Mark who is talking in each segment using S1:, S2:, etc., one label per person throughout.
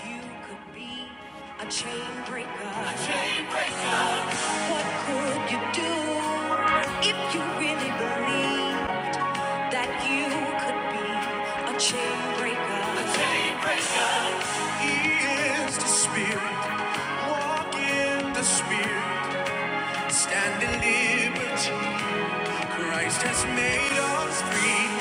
S1: You could be a chain breaker. A chain breaker. What could you do if you really believe that you could be a chain breaker? He is the spirit. Walk in the spirit. Stand in liberty. Christ has made us free.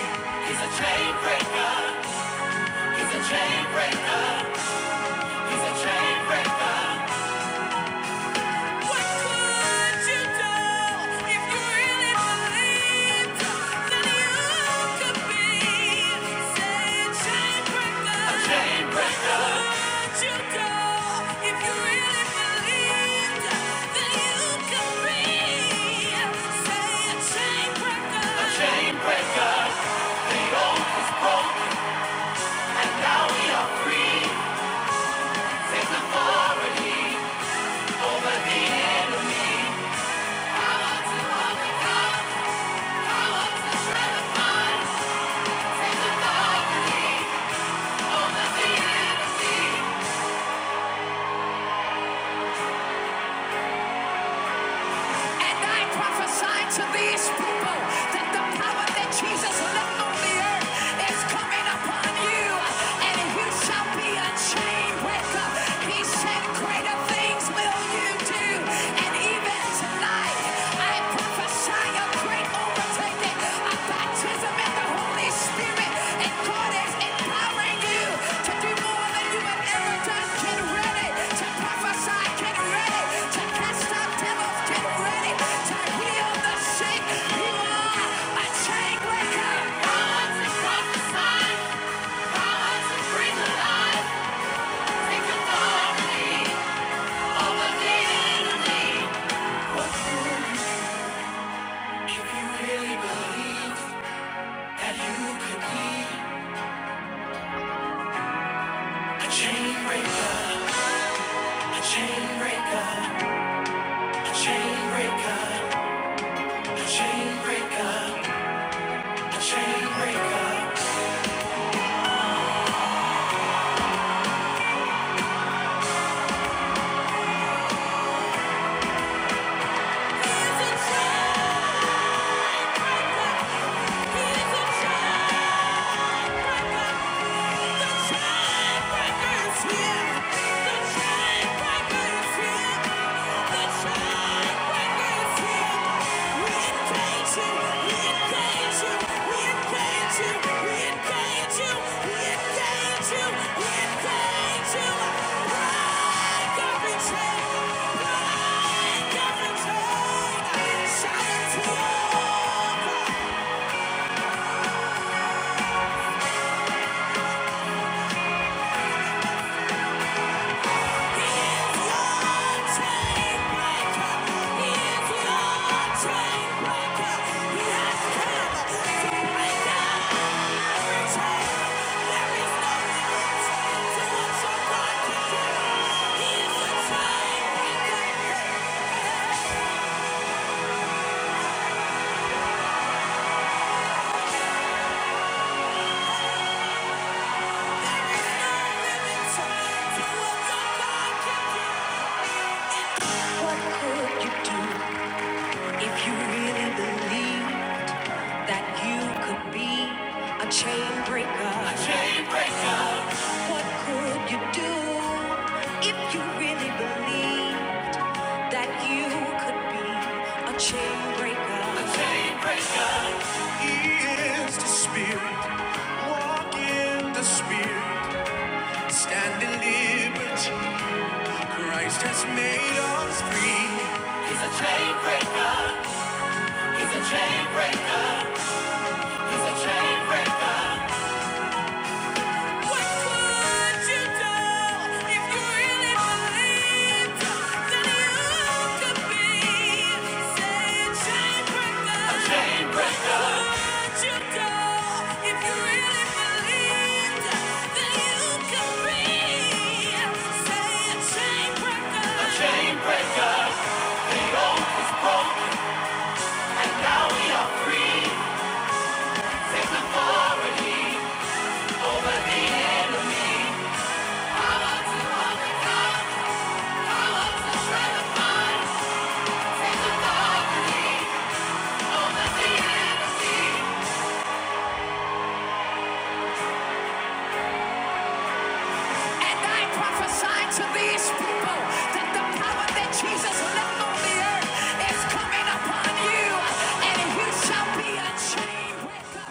S1: Chain breaker, focus broke, now we are free. He said, Greater things will you do. And even tonight, I prophesy a great overtaking, a baptism in the Holy Spirit. And God is empowering you to do more than you have ever done. Get ready to prophesy. Get ready to cast out devils. Get ready to heal the sick. You are a chain breaker. If you really believe that you could be a chain breaker, a chain breaker, a chain breaker, a chain breaker, a chain breaker. He's a chain breaker. He's a chain Shout it to you! What could you do if you really believe that you could be a chain breaker? What could you do if you really believed that you could be a chain breaker? He the spirit, walk in the spirit, stand in liberty. Christ has made us free. He's a chain breaker, he's a chain breaker, he's a chain breaker. Chain breaker, the yoke is broken, and now we are free. Take authority on the sea. And I prophesy to these people that the power that Jesus left on the earth is coming upon you, and you shall be a chain breaker.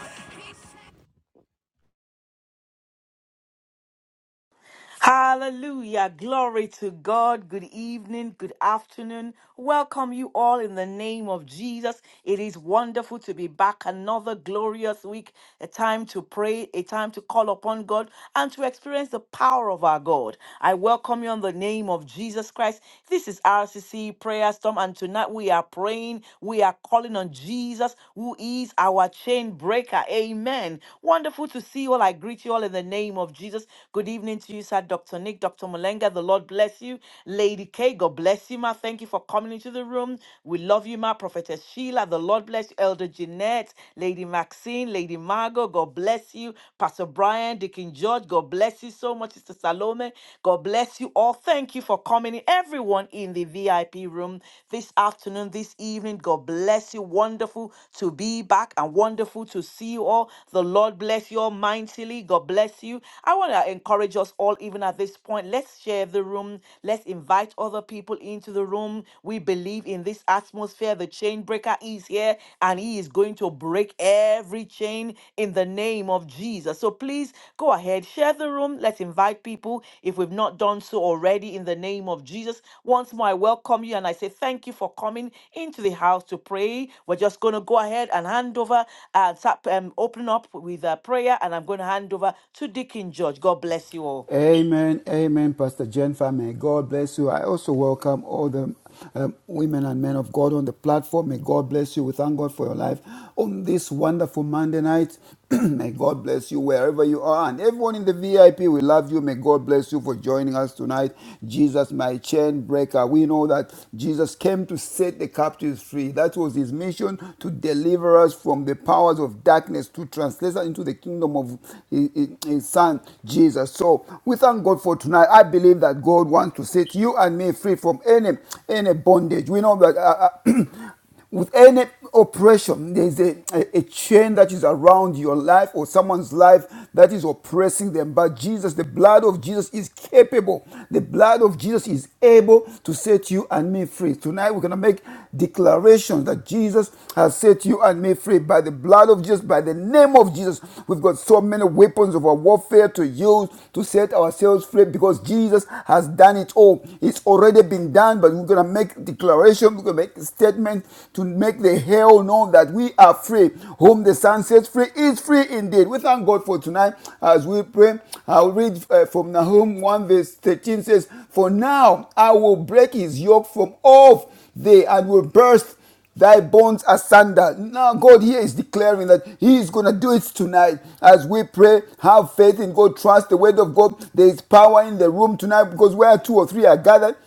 S2: Hallelujah. Glory to God. Good evening. Good afternoon. Welcome you all in the name of Jesus. It is wonderful to be back another glorious week, a time to pray, a time to call upon God and to experience the power of our God. I welcome you in the name of Jesus Christ. This is RCC Prayer Storm, and tonight we are praying, we are calling on Jesus, who is our chain breaker. Amen. Wonderful to see you all. I greet you all in the name of Jesus. Good evening to you, sir. Lisa, Dr. Nick, Dr. Mulenga. The Lord bless you. Lady K, God bless you, ma. Thank you for coming into the room. We love you, ma. Prophetess Sheila, the Lord bless you. Elder Jeanette, Lady Maxine, Lady Margot, God bless you. Pastor Brian, Deacon George, God bless you so much. Sister Salome, God bless you all. Thank you for coming in. Everyone in the VIP room this afternoon, this evening, God bless you. Wonderful to be back and wonderful to see you all. The Lord bless you all mightily. God bless you. I want to encourage us all all, even at this point. Let's share the room. Let's invite other people into the room. We believe in this atmosphere. The chain breaker is here and he is going to break every chain in the name of Jesus. So please go ahead, share the room. Let's invite people if we've not done so already in the name of Jesus. Once more, I welcome you and I say thank you for coming into the house to pray. We're just going to go ahead and hand over and start um, opening up with a prayer, and I'm going to hand over to Deacon George. God bless you all.
S3: Amen, amen, Pastor Jennifer. May God bless you. I also welcome all the um, women and men of God on the platform. May God bless you. We thank God for your life on this wonderful Monday night. May God bless you wherever you are. And everyone in the VIP, we love you. May God bless you for joining us tonight. Jesus, my Ch- chain breaker. We know that Jesus came to set the captives free. That was his mission to deliver us from the powers of darkness, to translate us into the kingdom of his, his- his son, Jesus. So we thank God for tonight. I believe that God wants to set you and me free from any, any bondage. We know that. uh, uh, with any oppression, there is a, a, a chain that is around your life or someone's life that is oppressing them. But Jesus, the blood of Jesus is capable. The blood of Jesus is able to set you and me free. Tonight we're going to make declarations that Jesus has set you and me free by the blood of Jesus, by the name of Jesus. We've got so many weapons of our warfare to use to set ourselves free because Jesus has done it all. It's already been done, but we're going to make declarations declaration, we're to make a statement to make the hell know that we are free. Whom the Son sets free is free indeed. We thank God for tonight as we pray. I'll read uh, from Nahum 1 verse 13 says, For now I will break his yoke from off thee and will burst thy bonds asunder. Now, God here is declaring that He is going to do it tonight. As we pray, have faith in God, trust the word of God. There is power in the room tonight because where two or three are gathered,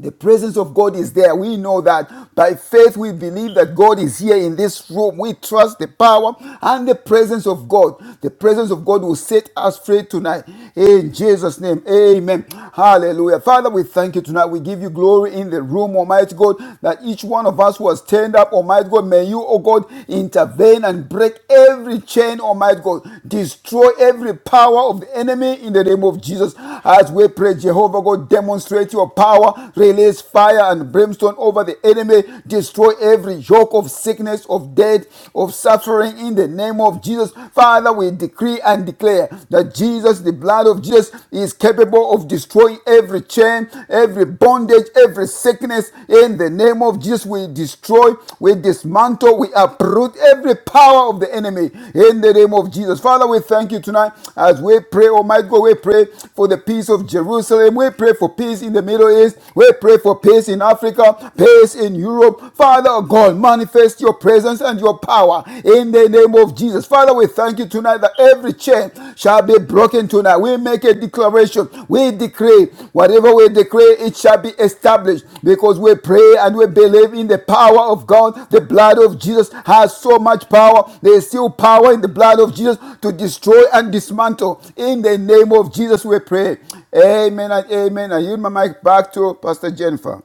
S3: the presence of God is there. We know that by faith we believe that God is here in this room. We trust the power and the presence of God. The presence of God will set us free tonight. In Jesus' name, amen. Hallelujah. Father, we thank you tonight. We give you glory in the room, Almighty God, that each one of us was turned up, Almighty God. May you, oh God, intervene and break every chain, Almighty Almighty God. Destroy every power of the enemy in the name of Jesus. As we pray, Jehovah God, demonstrate your power, release fire and brimstone over the enemy, destroy every yoke of sickness, of death, of suffering in the name of Jesus. Father, we decree and declare that Jesus, the blood of Jesus, is capable of destroying every chain, every bondage, every every sickness in the name of Jesus. We destroy, we dismantle, we uproot every power of the enemy in the name of Jesus. Father, we thank you tonight as we pray, Almighty God. We pray for the peace of Jerusalem. We pray for peace in the Middle East. We pray for peace in Africa, peace in Europe. Father God, manifest your presence and your power in the name of Jesus. Father, we thank you tonight it tonight that every chain shall be broken tonight. We make a declaration. We decree whatever we decree, it shall be established because we pray and we believe in the power of God. The blood of Jesus has so much power. There is still power in the blood of Jesus to destroy and dismantle. In the name of Jesus, we pray. Amen and amen. I yield my mic back to Pastor Jennifer.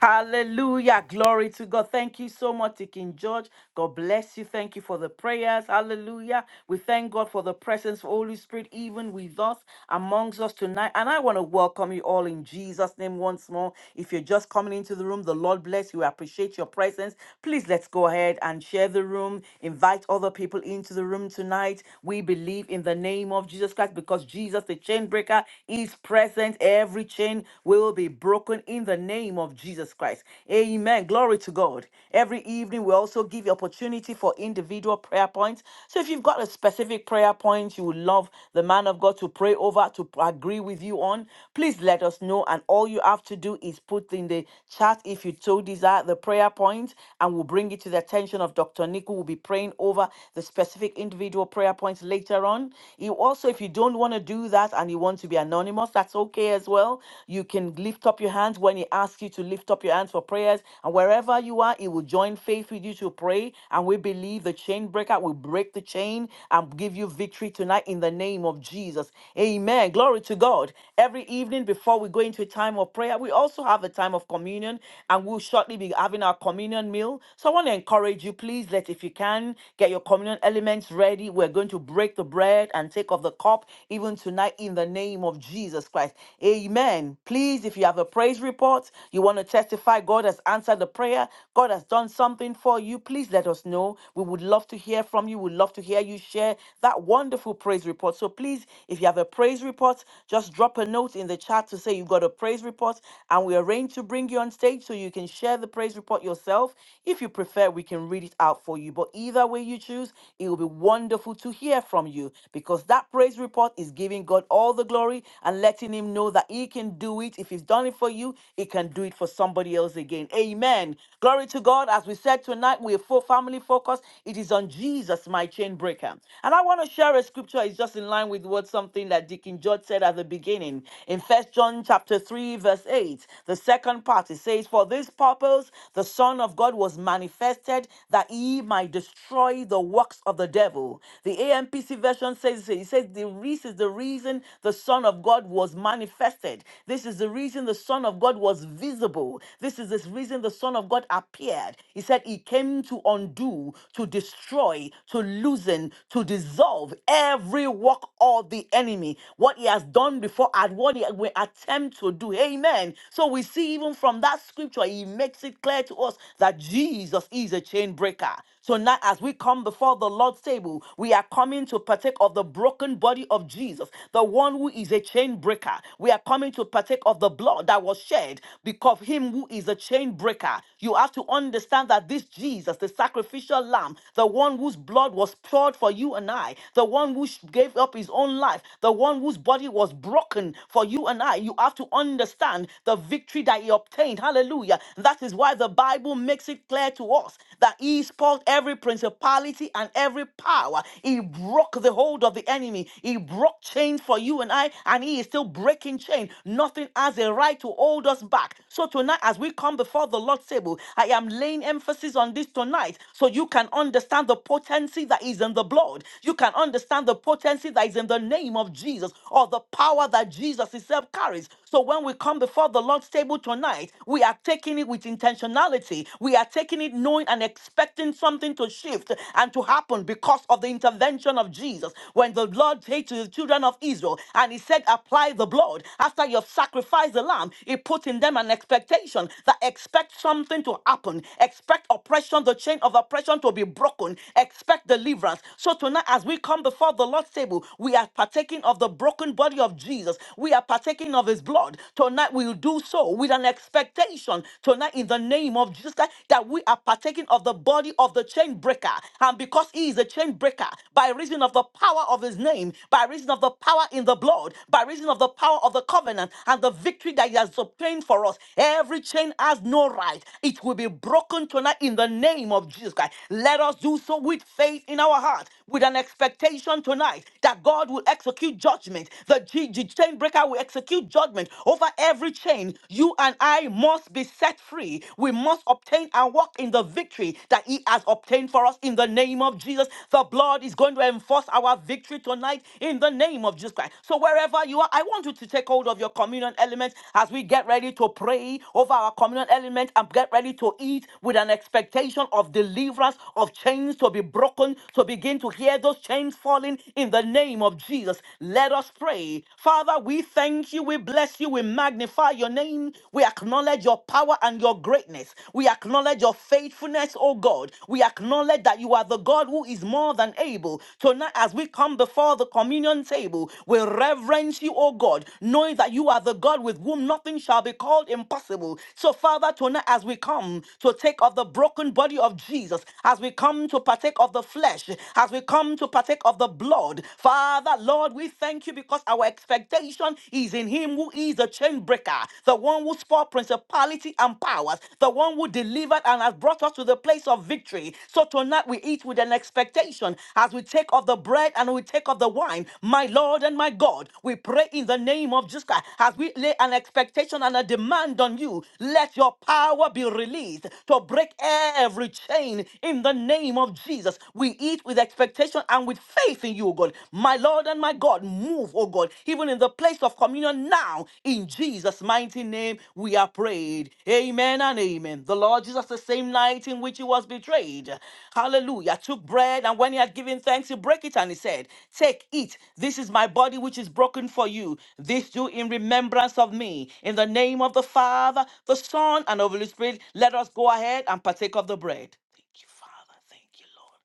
S2: Hallelujah. Glory to God. Thank you so much, Deacon George. God bless you. Thank you for the prayers. Hallelujah. We thank God for the presence of Holy Spirit, even with us, amongst us tonight. And I want to welcome you all in Jesus' name once more. If you're just coming into the room, the Lord bless you. We appreciate your presence. Please let's go ahead and share the room. Invite other people into the room tonight. We believe in the name of Jesus Christ because Jesus, the chain breaker, is present. Every chain will be broken in the name of Jesus Christ. Amen. Glory to God. Every evening, we also give you opportunity for individual prayer points. So if you've got a specific prayer point you would love the man of God to pray over, to agree with you on, please let us know. And all you have to do is put in the chat if you so desire the prayer point, and we'll bring it to the attention of Dr. Nick, who will be praying over the specific individual prayer points later on. You also, if you don't want to do that and you want to be anonymous, that's okay okay as well. You can lift up your hands when He asks you to lift up your hands for prayers. And wherever you are, He will join faith with you to pray. And we believe the chain breaker will break the chain and give you victory tonight in the name of Jesus. Amen. Glory to God. Every evening before we go into a time of prayer, we also have a time of communion and we'll shortly be having our communion meal. So I want to encourage you, please let, if you can, get your communion elements ready. We're going to break the bread and take of the cup even tonight tonight in the name of Jesus Christ. Amen. Please, if you have a praise report, you want to testify God has answered the prayer, God has done something for you, please let us know. We would love to hear from you. We'd love to hear you share that wonderful praise report. So please, if you have a praise report, just drop a note in the chat to say you've got a praise report and we arrange to bring you on stage so you can share the praise report yourself. If you prefer, we can read it out for you. But either way you choose, it will be wonderful to hear from you because that praise report is giving God all the glory and letting Him know that He can do it. If He's done it for you, He can do it for somebody else again. Amen. Glory to God. As we said tonight, we're full family focused. It is on Jesus, my chain breaker. And I want to share a scripture. It's just in line with what something that Deacon George said at the beginning in First John chapter three, verse eight. The second part it says, "For this purpose the Son of God was manifested, that He might destroy the works of the devil." devil. The AMPC version says it says the reason is the reason the Son of God was manifested. This is the reason the Son of God was visible. This is the reason the Son of God appeared. He said he came to undo, to destroy, to loosen, to dissolve every work of the enemy. What he has done before and what he will attempt to do. Amen. So we see even from that scripture, he makes it clear to us that Jesus is a chain breaker. So now, as we come before the Lord's table, we are coming to partake of the broken body of Jesus, the one who is a chain breaker. We are coming to partake of the blood that was shed because of him who is a chain breaker. You have to understand that this Jesus, the sacrificial lamb, the one whose blood was poured for you and I, the one who sh- gave up his own life, the one whose body was broken for you and I, you have to understand the victory that he obtained. Hallelujah. That is why the Bible makes it clear declared to us that he spoiled every principality and every power. He broke the hold of the enemy. He broke chains for you and I, and he is still breaking chains. Nothing has a right to hold us back. So tonight, as we come before the Lord's table, I am laying emphasis on this tonight so you can understand the potency that is in the blood. You can understand the potency that is in the name of Jesus or the power that Jesus himself carries. So when we come before the Lord's table tonight, we are taking it with with intentionality. We are taking it knowing and expecting something to shift and to happen because of the intervention of Jesus. When the Lord said to the children of Israel, and he said, Apply the blood. After you've sacrificed the lamb, it put in them an expectation that expect something to happen. Expect oppression, the chain of oppression to be broken. Expect deliverance. So tonight, as we come before the Lord's table, we are partaking of the broken body of Jesus. We are partaking of his blood. Tonight, we will do so tomorrow with an expectation tonight in the name of Jesus Christ that we are partaking of the body of the chain breaker. And because he is a chain breaker, by reason of the power of his name, by reason of the power in the blood, by reason of the power of the covenant and the victory that he has obtained for us, every chain has no right. It will be broken tonight in the name of Jesus Christ. Let us do so with faith in our heart, with an expectation tonight that God will execute judgment. The G- G- chain breaker will execute judgment judgment over every chain. You and I must be set free. We must obtain and walk in the victory that He has obtained for us in the name of Jesus. The blood is going to enforce our victory tonight in the name of Jesus Christ. So, wherever you are, I want you to take hold of your communion element as we get ready to pray over our communion element and get ready to eat with an expectation of deliverance, of chains to be broken, to begin to hear those chains falling in the name of Jesus. Let us pray today. Father, we thank you, we bless you, we magnify your name. We acknowledge your power and your greatness. We acknowledge your faithfulness, O God. We acknowledge that you are the God who is more than able. Tonight, as we come before the communion table, we reverence you, O God, knowing that you are the God with whom nothing shall be called impossible. So, Father, tonight, as we come to take of the broken body of Jesus, as we come to partake of the flesh, as we come to partake of the blood, Father, Father, Lord, we thank you because our expectation is in Him who is the chain breaker, the one who fought principality and powers, the one who delivered and has brought us to the place of victory. So tonight we eat with an expectation as we take of the bread and we take of the wine. My Lord and my God, we pray in the name of Jesus Christ as we lay an expectation and a demand on you. Let your power be released to break every chain in the name of Jesus. We eat with expectation and with faith in you, O God. My Lord and my God, move, O God, even in the place of communion now. In Jesus' mighty name, we are prayed. Amen and amen. The Lord Jesus, the same night in which he was betrayed, hallelujah, took bread and when he had given thanks, he broke it and he said, Take, eat. This is my body which is broken for you. This do in remembrance of me. In the name of the Father, the Son, and of the Holy Spirit, let us go ahead and partake of the bread. Thank you, Father. Thank you, Lord.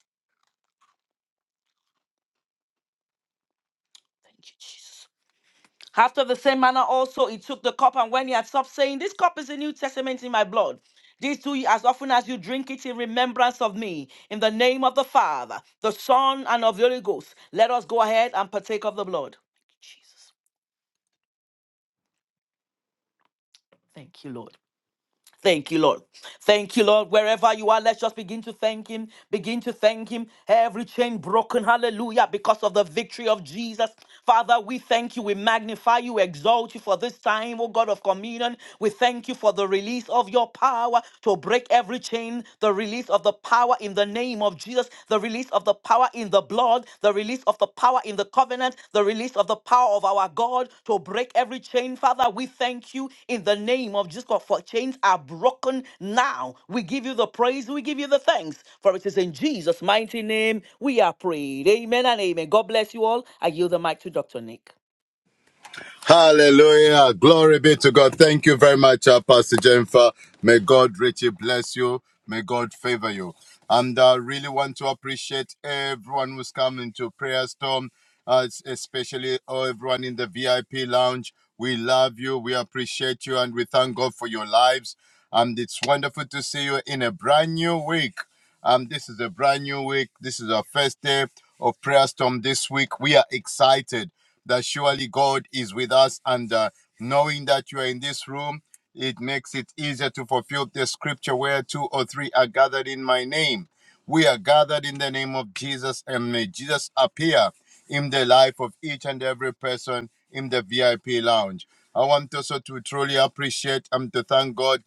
S2: Thank you, Jesus. After the same manner also he took the cup, and when he had stopped saying, This cup is the New Testament in my blood. These do ye as often as you drink it in remembrance of me. In the name of the Father, the Son, and of the Holy Ghost, let us go ahead and partake of the blood. Thank you, Lord. Thank you, Lord. Thank you, Lord. Wherever you are, let's just begin to thank Him. Begin to thank Him. Every chain broken, hallelujah, because of the victory of Jesus. Father, we thank you. We magnify you, We exalt you for this time, oh God of communion. We thank you for the release of your power to break every chain, the release of the power in the name of Jesus the release of the power in the blood, the release of the power in the covenant, the release of the power of our God to break every chain. Father, we thank you in the name of Jesus God, for chains are broken now. We give you the praise, we give you the thanks, for it is in Jesus' mighty name we are prayed. Amen and amen. God bless you all. I yield the mic to Dr. Nick.
S4: Hallelujah. Glory be to God. Thank you very much, uh, Pastor Jennifer. May God richly bless you. May God favor you. And I really want to appreciate everyone who's come into Prayer Storm, uh, especially oh, everyone in the VIP lounge. We love you. We appreciate you. And we thank God for your lives. And it's wonderful to see you in a brand new week. Um, this is a brand new week. This is our first day of Prayer Storm this week. We are excited that surely God is with us. And uh, knowing that you are in this room, it makes it easier to fulfill the scripture where two or three are gathered in my name. We are gathered in the name of Jesus, and may Jesus appear in the life of each and every person in the VIP lounge. I want also to truly appreciate and to thank God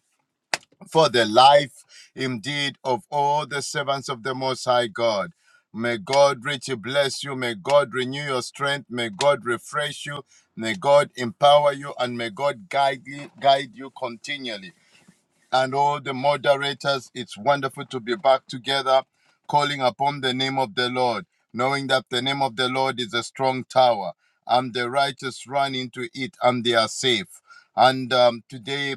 S4: for the life indeed of all the servants of the Most High God. May God richly bless you. May God renew your strength. May God refresh you. May God empower you and may God guide you, guide you continually and all the moderators. It's wonderful to be back together, calling upon the name of the Lord, knowing that the name of the Lord is a strong tower, and the righteous run into it and they are safe. And um, today,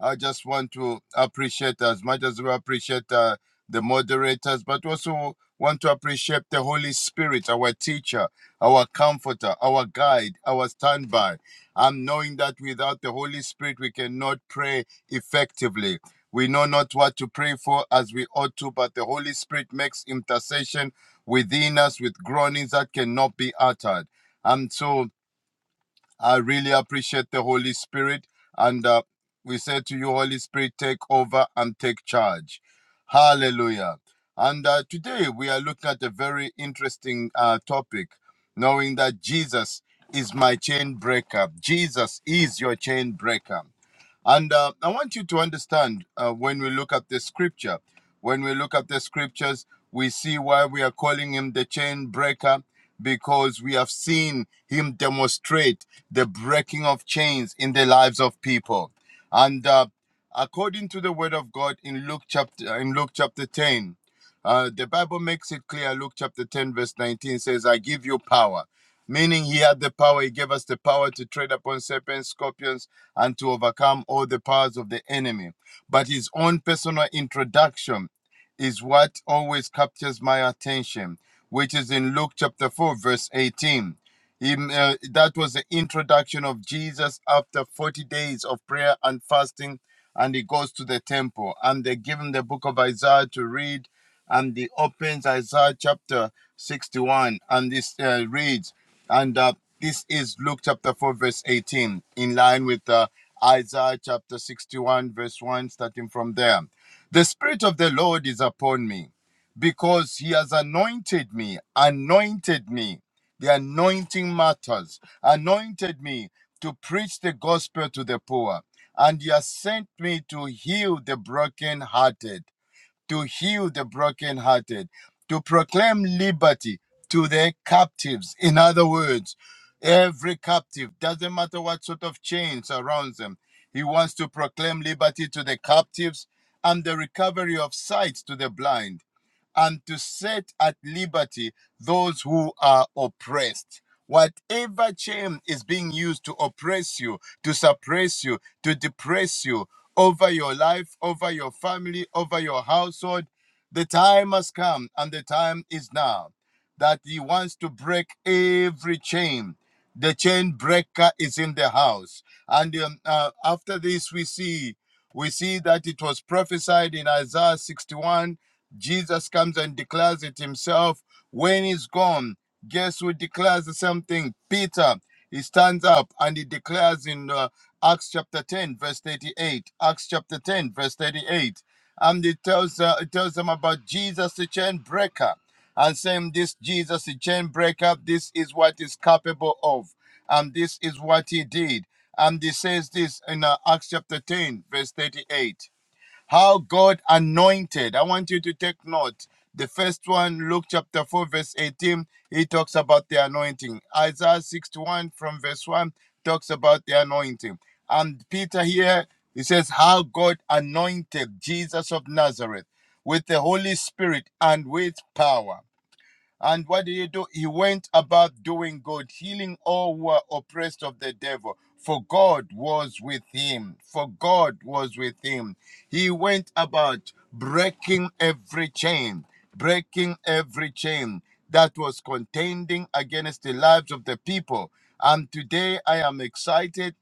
S4: I just want to appreciate as much as we appreciate uh, the moderators, but also want to appreciate the Holy Spirit, our teacher, our comforter, our guide, our standby. And knowing that without the Holy Spirit, we cannot pray effectively. We know not what to pray for as we ought to, but the Holy Spirit makes intercession within us with groanings that cannot be uttered. And so I really appreciate the Holy Spirit. And uh, we say to you, Holy Spirit, take over and take charge. Hallelujah. And uh, today we are looking at a very interesting uh, topic, knowing that Jesus is my chain breaker. Jesus is your chain breaker. And uh, I want you to understand uh, when we look at the scripture, when we look at the scriptures, we see why we are calling him the chain breaker because we have seen him demonstrate the breaking of chains in the lives of people. And uh, according to the word of God in Luke chapter in Luke chapter 10, uh, the Bible makes it clear, Luke chapter 10, verse 19 says, I give you power meaning he had the power. He gave us the power to tread upon serpents, scorpions, and to overcome all the powers of the enemy. But his own personal introduction is what always captures my attention, which is in Luke chapter 4, verse 18. He, uh, that was the introduction of Jesus after 40 days of prayer and fasting, and he goes to the temple, and they give him the book of Isaiah to read and he opens Isaiah chapter 61 and this uh, reads, and uh, this is Luke chapter 4, verse 18, in line with uh, Isaiah chapter 61, verse 1, starting from there. The Spirit of the Lord is upon me because he has anointed me, anointed me. The anointing matters, anointed me to preach the gospel to the poor, and he has sent me to heal the brokenhearted to heal the brokenhearted, to proclaim liberty to the captives. In other words, every captive, doesn't matter what sort of chains surrounds them, he wants to proclaim liberty to the captives and the recovery of sight to the blind and to set at liberty those who are oppressed. Whatever chain is being used to oppress you, to suppress you, to depress you over your life, over your family, over your household, the time has come and the time is now that He wants to break every chain. The chain breaker is in the house. And um, uh, after this, we see we see that it was prophesied in Isaiah 61 Jesus comes and declares it himself. When he's gone, guess who declares the same thing? Peter. He stands up and he declares in uh, Acts chapter 10, verse 38. Acts chapter 10, verse 38. And he tells, uh, he tells them about Jesus, the chain breaker, and saying, This Jesus, the chain breaker, this is what he's capable of, and this is what he did. And he says this in uh, Acts chapter 10, verse 38 how God anointed. I want you to take note. The first one, Luke chapter 4, verse 18, he talks about the anointing. Isaiah 61 from verse 1 talks about the anointing. And Peter here, he says, How God anointed Jesus of Nazareth with the Holy Spirit and with power. And what did he do? He went about doing good, healing all who were oppressed of the devil, for God was with him. For God was with him. He went about breaking every chain, breaking every chain that was contending against the lives of the people. And today I am excited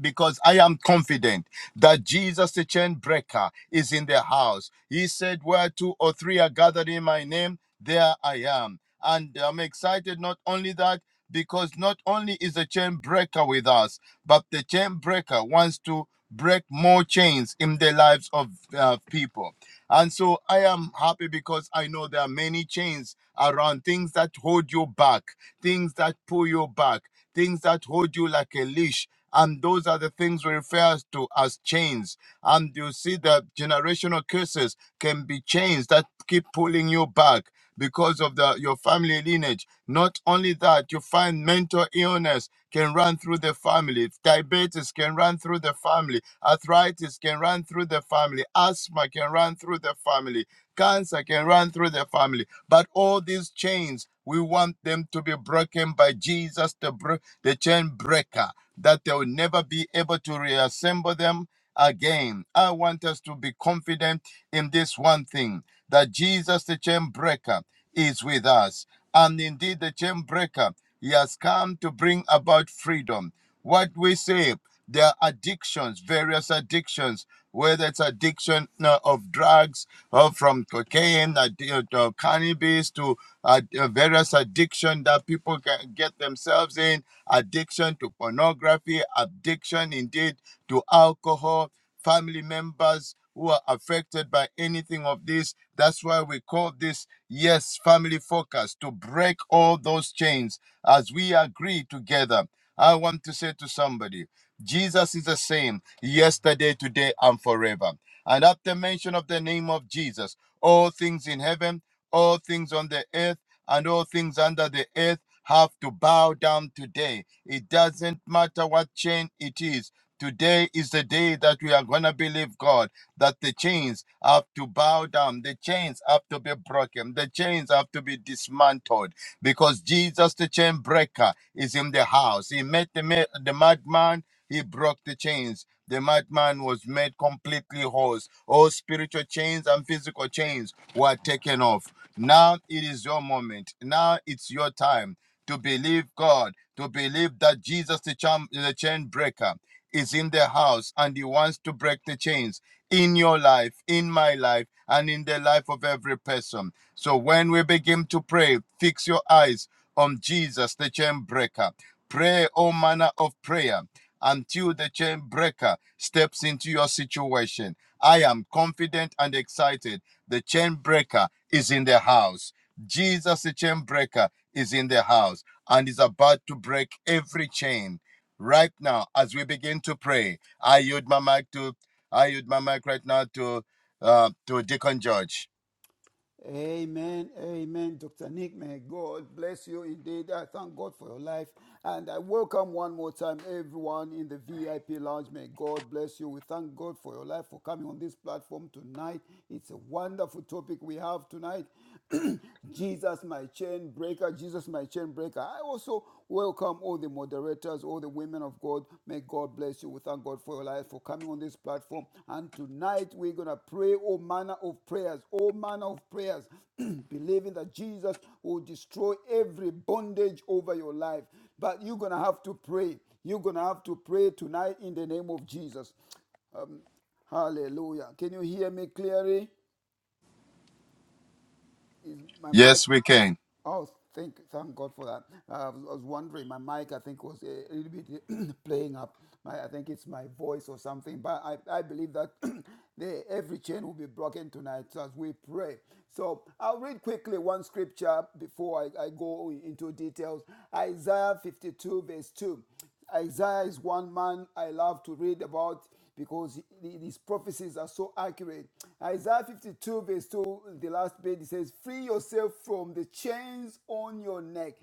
S4: because I am confident that Jesus, the chain breaker, is in the house. He said, Where two or three are gathered in my name, there I am. And I'm excited not only that, because not only is the chain breaker with us, but the chain breaker wants to break more chains in the lives of uh, people. And so I am happy because I know there are many chains around things that hold you back, things that pull you back, things that hold you like a leash. And those are the things we refer to as chains. And you see that generational curses can be chains that keep pulling you back because of the, your family lineage. Not only that, you find mental illness can run through the family, diabetes can run through the family, arthritis can run through the family, asthma can run through the family, cancer can run through the family. But all these chains, we want them to be broken by Jesus, the, bro- the chain breaker, that they will never be able to reassemble them again. I want us to be confident in this one thing that Jesus, the chain breaker, is with us. And indeed, the chain breaker, he has come to bring about freedom. What we say, there are addictions, various addictions whether it's addiction uh, of drugs, or from cocaine, addi- uh, to cannabis, to uh, uh, various addiction that people can get themselves in, addiction to pornography, addiction indeed to alcohol, family members who are affected by anything of this. That's why we call this, yes, family focus, to break all those chains as we agree together. I want to say to somebody, Jesus is the same yesterday, today, and forever. And at the mention of the name of Jesus, all things in heaven, all things on the earth, and all things under the earth have to bow down today. It doesn't matter what chain it is. Today is the day that we are going to believe God that the chains have to bow down, the chains have to be broken, the chains have to be dismantled because Jesus, the chain breaker, is in the house. He met the, ma- the madman, he broke the chains. The madman was made completely whole. All spiritual chains and physical chains were taken off. Now it is your moment. Now it's your time to believe God, to believe that Jesus, the, charm, the chain breaker, is in the house and he wants to break the chains in your life, in my life, and in the life of every person. So when we begin to pray, fix your eyes on Jesus, the chain breaker. Pray all manner of prayer until the chain breaker steps into your situation. I am confident and excited. The chain breaker is in the house. Jesus, the chain breaker, is in the house and is about to break every chain right now as we begin to pray. I yield my mic to I yield my mic right now to uh, to Deacon George.
S3: Amen, amen, Dr. Nick. May God bless you indeed. I thank God for your life. And I welcome one more time everyone in the VIP lounge. May God bless you. We thank God for your life for coming on this platform tonight. It's a wonderful topic we have tonight. Jesus, my chain breaker. Jesus, my chain breaker. I also Welcome, all the moderators, all the women of God. May God bless you. We thank God for your life, for coming on this platform. And tonight we're going to pray all manner of prayers, all manner of prayers, believing that Jesus will destroy every bondage over your life. But you're going to have to pray. You're going to have to pray tonight in the name of Jesus. Um, hallelujah. Can you hear me clearly? Is my
S4: Yes,
S3: mic?
S4: we can.
S3: Oh, thank thank God for that. Uh, I was I was wondering, my mic I think was a little bit playing up. My, I think it's my voice or something, but I, I believe that the, every chain will be broken tonight as we pray. So I'll read quickly one scripture before I, I go into details. Isaiah 52 verse 2. Isaiah is one man I love to read about because these prophecies are so accurate. Isaiah 52, verse 2, the last bit, it says, Free yourself from the chains on your neck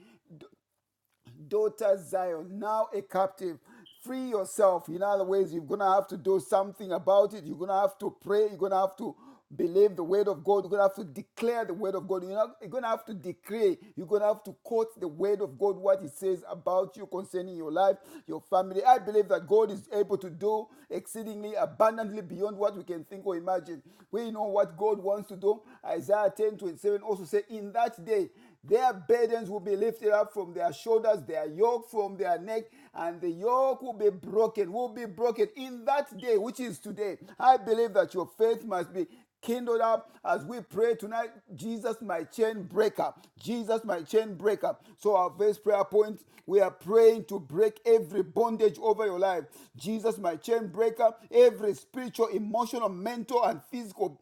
S3: daughter Zion, now a captive. Free yourself. In other ways, you're going to have to do something about it. You're going to have to pray. You're going to have to believe the word of God. You're going to have to declare the word of God. You're, not, you're going to have to decree. You're going to have to quote the word of God, what it says about you concerning your life, your family. I believe that God is able to do exceedingly abundantly beyond what we can think or imagine. We know what God wants to do. Isaiah 10:27 also says, In that day, their burdens will be lifted up from their shoulders, their yoke from their neck, and the yoke will be broken, will be broken in that day, which is today. I believe that your faith must be kindled up as we pray tonight. Jesus, my chain breaker. Jesus, my chain breaker. So, our first prayer point, we are praying to break every bondage over your life. Jesus, my chain breaker, every spiritual, emotional, mental, and physical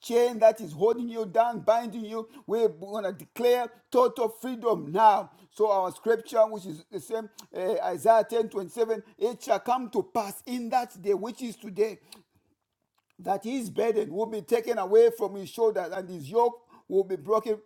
S3: chain that is holding you down, binding you. We're going to declare total freedom now. So our scripture, which is the same, uh, Isaiah 10 27, it shall come to pass in that day, which is today, that his burden will be taken away from his shoulders and his yoke will be broken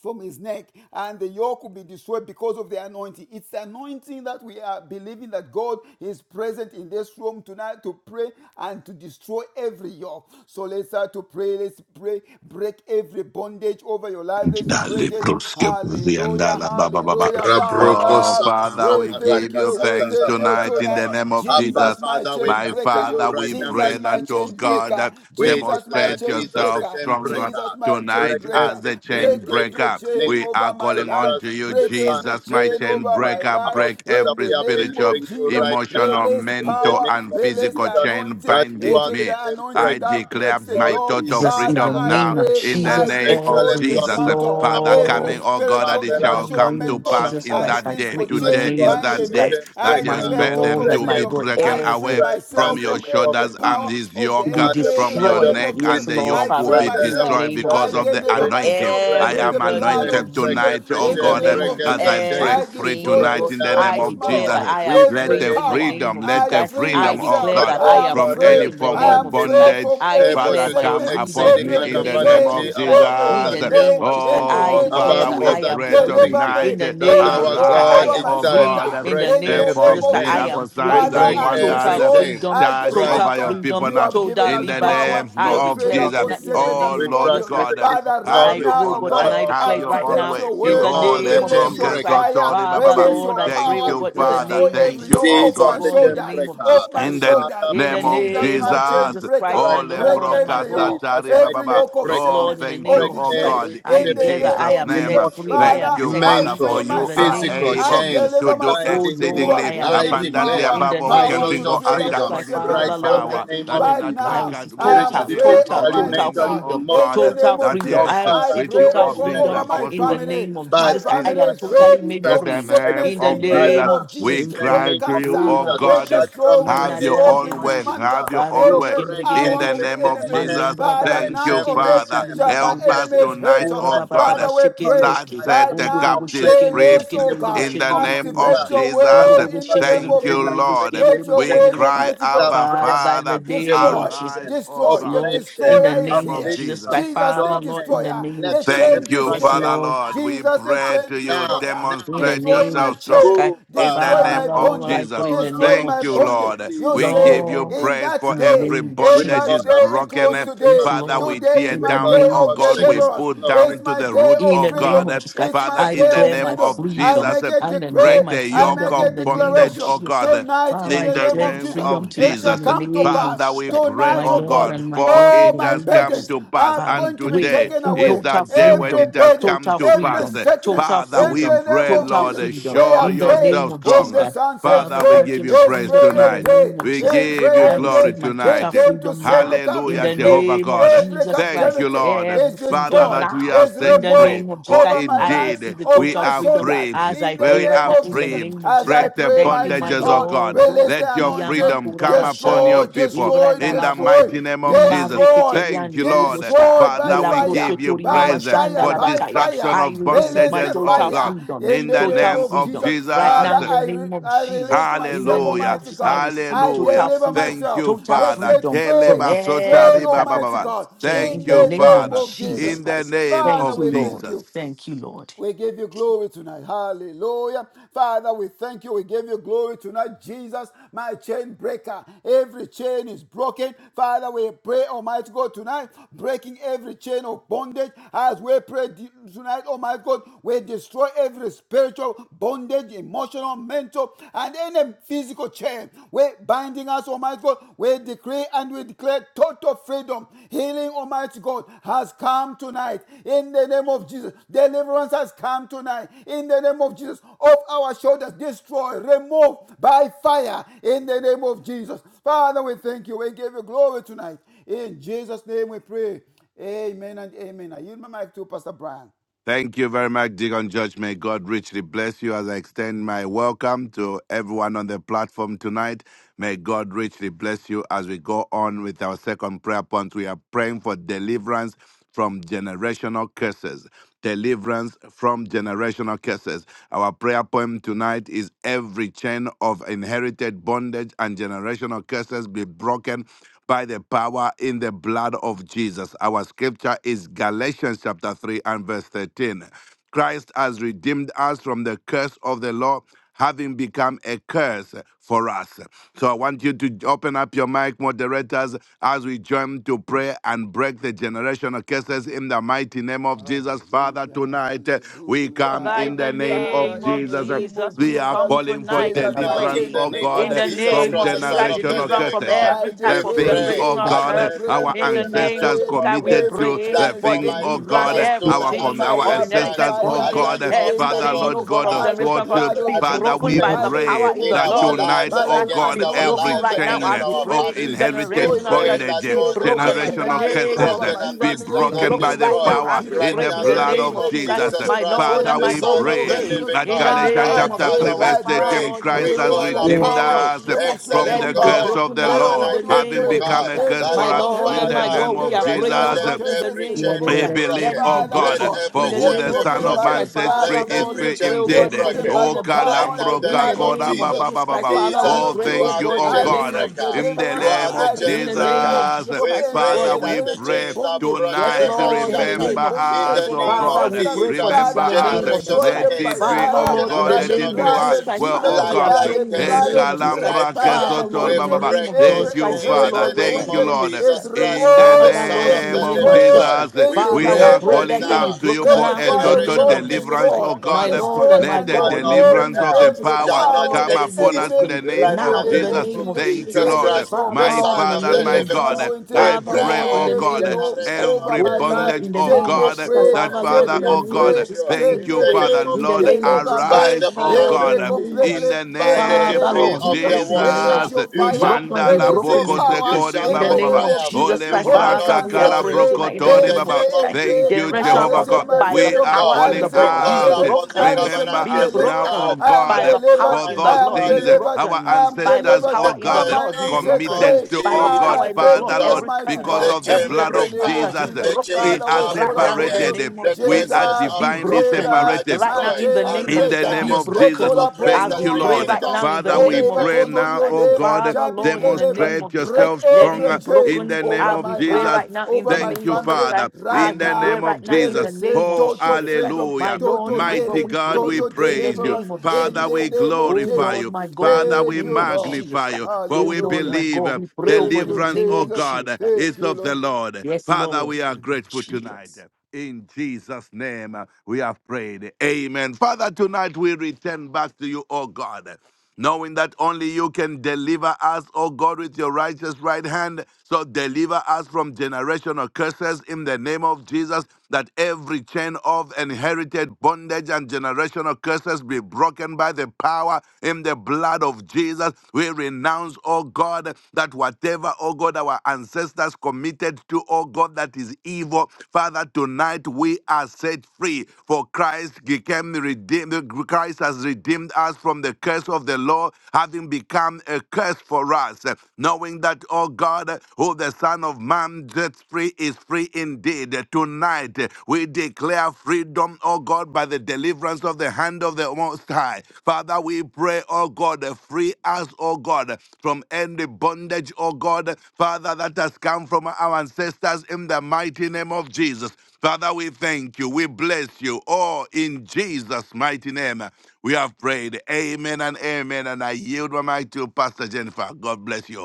S3: from his neck, and the yoke will be destroyed because of the anointing. It's the anointing that we are believing that God is present in this room tonight to pray and to destroy every yoke. So let's start to pray. Let's pray. Break every bondage over your life. Let's
S5: Dale
S3: break it.
S5: proske
S3: Hallelujah,
S5: ziandala ba ba ba ba.
S3: hallelujah,
S4: Rabroko
S5: Oh,
S3: Father.
S5: Father,
S4: satara
S3: We
S5: we
S3: thank
S5: give
S4: baraka
S5: you
S3: you, we
S5: thanks
S4: satara
S3: thank you
S5: tonight
S4: baraka
S5: in
S3: tonight.
S5: the
S4: baba.
S5: name of
S4: Abba,
S3: Jesus,
S5: Jesus.
S3: my
S4: Father, we
S3: chain
S5: My
S4: come to
S3: breaker.
S4: you
S5: Father,
S4: right
S5: we
S4: now in
S3: Jesus,
S5: pray
S4: the
S5: that,
S3: my
S4: name of
S5: oh
S3: chain
S5: God,
S4: Jesus.
S3: breaker.
S5: that
S4: We
S3: Jesus, my
S4: declare
S5: demonstrate
S3: chain
S4: Jesus a
S5: yourself
S3: breaker.
S4: chain
S5: strong
S4: breaker.
S3: Jesus, my chain
S4: Break
S5: tonight
S3: breaker.
S5: as
S4: every
S5: a
S4: chain
S5: chain
S3: Break
S4: right now
S3: every
S4: in
S5: breaker.
S4: the name
S3: chain
S5: We are
S3: over my
S4: Jesus
S5: calling on
S3: life.
S4: Christ,
S5: to you,
S4: the
S3: Break
S4: Son
S3: every
S4: of
S5: Jesus,
S4: the
S5: my
S3: chain
S5: chain
S4: living
S3: over
S4: God.
S3: my
S5: breaker.
S3: life.
S4: Our
S5: Break
S4: Father,
S3: In
S5: every
S4: we
S3: the
S4: are
S3: name
S5: spiritual,
S3: of
S4: believing you
S3: Jesus,
S4: right now
S5: emotional,
S3: release
S4: in the
S5: mental,
S3: power,
S4: name
S5: and
S4: of
S3: release
S5: physical
S3: the
S4: Jesus
S5: chain
S3: anointing.
S4: that you
S5: binding
S3: It
S4: are
S3: is
S4: the
S5: me.
S3: the
S4: chain
S5: I
S3: anointing
S4: breaker.
S3: that
S5: declare
S3: breaks the yoke
S5: my
S4: Oh,
S3: yoke.
S5: total
S4: Jesus,
S2: Jesus,
S4: we
S3: Father,
S2: in the
S5: freedom
S4: call
S3: I
S5: now
S2: name of
S4: upon
S3: pray
S5: in
S4: you.
S5: the
S3: I
S2: Jesus,
S5: name of
S3: destroy,
S4: Excellent
S2: every
S4: God,
S2: yes,
S5: Jesus.
S4: we call
S3: dismantle
S5: Father,
S4: upon you.
S3: every
S2: Lord.
S5: coming, oh God, that
S3: spiritual,
S5: it
S2: Father,
S5: shall
S4: Marvelous
S2: In the
S3: emotional,
S4: God,
S5: come
S4: we
S2: name
S5: to
S2: of
S4: call
S3: mental,
S5: pass
S2: Jesus
S5: in
S4: upon
S3: and
S2: Christ,
S4: you.
S5: that
S2: I
S5: day.
S2: pray
S3: physical
S2: in
S4: That
S2: the
S5: Today
S4: you
S3: chain
S2: name
S5: is
S2: of
S4: alone
S2: Jesus
S5: that
S3: binding
S4: the
S3: me.
S5: day
S2: Christ,
S4: chain
S3: I
S5: that
S2: my
S5: has
S4: breaker.
S3: declare
S5: been-
S3: total
S2: Lord and
S5: will
S2: my
S5: be
S4: Break
S3: freedom.
S2: God,
S4: every
S5: broken
S3: I
S4: chain
S3: free
S5: away
S4: right now
S5: from
S4: in
S3: myself
S5: your
S4: the
S3: from
S4: name of
S3: every
S5: shoulders and
S4: Jesus.
S3: power
S5: his
S3: of the
S5: yoke
S2: you
S5: uh,
S4: By the
S3: enemy
S5: from
S3: in
S4: blood
S5: your
S3: the
S2: destroy.
S4: of
S3: name
S5: neck,
S3: of Jesus.
S5: and
S2: Yes,
S5: the
S4: Jesus,
S2: Lord.
S3: I
S5: yoke will
S2: Father,
S3: free
S4: with
S5: be
S2: I
S4: the
S2: pray in the
S4: help
S3: myself.
S5: destroyed
S4: of
S2: name of
S4: the
S3: I
S5: because
S4: Holy
S2: Jesus.
S5: of the
S3: deliver
S2: Let
S4: Spirit,
S5: anointing.
S3: myself
S4: break
S5: I
S3: with the
S5: am
S4: every
S2: everybody
S3: blood
S2: be
S4: chain,
S5: anointed
S3: of
S4: break
S3: Jesus
S2: removed
S5: tonight,
S4: every
S5: oh
S2: in
S3: in
S2: the
S3: the
S4: chain,
S5: God, uh,
S3: name
S2: name
S4: break
S2: of
S3: of
S2: Je-
S5: as
S3: Jesus.
S5: I
S4: every
S5: break
S4: chain.
S3: I
S5: free
S2: everything, oh
S3: destroy,
S4: Right
S5: tonight
S2: God.
S5: in the
S4: now,
S3: dislodge,
S5: name
S2: I
S4: oh
S5: of
S2: declare
S4: God,
S5: Jesus.
S2: that
S3: dismantle
S2: I
S4: we
S2: am
S5: Let
S3: every
S2: free
S5: the
S4: pray
S2: in the
S4: and
S3: power.
S2: name
S5: freedom,
S2: of
S4: we
S3: I
S4: intercede
S2: Jesus
S5: let
S3: I
S5: the
S2: Christ.
S3: free
S4: intercede
S2: I
S5: freedom, oh
S3: myself.
S2: declare
S4: that
S5: God,
S2: that
S3: I
S2: I
S4: our
S3: am
S2: am
S5: from
S4: Father,
S2: free
S4: you
S5: any
S3: free.
S4: are
S2: in the
S4: more
S5: form
S3: I
S4: than
S2: name
S5: of
S3: am
S2: of Jesus
S3: free
S4: able,
S2: Christ.
S5: bondage
S3: from
S2: I
S4: able
S3: every
S2: declare
S5: Father,
S4: to
S2: my
S4: do
S5: come
S3: sickness,
S2: freedom
S5: upon
S4: exceeding
S5: me
S2: in
S3: every
S2: the
S4: and
S5: in the
S2: name of
S5: name
S3: disease,
S5: of
S4: abundantly
S2: Jesus Christ.
S4: above all
S3: every
S2: In
S5: Jesus.
S4: that
S2: the
S4: we are
S2: name
S3: delay
S2: of Jesus Christ,
S3: in
S4: asking,
S3: the
S2: I
S5: Oh,
S3: name of
S2: declare
S5: Father,
S4: above
S2: that
S5: we
S4: all
S3: Jesus.
S2: I
S4: that
S2: am
S4: we
S5: pray
S4: are
S2: free.
S3: Deliver
S4: thinking.
S3: me
S2: In
S5: tonight.
S2: the
S4: That
S2: name
S3: every
S2: of
S4: our
S2: Jesus
S3: yoke
S2: Christ,
S4: God,
S2: I
S5: Arise,
S3: over
S2: am
S4: it's
S3: my
S5: oh
S4: time
S2: free.
S4: to
S3: shoulder
S5: God,
S2: In
S4: break
S2: the
S3: in
S2: name
S3: the
S2: of
S4: every
S3: name
S2: Jesus
S5: perform
S2: Christ,
S3: of
S4: chain,
S2: I am
S3: Jesus.
S5: miracle
S2: free.
S4: to
S2: In
S5: signs
S2: the
S3: Father,
S5: and
S4: break
S2: name of
S3: I
S4: every
S2: total
S5: wonders.
S3: destroy,
S4: chain
S2: freedom
S3: I
S5: Charge
S4: right
S2: total
S5: over your
S3: dismantle.
S4: now.
S2: freedom,
S5: people
S3: You
S5: now
S3: have given
S2: total
S5: in
S3: us
S5: the
S4: We
S2: liberty.
S3: power
S4: trust
S5: name
S4: you,
S2: I
S3: to
S4: the
S5: of
S3: tread
S4: King
S2: declare
S4: of
S2: it
S3: upon
S5: Jesus.
S2: tonight
S4: Kings.
S2: in the
S3: serpents and
S5: Oh,
S2: name
S4: We
S2: of
S4: trust
S5: Lord
S2: Jesus
S3: scorpions.
S4: you,
S2: Christ.
S4: the
S5: God,
S4: King of
S3: Father,
S5: have
S3: right
S2: I
S4: Glory.
S5: your
S3: now,
S2: pray, oh
S3: oh
S5: own
S2: God,
S4: That
S2: and
S5: way.
S3: God,
S2: I
S4: our
S2: declare
S5: Have
S2: it
S5: your
S2: right
S5: own
S4: Father,
S3: activate
S2: now
S5: way.
S3: your
S2: in
S4: you
S3: word.
S2: the
S5: Oh,
S4: are the
S5: le
S2: name of
S3: Release
S4: chain
S5: broke
S2: Jesus
S3: your
S4: breaker.
S2: Christ.
S5: so
S3: fire,
S5: tori
S2: Father,
S5: baba.
S3: release
S4: Jesus,
S2: Lord,
S3: your
S2: I
S4: the
S2: pray,
S5: Thank
S2: oh
S3: power,
S4: chain
S5: you,
S2: God, in the
S4: breaker.
S3: destroy
S5: Father.
S2: name of
S5: Thank
S3: every
S5: you,
S2: Jesus
S3: yoke
S5: oh
S2: Christ,
S3: off
S2: oh
S4: Jesus,
S3: my
S5: God.
S4: the
S2: God, in
S5: Mm.
S2: the
S4: chain
S3: shoulders,
S2: name of
S4: breaker.
S2: Jesus
S3: off my
S2: Christ, oh
S5: In
S2: God.
S5: the
S3: shoulders.
S4: Father,
S2: In
S4: break
S2: the
S5: name of
S3: Jesus,
S2: name
S5: Jesus.
S3: my
S2: of
S4: everything
S3: chain
S2: Jesus
S3: breaker,
S2: Christ, my
S5: Oh,
S4: right
S3: break
S4: now.
S2: Lord and my
S5: Lembroka
S3: every
S2: God.
S3: yoke
S4: Jesus,
S5: Satari
S4: my
S3: every
S5: Baba.
S4: chain
S3: yoke of
S2: Yes,
S4: breaker
S5: Oh,
S2: Lord,
S3: sickness,
S2: in the
S5: thank you,
S2: name
S4: break
S3: of
S2: of
S5: oh
S2: Jesus Christ,
S3: disease.
S4: every
S5: God,
S2: I
S3: In
S5: in
S3: the
S2: declare that
S4: spiritual,
S3: name
S2: I
S5: Jesus'
S2: am
S3: of
S5: name.
S2: set
S3: Jesus,
S2: free. I
S4: emotional,
S2: am
S5: Thank
S3: Father,
S5: you,
S2: set
S3: I
S5: Father,
S2: free
S3: free
S5: for
S4: mental,
S2: in
S5: you
S2: the
S5: are
S3: myself.
S2: name
S4: physical
S2: of
S3: I
S5: able
S4: chain
S2: Jesus
S5: to
S3: deliver
S2: Christ.
S5: do
S3: myself.
S2: Oh
S4: binding
S3: You
S4: me.
S2: Lord,
S3: have
S5: exceedingly
S2: I am
S3: given
S4: I
S3: us
S2: free
S5: abundantly
S4: declare
S3: power,
S2: in
S5: above
S2: the
S5: all we
S4: my
S5: can
S3: power to
S5: think
S2: name
S4: total
S5: or
S2: of
S3: tread
S5: ask
S2: Jesus
S4: freedom
S3: upon
S2: Christ.
S5: according to
S3: serpents
S5: the
S4: right
S3: and
S2: Father,
S4: now
S2: Lord,
S4: in
S2: I
S4: the
S5: power
S3: scorpions.
S4: name
S2: thank you,
S4: of
S5: that
S2: Lord.
S5: is
S3: Right
S5: at
S4: Jesus,
S2: I
S5: work
S3: now,
S5: at-
S2: receive
S5: with-
S3: I
S5: uh,
S3: am
S2: total,
S4: spiritually,
S5: within
S3: free,
S5: us, oh
S2: total,
S4: physically,
S5: God. We
S3: Almighty
S2: total
S5: know,
S4: mentally,
S3: God.
S5: oh
S2: freedom,
S3: In
S5: God,
S3: the
S2: total
S3: name
S4: emotionally.
S3: of
S5: that
S2: freedom.
S3: Jesus,
S4: Oh
S5: yes,
S2: I
S4: God,
S3: I
S4: I
S2: receive
S5: with
S3: pray,
S5: you
S2: total
S4: pray
S3: oh
S5: all
S4: in
S3: God,
S4: the
S5: things
S2: freedom
S5: are
S3: over
S4: name of
S3: my
S2: in the
S5: possible.
S4: Jesus,
S3: family.
S2: name of
S4: by
S3: My
S2: Jesus
S4: the
S2: Christ. I
S3: family
S2: am
S4: blood
S3: is
S4: of
S3: free
S2: totally made
S4: Jesus,
S5: In
S3: from
S5: the
S2: free
S4: I
S5: name
S2: in
S3: sickness
S2: the
S4: pray,
S3: in
S5: of
S3: the name
S5: Jesus,
S2: name
S4: Father,
S2: of
S3: of Jesus,
S5: we
S2: Jesus
S4: in the
S2: Christ.
S3: from
S5: cry
S4: name
S5: to
S4: of
S5: you,
S3: cancer.
S2: Oh,
S5: oh
S4: Jesus,
S3: We
S5: God,
S2: Raboshe,
S4: that
S3: destroy,
S4: from
S3: we
S5: have your
S4: today,
S3: dislodge, we
S2: Inaliande
S5: own way,
S4: Almighty
S3: dismantle
S4: God,
S5: have your
S2: Father,
S5: own
S4: you
S5: way.
S3: every
S4: break
S5: In
S3: power
S5: the
S3: of
S4: every
S3: the
S5: name of
S4: chain,
S3: enemy.
S5: Jesus,
S4: every
S2: Malembra da la
S3: Father,
S4: chain,
S5: thank
S3: none
S5: you,
S2: bushikiri
S3: of
S4: every
S3: it
S5: Father.
S4: chain,
S2: bushikiri
S3: shall by
S2: bukuru
S5: Help us
S4: every
S3: enemies
S5: tonight,
S3: hurt
S4: chain
S3: us.
S2: Ora
S5: oh
S4: that
S2: ba ba ba ba
S5: God.
S3: Father,
S4: Almighty
S3: we
S4: God
S2: shikiri
S3: pray
S5: Sad
S2: bushki.
S4: I try
S5: set
S3: right
S5: the
S2: Ora
S4: to
S2: bo
S3: now,
S2: bo
S5: captives
S4: oppress,
S2: shikiri
S5: free.
S3: release,
S4: oppress,
S2: bushkiri
S3: oh
S2: bushkiri
S3: God,
S4: depress,
S5: In the
S2: bushkiri
S5: name
S4: Almighty
S5: of
S3: activate
S4: God.
S3: your
S2: Ora
S5: Jesus,
S2: bo
S3: word
S4: Almighty
S2: bo
S3: in
S4: God,
S3: the
S4: the
S2: shikiri
S3: name
S5: thank
S3: of
S4: chains
S5: you,
S2: bukuru
S4: that
S2: bo
S3: Jesus.
S4: bring
S5: Lord.
S2: bushkiri
S3: Let your
S5: We
S3: word,
S4: limitation,
S5: cry,
S3: Almighty God,
S5: Abba,
S2: Father,
S4: suppression,
S2: in the
S5: Father,
S2: name of
S3: destroy,
S2: Jesus,
S4: depression,
S5: arise, oh
S3: destroy. The
S5: God.
S2: Lord, in
S4: oppression,
S5: In
S2: the
S5: the
S3: destroyer is
S5: name
S2: name of
S5: of
S3: here.
S2: Jesus
S5: Jesus.
S4: affliction,
S2: Christ,
S3: Jesus, the
S2: Father, Lord,
S4: torment.
S2: in the
S3: destroyer,
S2: name
S4: Let
S2: of
S3: the
S2: Jesus
S4: them
S2: Christ.
S4: be
S3: chain
S5: Thank you,
S2: Yes,
S4: broken
S3: destroyer.
S5: Father
S2: Lord,
S5: Lord.
S4: now,
S5: We
S3: Jesus, the
S4: now,
S5: pray to
S3: chain
S5: you,
S4: now,
S3: destroyer.
S2: in
S4: now,
S2: the
S5: demonstrate
S3: Destroy
S4: now.
S2: name
S3: my
S2: of
S5: yourself
S2: Jesus
S5: strong
S3: chains,
S2: Christ,
S4: Oh,
S5: in
S4: Father,
S5: the
S3: destroy
S5: name
S3: my
S2: Father,
S5: of
S2: Lord,
S4: I
S3: bondage,
S2: I
S5: Jesus.
S2: pray in
S4: call
S2: the
S3: destroy
S2: name
S4: upon
S2: of
S5: Thank
S3: my
S5: you,
S4: you.
S2: Jesus,
S3: bondage.
S5: Lord.
S3: You
S4: Jesus,
S5: We
S4: the
S3: said,
S5: give you
S2: Lord,
S3: in
S5: praise
S3: that
S5: for
S2: in
S4: temperature.
S2: the
S3: day,
S5: every
S2: name of
S4: We
S3: in
S2: Jesus.
S5: bondage
S3: that
S4: call
S5: is
S3: day
S4: upon you,
S5: broken.
S3: includes
S4: the King of
S2: Yes,
S3: today.
S5: Father,
S4: Kings.
S2: Lord,
S5: we
S3: Today
S5: tear
S3: is
S2: in
S4: We
S2: the
S3: my
S4: call
S5: down,
S3: day
S2: name
S5: oh
S3: of
S2: of
S4: upon you,
S5: God,
S4: the
S5: we
S4: King
S2: Jesus.
S4: of
S3: deliverance.
S5: put
S4: Glory.
S3: It's
S5: down to
S3: my
S5: the
S3: day
S5: root,
S2: In
S3: of
S5: oh
S2: the name
S3: freedom.
S2: of
S5: God.
S2: Jesus Christ,
S3: It's my
S5: Father,
S2: I
S5: in
S3: day
S5: the
S2: declare
S3: of
S5: name
S2: my
S3: freedom.
S5: of
S3: I
S2: freedom.
S5: Jesus,
S3: make a
S2: I declare
S3: decree.
S5: break
S2: my
S5: the
S3: I
S5: yoke
S2: freedom
S3: make a
S2: in
S5: of
S2: the name of
S5: bondage,
S3: declaration
S5: oh
S2: Jesus
S5: God.
S2: Christ.
S3: Tonight,
S2: Father,
S3: in
S2: I
S5: In
S3: the
S5: the
S3: name
S2: declare the
S3: of
S5: name
S3: Jesus,
S2: freedom
S5: of
S3: it
S2: tonight
S3: shall
S2: in
S5: Jesus.
S2: the
S3: come to
S2: name of
S3: pass.
S5: Father,
S2: Jesus
S5: we
S2: Christ.
S5: pray,
S3: Tonight,
S2: My
S5: oh
S3: oh
S2: Lord
S3: God,
S5: God,
S2: and my
S5: for
S2: God, in
S3: all
S5: it
S2: the
S3: my
S5: has
S2: name of
S5: come
S3: burdens
S2: Jesus.
S5: to pass,
S3: are
S2: Father, I
S5: and
S3: going to be
S2: pray
S5: today
S3: taken
S2: in
S5: is
S3: away.
S2: total
S5: that day when
S3: Every
S2: freedom,
S5: it has
S3: burden,
S5: come
S2: total
S5: to
S3: every
S5: pass.
S2: freedom,
S3: sickness,
S2: total
S5: Father,
S3: in
S5: we
S3: the
S2: freedom,
S3: name
S5: pray,
S3: of
S2: total
S5: Lord,
S3: Jesus, we
S2: freedom
S5: show
S3: are
S2: in the
S3: free.
S2: name
S5: yourself
S2: of Jesus
S3: Whom the
S5: strong.
S2: Christ.
S3: Son says
S2: Father,
S5: Father, we
S2: I
S5: give
S2: can
S3: free
S5: you
S3: is
S5: praise
S2: freedom
S3: free
S2: in the
S5: tonight.
S3: indeed.
S2: name of
S5: We
S3: He
S2: Jesus Christ.
S3: is
S5: give you
S2: I
S3: free
S5: glory
S3: indeed.
S2: receive my total
S5: tonight.
S3: He came to
S2: freedom
S3: set the
S2: now. In
S5: Hallelujah,
S3: captives
S2: the
S3: free.
S5: Jehovah
S2: name of
S5: God.
S3: Every
S2: Jesus
S5: Thank
S2: Christ,
S5: you,
S3: captivity
S5: Lord.
S3: is
S2: every
S5: Father,
S2: freedom
S3: destroyed,
S5: that we
S2: now
S5: are
S3: is
S5: set
S2: in the
S5: free.
S3: removed
S2: name of Jesus
S5: For
S2: Christ.
S3: over my
S2: I
S3: life,
S5: indeed,
S2: receive the
S3: off
S5: we
S2: total
S3: my
S5: are
S2: freedom
S3: shoulders.
S5: free.
S2: as I
S3: In the
S2: pray
S5: We
S2: right
S3: name
S5: are
S2: now
S3: of
S2: in the
S3: Jesus,
S5: free.
S2: name of
S3: as
S2: Jesus
S3: I
S2: Christ.
S5: Break the
S3: pray,
S2: Thank you,
S3: mighty
S2: my
S5: bondages, oh
S3: God,
S5: God.
S2: Lord God.
S3: release
S5: Let
S3: the
S5: your
S3: anointing.
S5: freedom
S2: Iyamakura
S5: come upon your
S3: Destroy,
S2: bashande,
S5: people
S3: destroy,
S5: in the
S3: destroy,
S5: mighty
S2: ibragalaboshke,
S5: name of Jesus.
S3: destroy,
S5: Thank you,
S2: imareketeriande,
S5: Lord.
S2: riboshka,
S3: destroy by
S5: Father, we
S3: fire,
S5: give you
S2: ilabrosotorina
S3: by
S5: praise
S2: majanda
S3: fire,
S5: for
S3: by
S2: labakaya.
S5: destruction
S3: fire.
S5: of
S2: I will receive
S3: Release
S2: my
S5: bondages,
S3: the
S5: oh
S2: total
S5: God,
S3: fire
S2: freedom,
S3: in
S5: in
S3: the
S5: the
S3: name
S2: total
S5: name
S3: of
S5: of
S2: freedom.
S3: Jesus.
S2: Right
S3: Father,
S2: now,
S5: Jesus.
S2: in the
S3: I, re-
S2: name of
S3: I release
S2: Jesus,
S3: to
S2: in the
S3: myself,
S2: name
S5: Hallelujah.
S2: of
S3: Almighty
S2: Jesus, I
S3: God.
S2: receive
S3: I
S2: total
S5: Hallelujah.
S3: deliver
S2: freedom,
S5: Thank
S3: myself.
S5: you,
S2: total
S3: You
S5: Father.
S3: said,
S2: freedom
S3: free,
S2: from
S5: Keleba
S3: free,
S2: every
S5: sotariba
S2: type of
S3: Almighty
S5: bababa.
S3: God,
S2: chain.
S5: Thank
S3: in
S2: In the
S5: you,
S3: the
S2: name of
S3: name
S5: Father,
S3: of
S2: Jesus
S5: in
S3: Jesus.
S5: the
S2: Christ.
S5: name
S3: Father,
S2: Thank
S5: of
S2: you,
S3: we
S2: Lord.
S3: thank
S5: Jesus.
S3: you.
S2: Thank you, Lord.
S3: We give you glory tonight. Hallelujah. Father, we thank you. We give you glory tonight. Jesus, my chain breaker. Every chain is broken. Father, we pray, Almighty God, tonight, breaking every chain of bondage. As we pray de- tonight, Almighty God, we destroy every spiritual bondage, emotional, mental, and any physical chain. We're binding us, Almighty. Almighty God, we decree and we declare total freedom. Healing, Almighty God, has come tonight in the name of Jesus. Deliverance has come tonight in the name of Jesus. Off our shoulders, destroy, remove by fire in the name of Jesus. Father, we thank you. We give you glory tonight. In Jesus' name we pray. Amen and amen. I yield my mic to Pastor Brian.
S5: Thank you very much, Deacon Judge. May God richly bless you as I extend my welcome to everyone on the platform tonight. May God richly bless you as we go on with our second prayer point. We are praying for deliverance from generational curses. Deliverance from generational curses. Our prayer point tonight is every chain of inherited bondage and generational curses be broken by the power in the blood of Jesus. Our scripture is Galatians chapter 3 and verse 13. Christ has redeemed us from the curse of the law, having become a curse for us. So I want you to open up your mic, moderators, as we join to pray and break the generational curses in the mighty name of Jesus. Father,
S3: Hallelujah,
S5: tonight eh, we come
S2: by
S5: in
S3: hallelujah.
S2: the
S5: the name of
S3: Father,
S2: name of
S3: in the
S5: Jesus. eh,
S3: name
S2: Jesus,
S3: of
S5: we
S2: we
S5: are
S3: Jesus,
S2: come
S5: calling for
S2: tonight to
S3: Jesus, my
S4: Now,
S5: deliverance,
S4: in
S2: pray.
S3: chain
S4: the
S5: oh
S4: name
S5: God,
S2: In
S4: of
S3: breaker,
S5: eh,
S2: the
S4: Jesus
S3: Jesus,
S5: from
S2: name
S4: Christ,
S2: of
S3: my
S4: the
S2: Jesus,
S4: Son
S2: God,
S3: chain
S4: of the
S2: deliver
S5: generational
S2: us
S3: breaker,
S4: Living
S2: from
S4: God,
S5: curses
S3: I
S2: every type
S5: the
S4: we
S2: of
S3: decree
S5: things,
S4: pray
S5: oh
S2: generational
S3: Jesus is
S5: God,
S2: curse.
S4: against
S5: our
S3: breaking
S4: every
S2: In the
S3: every
S2: name of
S5: ancestors
S3: chain.
S2: Jesus,
S4: generational
S2: God, we
S5: committed
S4: curse
S3: Every
S5: to,
S2: pray
S3: chain
S5: the
S4: that
S3: is
S2: for
S5: things,
S3: being
S5: oh
S4: Almighty God
S2: deliverance.
S4: has
S5: God,
S3: broken
S2: Every
S4: stood
S5: our
S3: by
S4: as
S2: chain
S5: con-
S4: a
S5: our
S2: of
S3: fire, by
S4: hindrance,
S2: inherited
S5: ancestors, oh
S3: fire,
S4: as
S2: bondage,
S3: in
S4: an
S5: God,
S3: the
S2: every
S3: name of
S5: Father,
S2: chain,
S4: obstacle,
S2: oh
S5: Lord
S3: Jesus,
S2: God,
S5: God,
S2: of
S4: as
S3: by the
S4: a
S5: swore
S2: generational
S4: mighty
S5: to.
S2: curse,
S3: blood
S2: be
S3: of
S4: God, as a
S5: Father,
S3: Jesus,
S2: broken
S5: we
S2: by
S3: by
S2: the
S3: the
S4: contention
S5: pray
S2: power
S3: name
S2: in
S4: in
S2: the
S3: of
S5: that
S4: our
S2: blood
S3: Jesus,
S2: of
S4: lives
S5: tonight,
S2: Jesus.
S3: by
S4: and
S5: oh
S2: Christ.
S3: the
S4: against
S2: Be
S5: God,
S4: our
S2: broken
S5: every
S3: anointing.
S4: lives,
S2: right
S3: The
S2: now
S5: chain
S4: against
S2: as we
S4: our
S3: anointing
S5: of
S2: pray.
S3: is
S4: families. We
S3: destroy
S5: inherited
S2: Generational
S4: pray
S2: curse,
S3: every
S5: bondage,
S4: that
S2: be
S3: chain
S4: all the
S3: over
S2: broken
S4: chains
S3: my
S2: in the
S5: generational
S4: be
S3: life,
S2: name
S5: curses,
S3: over
S2: of
S4: broken
S3: my
S4: and,
S2: Jesus.
S5: be
S3: family,
S2: Be
S4: and
S5: broken
S3: in
S5: by
S3: the
S2: broken
S5: the
S3: name
S2: right
S3: name
S4: destroyed
S2: now
S3: of
S5: power
S2: as we
S3: Jesus.
S4: right
S5: in
S2: pray
S5: the
S4: now
S2: in
S4: in
S2: the
S4: the
S5: blood
S3: Remove
S2: name
S4: name
S5: of
S2: of
S4: of
S2: Jesus.
S5: Jesus.
S4: Jesus
S3: limitation
S2: My Lord
S4: Christ,
S2: and
S3: in
S5: Father,
S4: the
S2: my
S3: the
S5: we
S2: God,
S4: Son
S2: we
S3: name
S4: of
S3: of
S5: pray
S4: the
S2: pray
S3: Jesus.
S4: living
S5: at
S2: in the
S4: God.
S3: Father,
S5: Galatians
S3: I
S4: Our
S2: name of
S5: chapter
S3: pray
S4: Father,
S2: Jesus
S5: 3,
S4: we
S5: verse
S2: Christ,
S3: right
S2: Father,
S3: now,
S4: pray,
S5: eighteen.
S2: Lord, we
S4: we
S2: pray,
S5: Christ
S2: oh
S5: has
S3: release
S2: God,
S4: call
S2: in
S3: your
S2: the
S4: upon
S5: redeemed
S2: name
S3: power,
S2: of
S4: you,
S5: us
S2: Jesus Christ.
S3: demonstrate
S5: from
S4: excellent
S2: Let
S3: your
S5: the
S2: it be
S4: God,
S5: curse
S3: power.
S5: of
S2: broken
S5: the
S2: now in
S5: law,
S4: covenant
S2: the
S3: Lord, we
S2: name
S5: having
S4: keeping
S2: of
S3: pray
S5: become
S2: Jesus
S4: God,
S5: a
S2: Christ.
S5: curse
S4: that
S2: My
S5: for
S3: every
S5: us
S4: our
S2: Lord
S5: in
S2: and
S5: the
S2: my
S3: inherited
S4: Father,
S5: name
S2: God, we
S5: of
S3: bondage
S2: are
S4: right now,
S2: praying, oh
S3: generation
S4: let
S3: of
S5: Jesus.
S2: God, in the
S3: cases
S4: every
S3: is
S2: name of
S4: chain
S2: Jesus
S4: be
S5: We
S2: Christ.
S3: broken.
S5: believe,
S2: Let
S4: broken.
S2: it be
S5: oh
S3: Father, oh
S5: God,
S4: Let
S5: uh,
S2: broken
S3: God,
S2: in
S5: for
S4: every
S2: the
S3: be
S5: who
S4: chain
S5: the
S2: name
S4: be
S2: of
S5: Son
S3: broken
S5: of
S2: Jesus
S3: by
S4: broken.
S5: Man
S3: the
S2: Christ.
S5: says
S3: blood
S4: Let
S5: free
S2: Father,
S3: of
S5: is
S2: Lord,
S4: every
S2: we
S3: Jesus.
S5: free
S4: chain
S2: pray, oh
S4: be
S3: Be
S2: God,
S5: indeed.
S2: in
S5: Uh,
S2: the
S3: broken
S4: broken
S3: by
S2: name
S5: Oh
S3: the
S2: of Jesus
S4: right
S3: power
S2: Christ.
S3: in
S4: now
S3: the
S4: in
S5: Kalambro
S4: the
S2: In the
S3: blood
S4: name of
S3: of
S5: Kakora
S2: name of
S5: ba
S3: Jesus.
S5: ba
S4: Jesus.
S2: Jesus
S5: ba ba
S3: In
S2: Christ,
S3: the
S5: ba.
S2: Father,
S3: blood
S2: we
S5: Oh,
S4: Jesus,
S3: of
S2: pray,
S4: you
S2: oh
S3: Jesus,
S5: thank
S4: are
S5: you,
S4: the
S2: God, in
S5: oh
S3: I
S2: the
S4: chain
S5: God,
S2: name
S5: uh,
S3: receive
S2: of
S4: breaker.
S2: Jesus
S5: in
S2: Christ,
S5: the
S4: You
S3: deliverance.
S4: are
S5: name
S2: Father.
S4: the
S3: I
S5: of
S2: In
S4: chain
S3: receive
S2: the
S5: Jesus.
S2: name
S4: breaker.
S3: healing
S2: of
S5: Uh,
S2: Jesus
S3: from
S4: We
S2: Christ, oh
S3: every
S4: pray
S5: Father,
S2: God,
S4: that
S5: we
S4: the
S3: inherited
S5: pray
S4: chains are
S3: bondage,
S4: broken
S2: Yes,
S5: tonight.
S4: and are
S3: every
S2: Lord, in the
S4: shattered
S2: name
S3: inherited
S5: Remember
S2: of Jesus
S4: in
S2: Christ.
S3: bondage
S5: us,
S4: the
S3: from
S5: oh
S3: my
S4: name of
S2: Father,
S5: God.
S2: we
S5: Uh,
S3: ancestors.
S2: pray for
S4: Jesus.
S2: this in
S3: Father,
S5: Remember
S2: the
S3: I
S5: us.
S2: name
S5: Uh,
S2: of Jesus
S3: destroy
S4: Generational
S2: Christ.
S5: Let
S3: them by
S5: it
S4: cases,
S5: be,
S2: Father,
S5: oh
S3: fire
S2: Lord, in
S5: God,
S2: the
S3: by
S5: let
S3: the
S5: it
S4: generational
S2: name
S5: be
S2: of
S3: blood
S5: wa-
S2: Jesus
S3: of
S4: cases
S2: Christ.
S5: well,
S3: Jesus,
S5: oh
S2: Father, we are
S5: God.
S3: by
S5: Uh,
S4: bloodline
S3: the
S2: praying in the
S5: eh,
S3: blood
S4: curses.
S2: name
S3: of
S2: of Jesus
S3: Jesus,
S2: Christ.
S4: Right
S5: Kalambra
S3: by the
S4: now,
S2: Father,
S5: Kesotor
S2: Lord,
S4: we
S2: in
S5: ba
S2: the
S5: ba
S3: anointing,
S5: ba.
S2: name
S4: break
S2: of
S4: those
S3: every
S2: Jesus
S5: Thank you,
S2: Christ.
S4: chains
S2: Lord,
S4: in
S5: Father.
S2: Lord,
S4: the
S3: inherited
S4: name
S2: whether
S5: Thank
S2: in
S5: you,
S2: the
S3: bondage
S4: of
S2: name of
S5: Lord. Uh,
S2: Jesus
S3: is
S4: Jesus
S2: Christ.
S5: in
S4: Christ,
S5: the
S4: the
S2: Father,
S3: removed,
S4: Son
S2: Lord,
S3: is
S4: of
S2: in the
S5: name
S4: the
S2: name
S5: of
S2: of
S4: living
S3: destroyed
S2: Jesus
S4: God.
S2: Christ.
S5: Jesus.
S3: in
S4: We
S3: the
S2: Father,
S5: We
S4: pray
S2: we
S5: are
S3: name
S2: pray,
S4: right
S3: of
S5: calling
S2: let them be
S3: Jesus.
S4: now
S5: up to you
S2: broken
S3: Let
S4: that
S5: for
S3: the
S2: now
S5: a
S2: in the
S3: fire of
S5: total
S2: name
S4: generational
S2: of
S3: God
S2: Jesus
S5: deliverance,
S4: curses
S2: Christ.
S3: destroy,
S5: oh
S4: shall not
S2: My
S5: God.
S2: Lord
S4: stand,
S3: destroy
S2: and my
S5: Let
S3: and
S5: the
S4: shall
S2: God, in the
S4: not
S3: remove
S2: name
S5: deliverance
S2: of
S5: of
S4: prevail,
S5: the
S2: Jesus
S3: every
S2: Christ.
S5: power
S4: shall
S2: Father,
S4: not
S3: power
S2: Lord,
S3: of
S5: come
S2: let
S3: the
S2: it be
S5: upon us
S4: exist.
S3: enemy
S5: in the
S2: broken
S5: name
S4: Right
S3: in the
S4: now,
S5: of
S2: now
S4: in
S2: in
S4: the
S3: name
S2: the
S5: Jesus.
S3: of
S4: name of
S2: name of
S3: Jesus.
S5: Thank
S2: Jesus
S5: you,
S4: Jesus
S2: Christ.
S5: Lord.
S3: Release
S4: Christ,
S3: your
S2: Father,
S4: the
S5: My
S2: Lord,
S3: power,
S2: in
S4: Son
S2: the
S4: of
S5: Father, and
S4: the
S2: name
S5: my
S2: of
S3: release
S4: Living
S3: your
S2: Jesus.
S4: God,
S5: God,
S3: anointing,
S4: we
S5: I
S2: Father,
S5: pray,
S2: Lord, in
S4: pray.
S5: oh
S2: the
S3: destroy
S2: name
S3: every
S5: God,
S2: of
S3: yoke
S2: Jesus Christ.
S3: over
S4: Generational
S5: every
S3: my
S2: Oh Lord,
S3: life.
S4: cases
S5: bondage,
S2: in the
S5: oh
S3: Set
S4: are
S2: name of
S3: me
S2: Jesus
S5: God,
S3: free,
S5: that
S2: Father
S4: uprooted.
S2: Lord,
S3: set
S5: Father,
S2: in
S4: We
S2: the
S3: me
S5: oh
S2: name of
S4: approach
S5: God,
S3: free
S2: Jesus
S4: you
S2: Christ,
S3: set
S5: thank
S2: we
S4: in
S3: me
S5: you,
S4: the
S2: pray.
S5: Father,
S3: free,
S4: name of
S2: In the
S5: Lord,
S2: name
S4: Jesus,
S2: of
S3: deliver
S2: Jesus
S4: by
S3: me,
S4: the
S5: arise,
S2: Father
S5: oh
S4: blood
S3: heal
S2: Lord, in
S3: me
S4: of
S2: the
S5: God,
S2: name of
S4: Jesus,
S5: in
S3: completely
S2: Jesus,
S5: the
S4: by
S3: in
S4: the
S3: the
S5: name
S2: Father
S3: name
S4: decree
S3: of
S2: Lord,
S5: of
S2: we
S4: of
S3: Jesus.
S4: the
S2: pray in the name of
S3: Release
S4: Watcher.
S5: Jesus.
S2: Jesus.
S3: your
S2: Be
S4: You
S3: fire,
S4: shall not
S2: broken, be
S5: Mandala
S3: release your
S2: broken,
S4: exist.
S2: be
S5: boko
S3: power
S4: You
S2: broken.
S5: sekore
S4: shall
S2: In
S3: in
S2: the
S4: not
S5: baba
S3: the
S2: name
S5: baba.
S3: name
S2: of
S3: of
S4: triumph.
S3: Jesus.
S2: Jesus
S4: You
S2: Christ,
S3: Whom
S4: shall
S5: Olembra
S3: the
S4: not
S2: Father,
S3: Son
S2: we are
S3: says
S5: kakala
S2: praying
S4: flourish.
S3: free,
S2: tonight in
S3: he
S2: the
S4: In
S5: brokotori
S3: is
S4: the
S2: name of
S3: free
S5: baba.
S4: name
S2: Jesus
S4: of
S2: Christ.
S5: Thank
S3: indeed.
S4: Jesus
S5: you,
S4: Christ,
S3: I
S4: the
S2: Generational
S5: Jehovah
S4: Son
S2: curse
S3: receive
S4: of
S5: God.
S3: my
S4: the
S2: by the
S5: We
S4: Living
S3: freedom,
S5: are
S2: power
S4: God,
S3: I
S2: in the
S5: calling
S4: we
S3: receive
S2: blood,
S3: my
S2: be
S4: call
S5: out.
S3: healing,
S4: upon you,
S3: I
S2: broken,
S3: receive my
S5: Remember
S4: covenant
S2: be
S5: us
S4: keeping
S5: now,
S3: deliverance.
S5: O
S4: God,
S2: broken.
S3: I am
S2: By
S5: God.
S4: that
S2: the
S3: delivered,
S2: power
S5: For
S2: in the
S4: Almighty
S5: those
S3: I am
S2: blood,
S4: God
S2: be
S5: things
S4: in
S5: eh,
S3: delivered,
S5: our
S3: I
S2: broken.
S3: am
S2: By the
S5: ancestors,
S3: delivered,
S5: oh
S2: power in
S3: I
S2: the
S5: God,
S3: am,
S4: the
S5: eh,
S3: I
S2: blood, be
S3: am
S4: name
S3: set
S4: of
S5: committed
S2: broken.
S3: free.
S5: to,
S2: By
S5: oh
S2: the
S3: Father,
S2: power
S5: God,
S3: I
S2: in the
S3: thank
S2: blood,
S5: Father,
S3: you,
S4: Jesus.
S5: Lord,
S2: every
S3: Almighty
S2: curse
S5: because
S4: The
S3: God.
S5: of the
S4: chain
S2: Every
S3: In
S5: blood
S3: the
S5: of
S2: generational
S3: name of
S2: curse
S4: breaker,
S2: is
S5: Jesus, eh,
S3: Jesus,
S4: the
S5: we
S2: broken
S4: chains
S3: Father,
S5: are
S3: we
S4: are
S3: call
S2: right now in
S3: upon
S2: the
S3: you,
S5: separated.
S4: broken,
S5: eh,
S2: name of
S4: the
S5: We are
S2: Jesus.
S4: curses are
S3: Jesus.
S2: Be
S5: divinely
S4: broken,
S2: broken
S3: Jesus,
S4: are
S5: separated
S2: right
S3: my
S2: now
S4: destroyed,
S2: in the
S4: are
S3: chain
S2: name of
S5: in
S2: Jesus.
S5: the
S2: Christ.
S4: rendered
S3: breaker.
S2: Be
S5: name of
S3: We
S4: useless.
S5: Jesus,
S3: call
S4: For
S2: broken
S3: upon
S4: Christ
S2: as
S3: you,
S5: thank
S4: has
S2: we
S5: you,
S2: pray
S3: Almighty
S5: Lord.
S4: redeemed
S2: right
S4: us
S3: God.
S2: now in the
S5: Father,
S4: from
S5: we
S4: the
S2: name of
S3: Whoever
S4: curse.
S5: pray
S3: calls on
S2: Jesus
S5: now,
S3: your
S2: Christ.
S5: oh
S3: name
S5: God,
S2: Father,
S3: shall be
S2: Lord, in the
S3: delivered.
S2: name
S5: demonstrate
S2: of Jesus
S3: Break
S2: Christ,
S5: yourself
S2: let it
S3: every
S2: be
S5: stronger
S3: chain
S5: in
S2: broken
S5: the name
S3: over
S2: as
S5: of
S2: we
S3: my
S2: pray
S3: life,
S5: Jesus.
S2: right now in
S3: over
S2: the
S3: my
S5: Thank
S2: name
S5: you,
S2: of Jesus
S3: family
S5: Father,
S2: Christ.
S3: right
S2: As
S5: in
S2: we
S5: the
S2: pray
S5: name
S3: now.
S5: of
S2: right now
S3: We
S2: in
S5: Jesus.
S2: the name
S3: receive
S2: of
S5: Oh,
S3: total
S2: Jesus Christ.
S3: freedom,
S2: My
S5: hallelujah.
S2: Lord
S3: total
S2: and my God,
S5: Mighty
S3: healing,
S2: we
S5: God, we
S2: pray
S3: total
S2: in the
S5: praise you.
S3: deliverance
S2: name of
S3: in
S5: Father,
S2: Jesus
S3: the
S5: we
S2: Christ.
S3: name of
S2: Oh
S5: glorify
S3: Jesus.
S2: Lord,
S5: you.
S2: my God, in
S5: Father,
S2: the
S5: we
S3: Thank
S2: name
S3: you,
S2: of
S3: Lord.
S2: Jesus
S5: magnify
S2: Christ.
S5: you. For
S2: Oh
S5: we
S2: Lord,
S3: Hallelujah.
S2: my
S5: believe
S2: God,
S5: uh,
S2: we pray, oh
S3: Thank
S2: God, in
S3: you,
S2: the
S5: deliverance,
S2: name
S5: oh
S2: of
S3: Jesus.
S5: God,
S2: Jesus.
S3: Thank
S5: is
S3: you,
S5: of the
S3: Lord.
S5: Lord.
S2: Yes,
S5: Father,
S2: Lord.
S5: we are grateful tonight.
S2: Jesus.
S5: In Jesus' name, uh, we have prayed. Amen. Father, tonight we return back to you, O God, knowing that only you can deliver us, O God, with your righteous right hand. So deliver us from generational curses in the name of Jesus, that every chain of inherited bondage and generational curses be broken by the power in the the blood of Jesus, we renounce, oh God, that whatever, oh God, our ancestors committed to, oh God, that is evil. Father, tonight we are set free, for Christ became redeemed. Christ has redeemed us from the curse of the law, having become a curse for us, knowing that, oh God, who the Son of Man sets free free is free indeed. Tonight, we declare freedom, oh God, by the deliverance of the hand of the Most High. Father, we pray, oh God, free us, oh God, from any bondage, oh God, Father, that has come from our ancestors in the mighty name of Jesus. Father, we thank you. We bless you. Oh, in Jesus' mighty name, we have prayed. Amen and amen. And I yield my mic to Pastor Jennifer. God bless you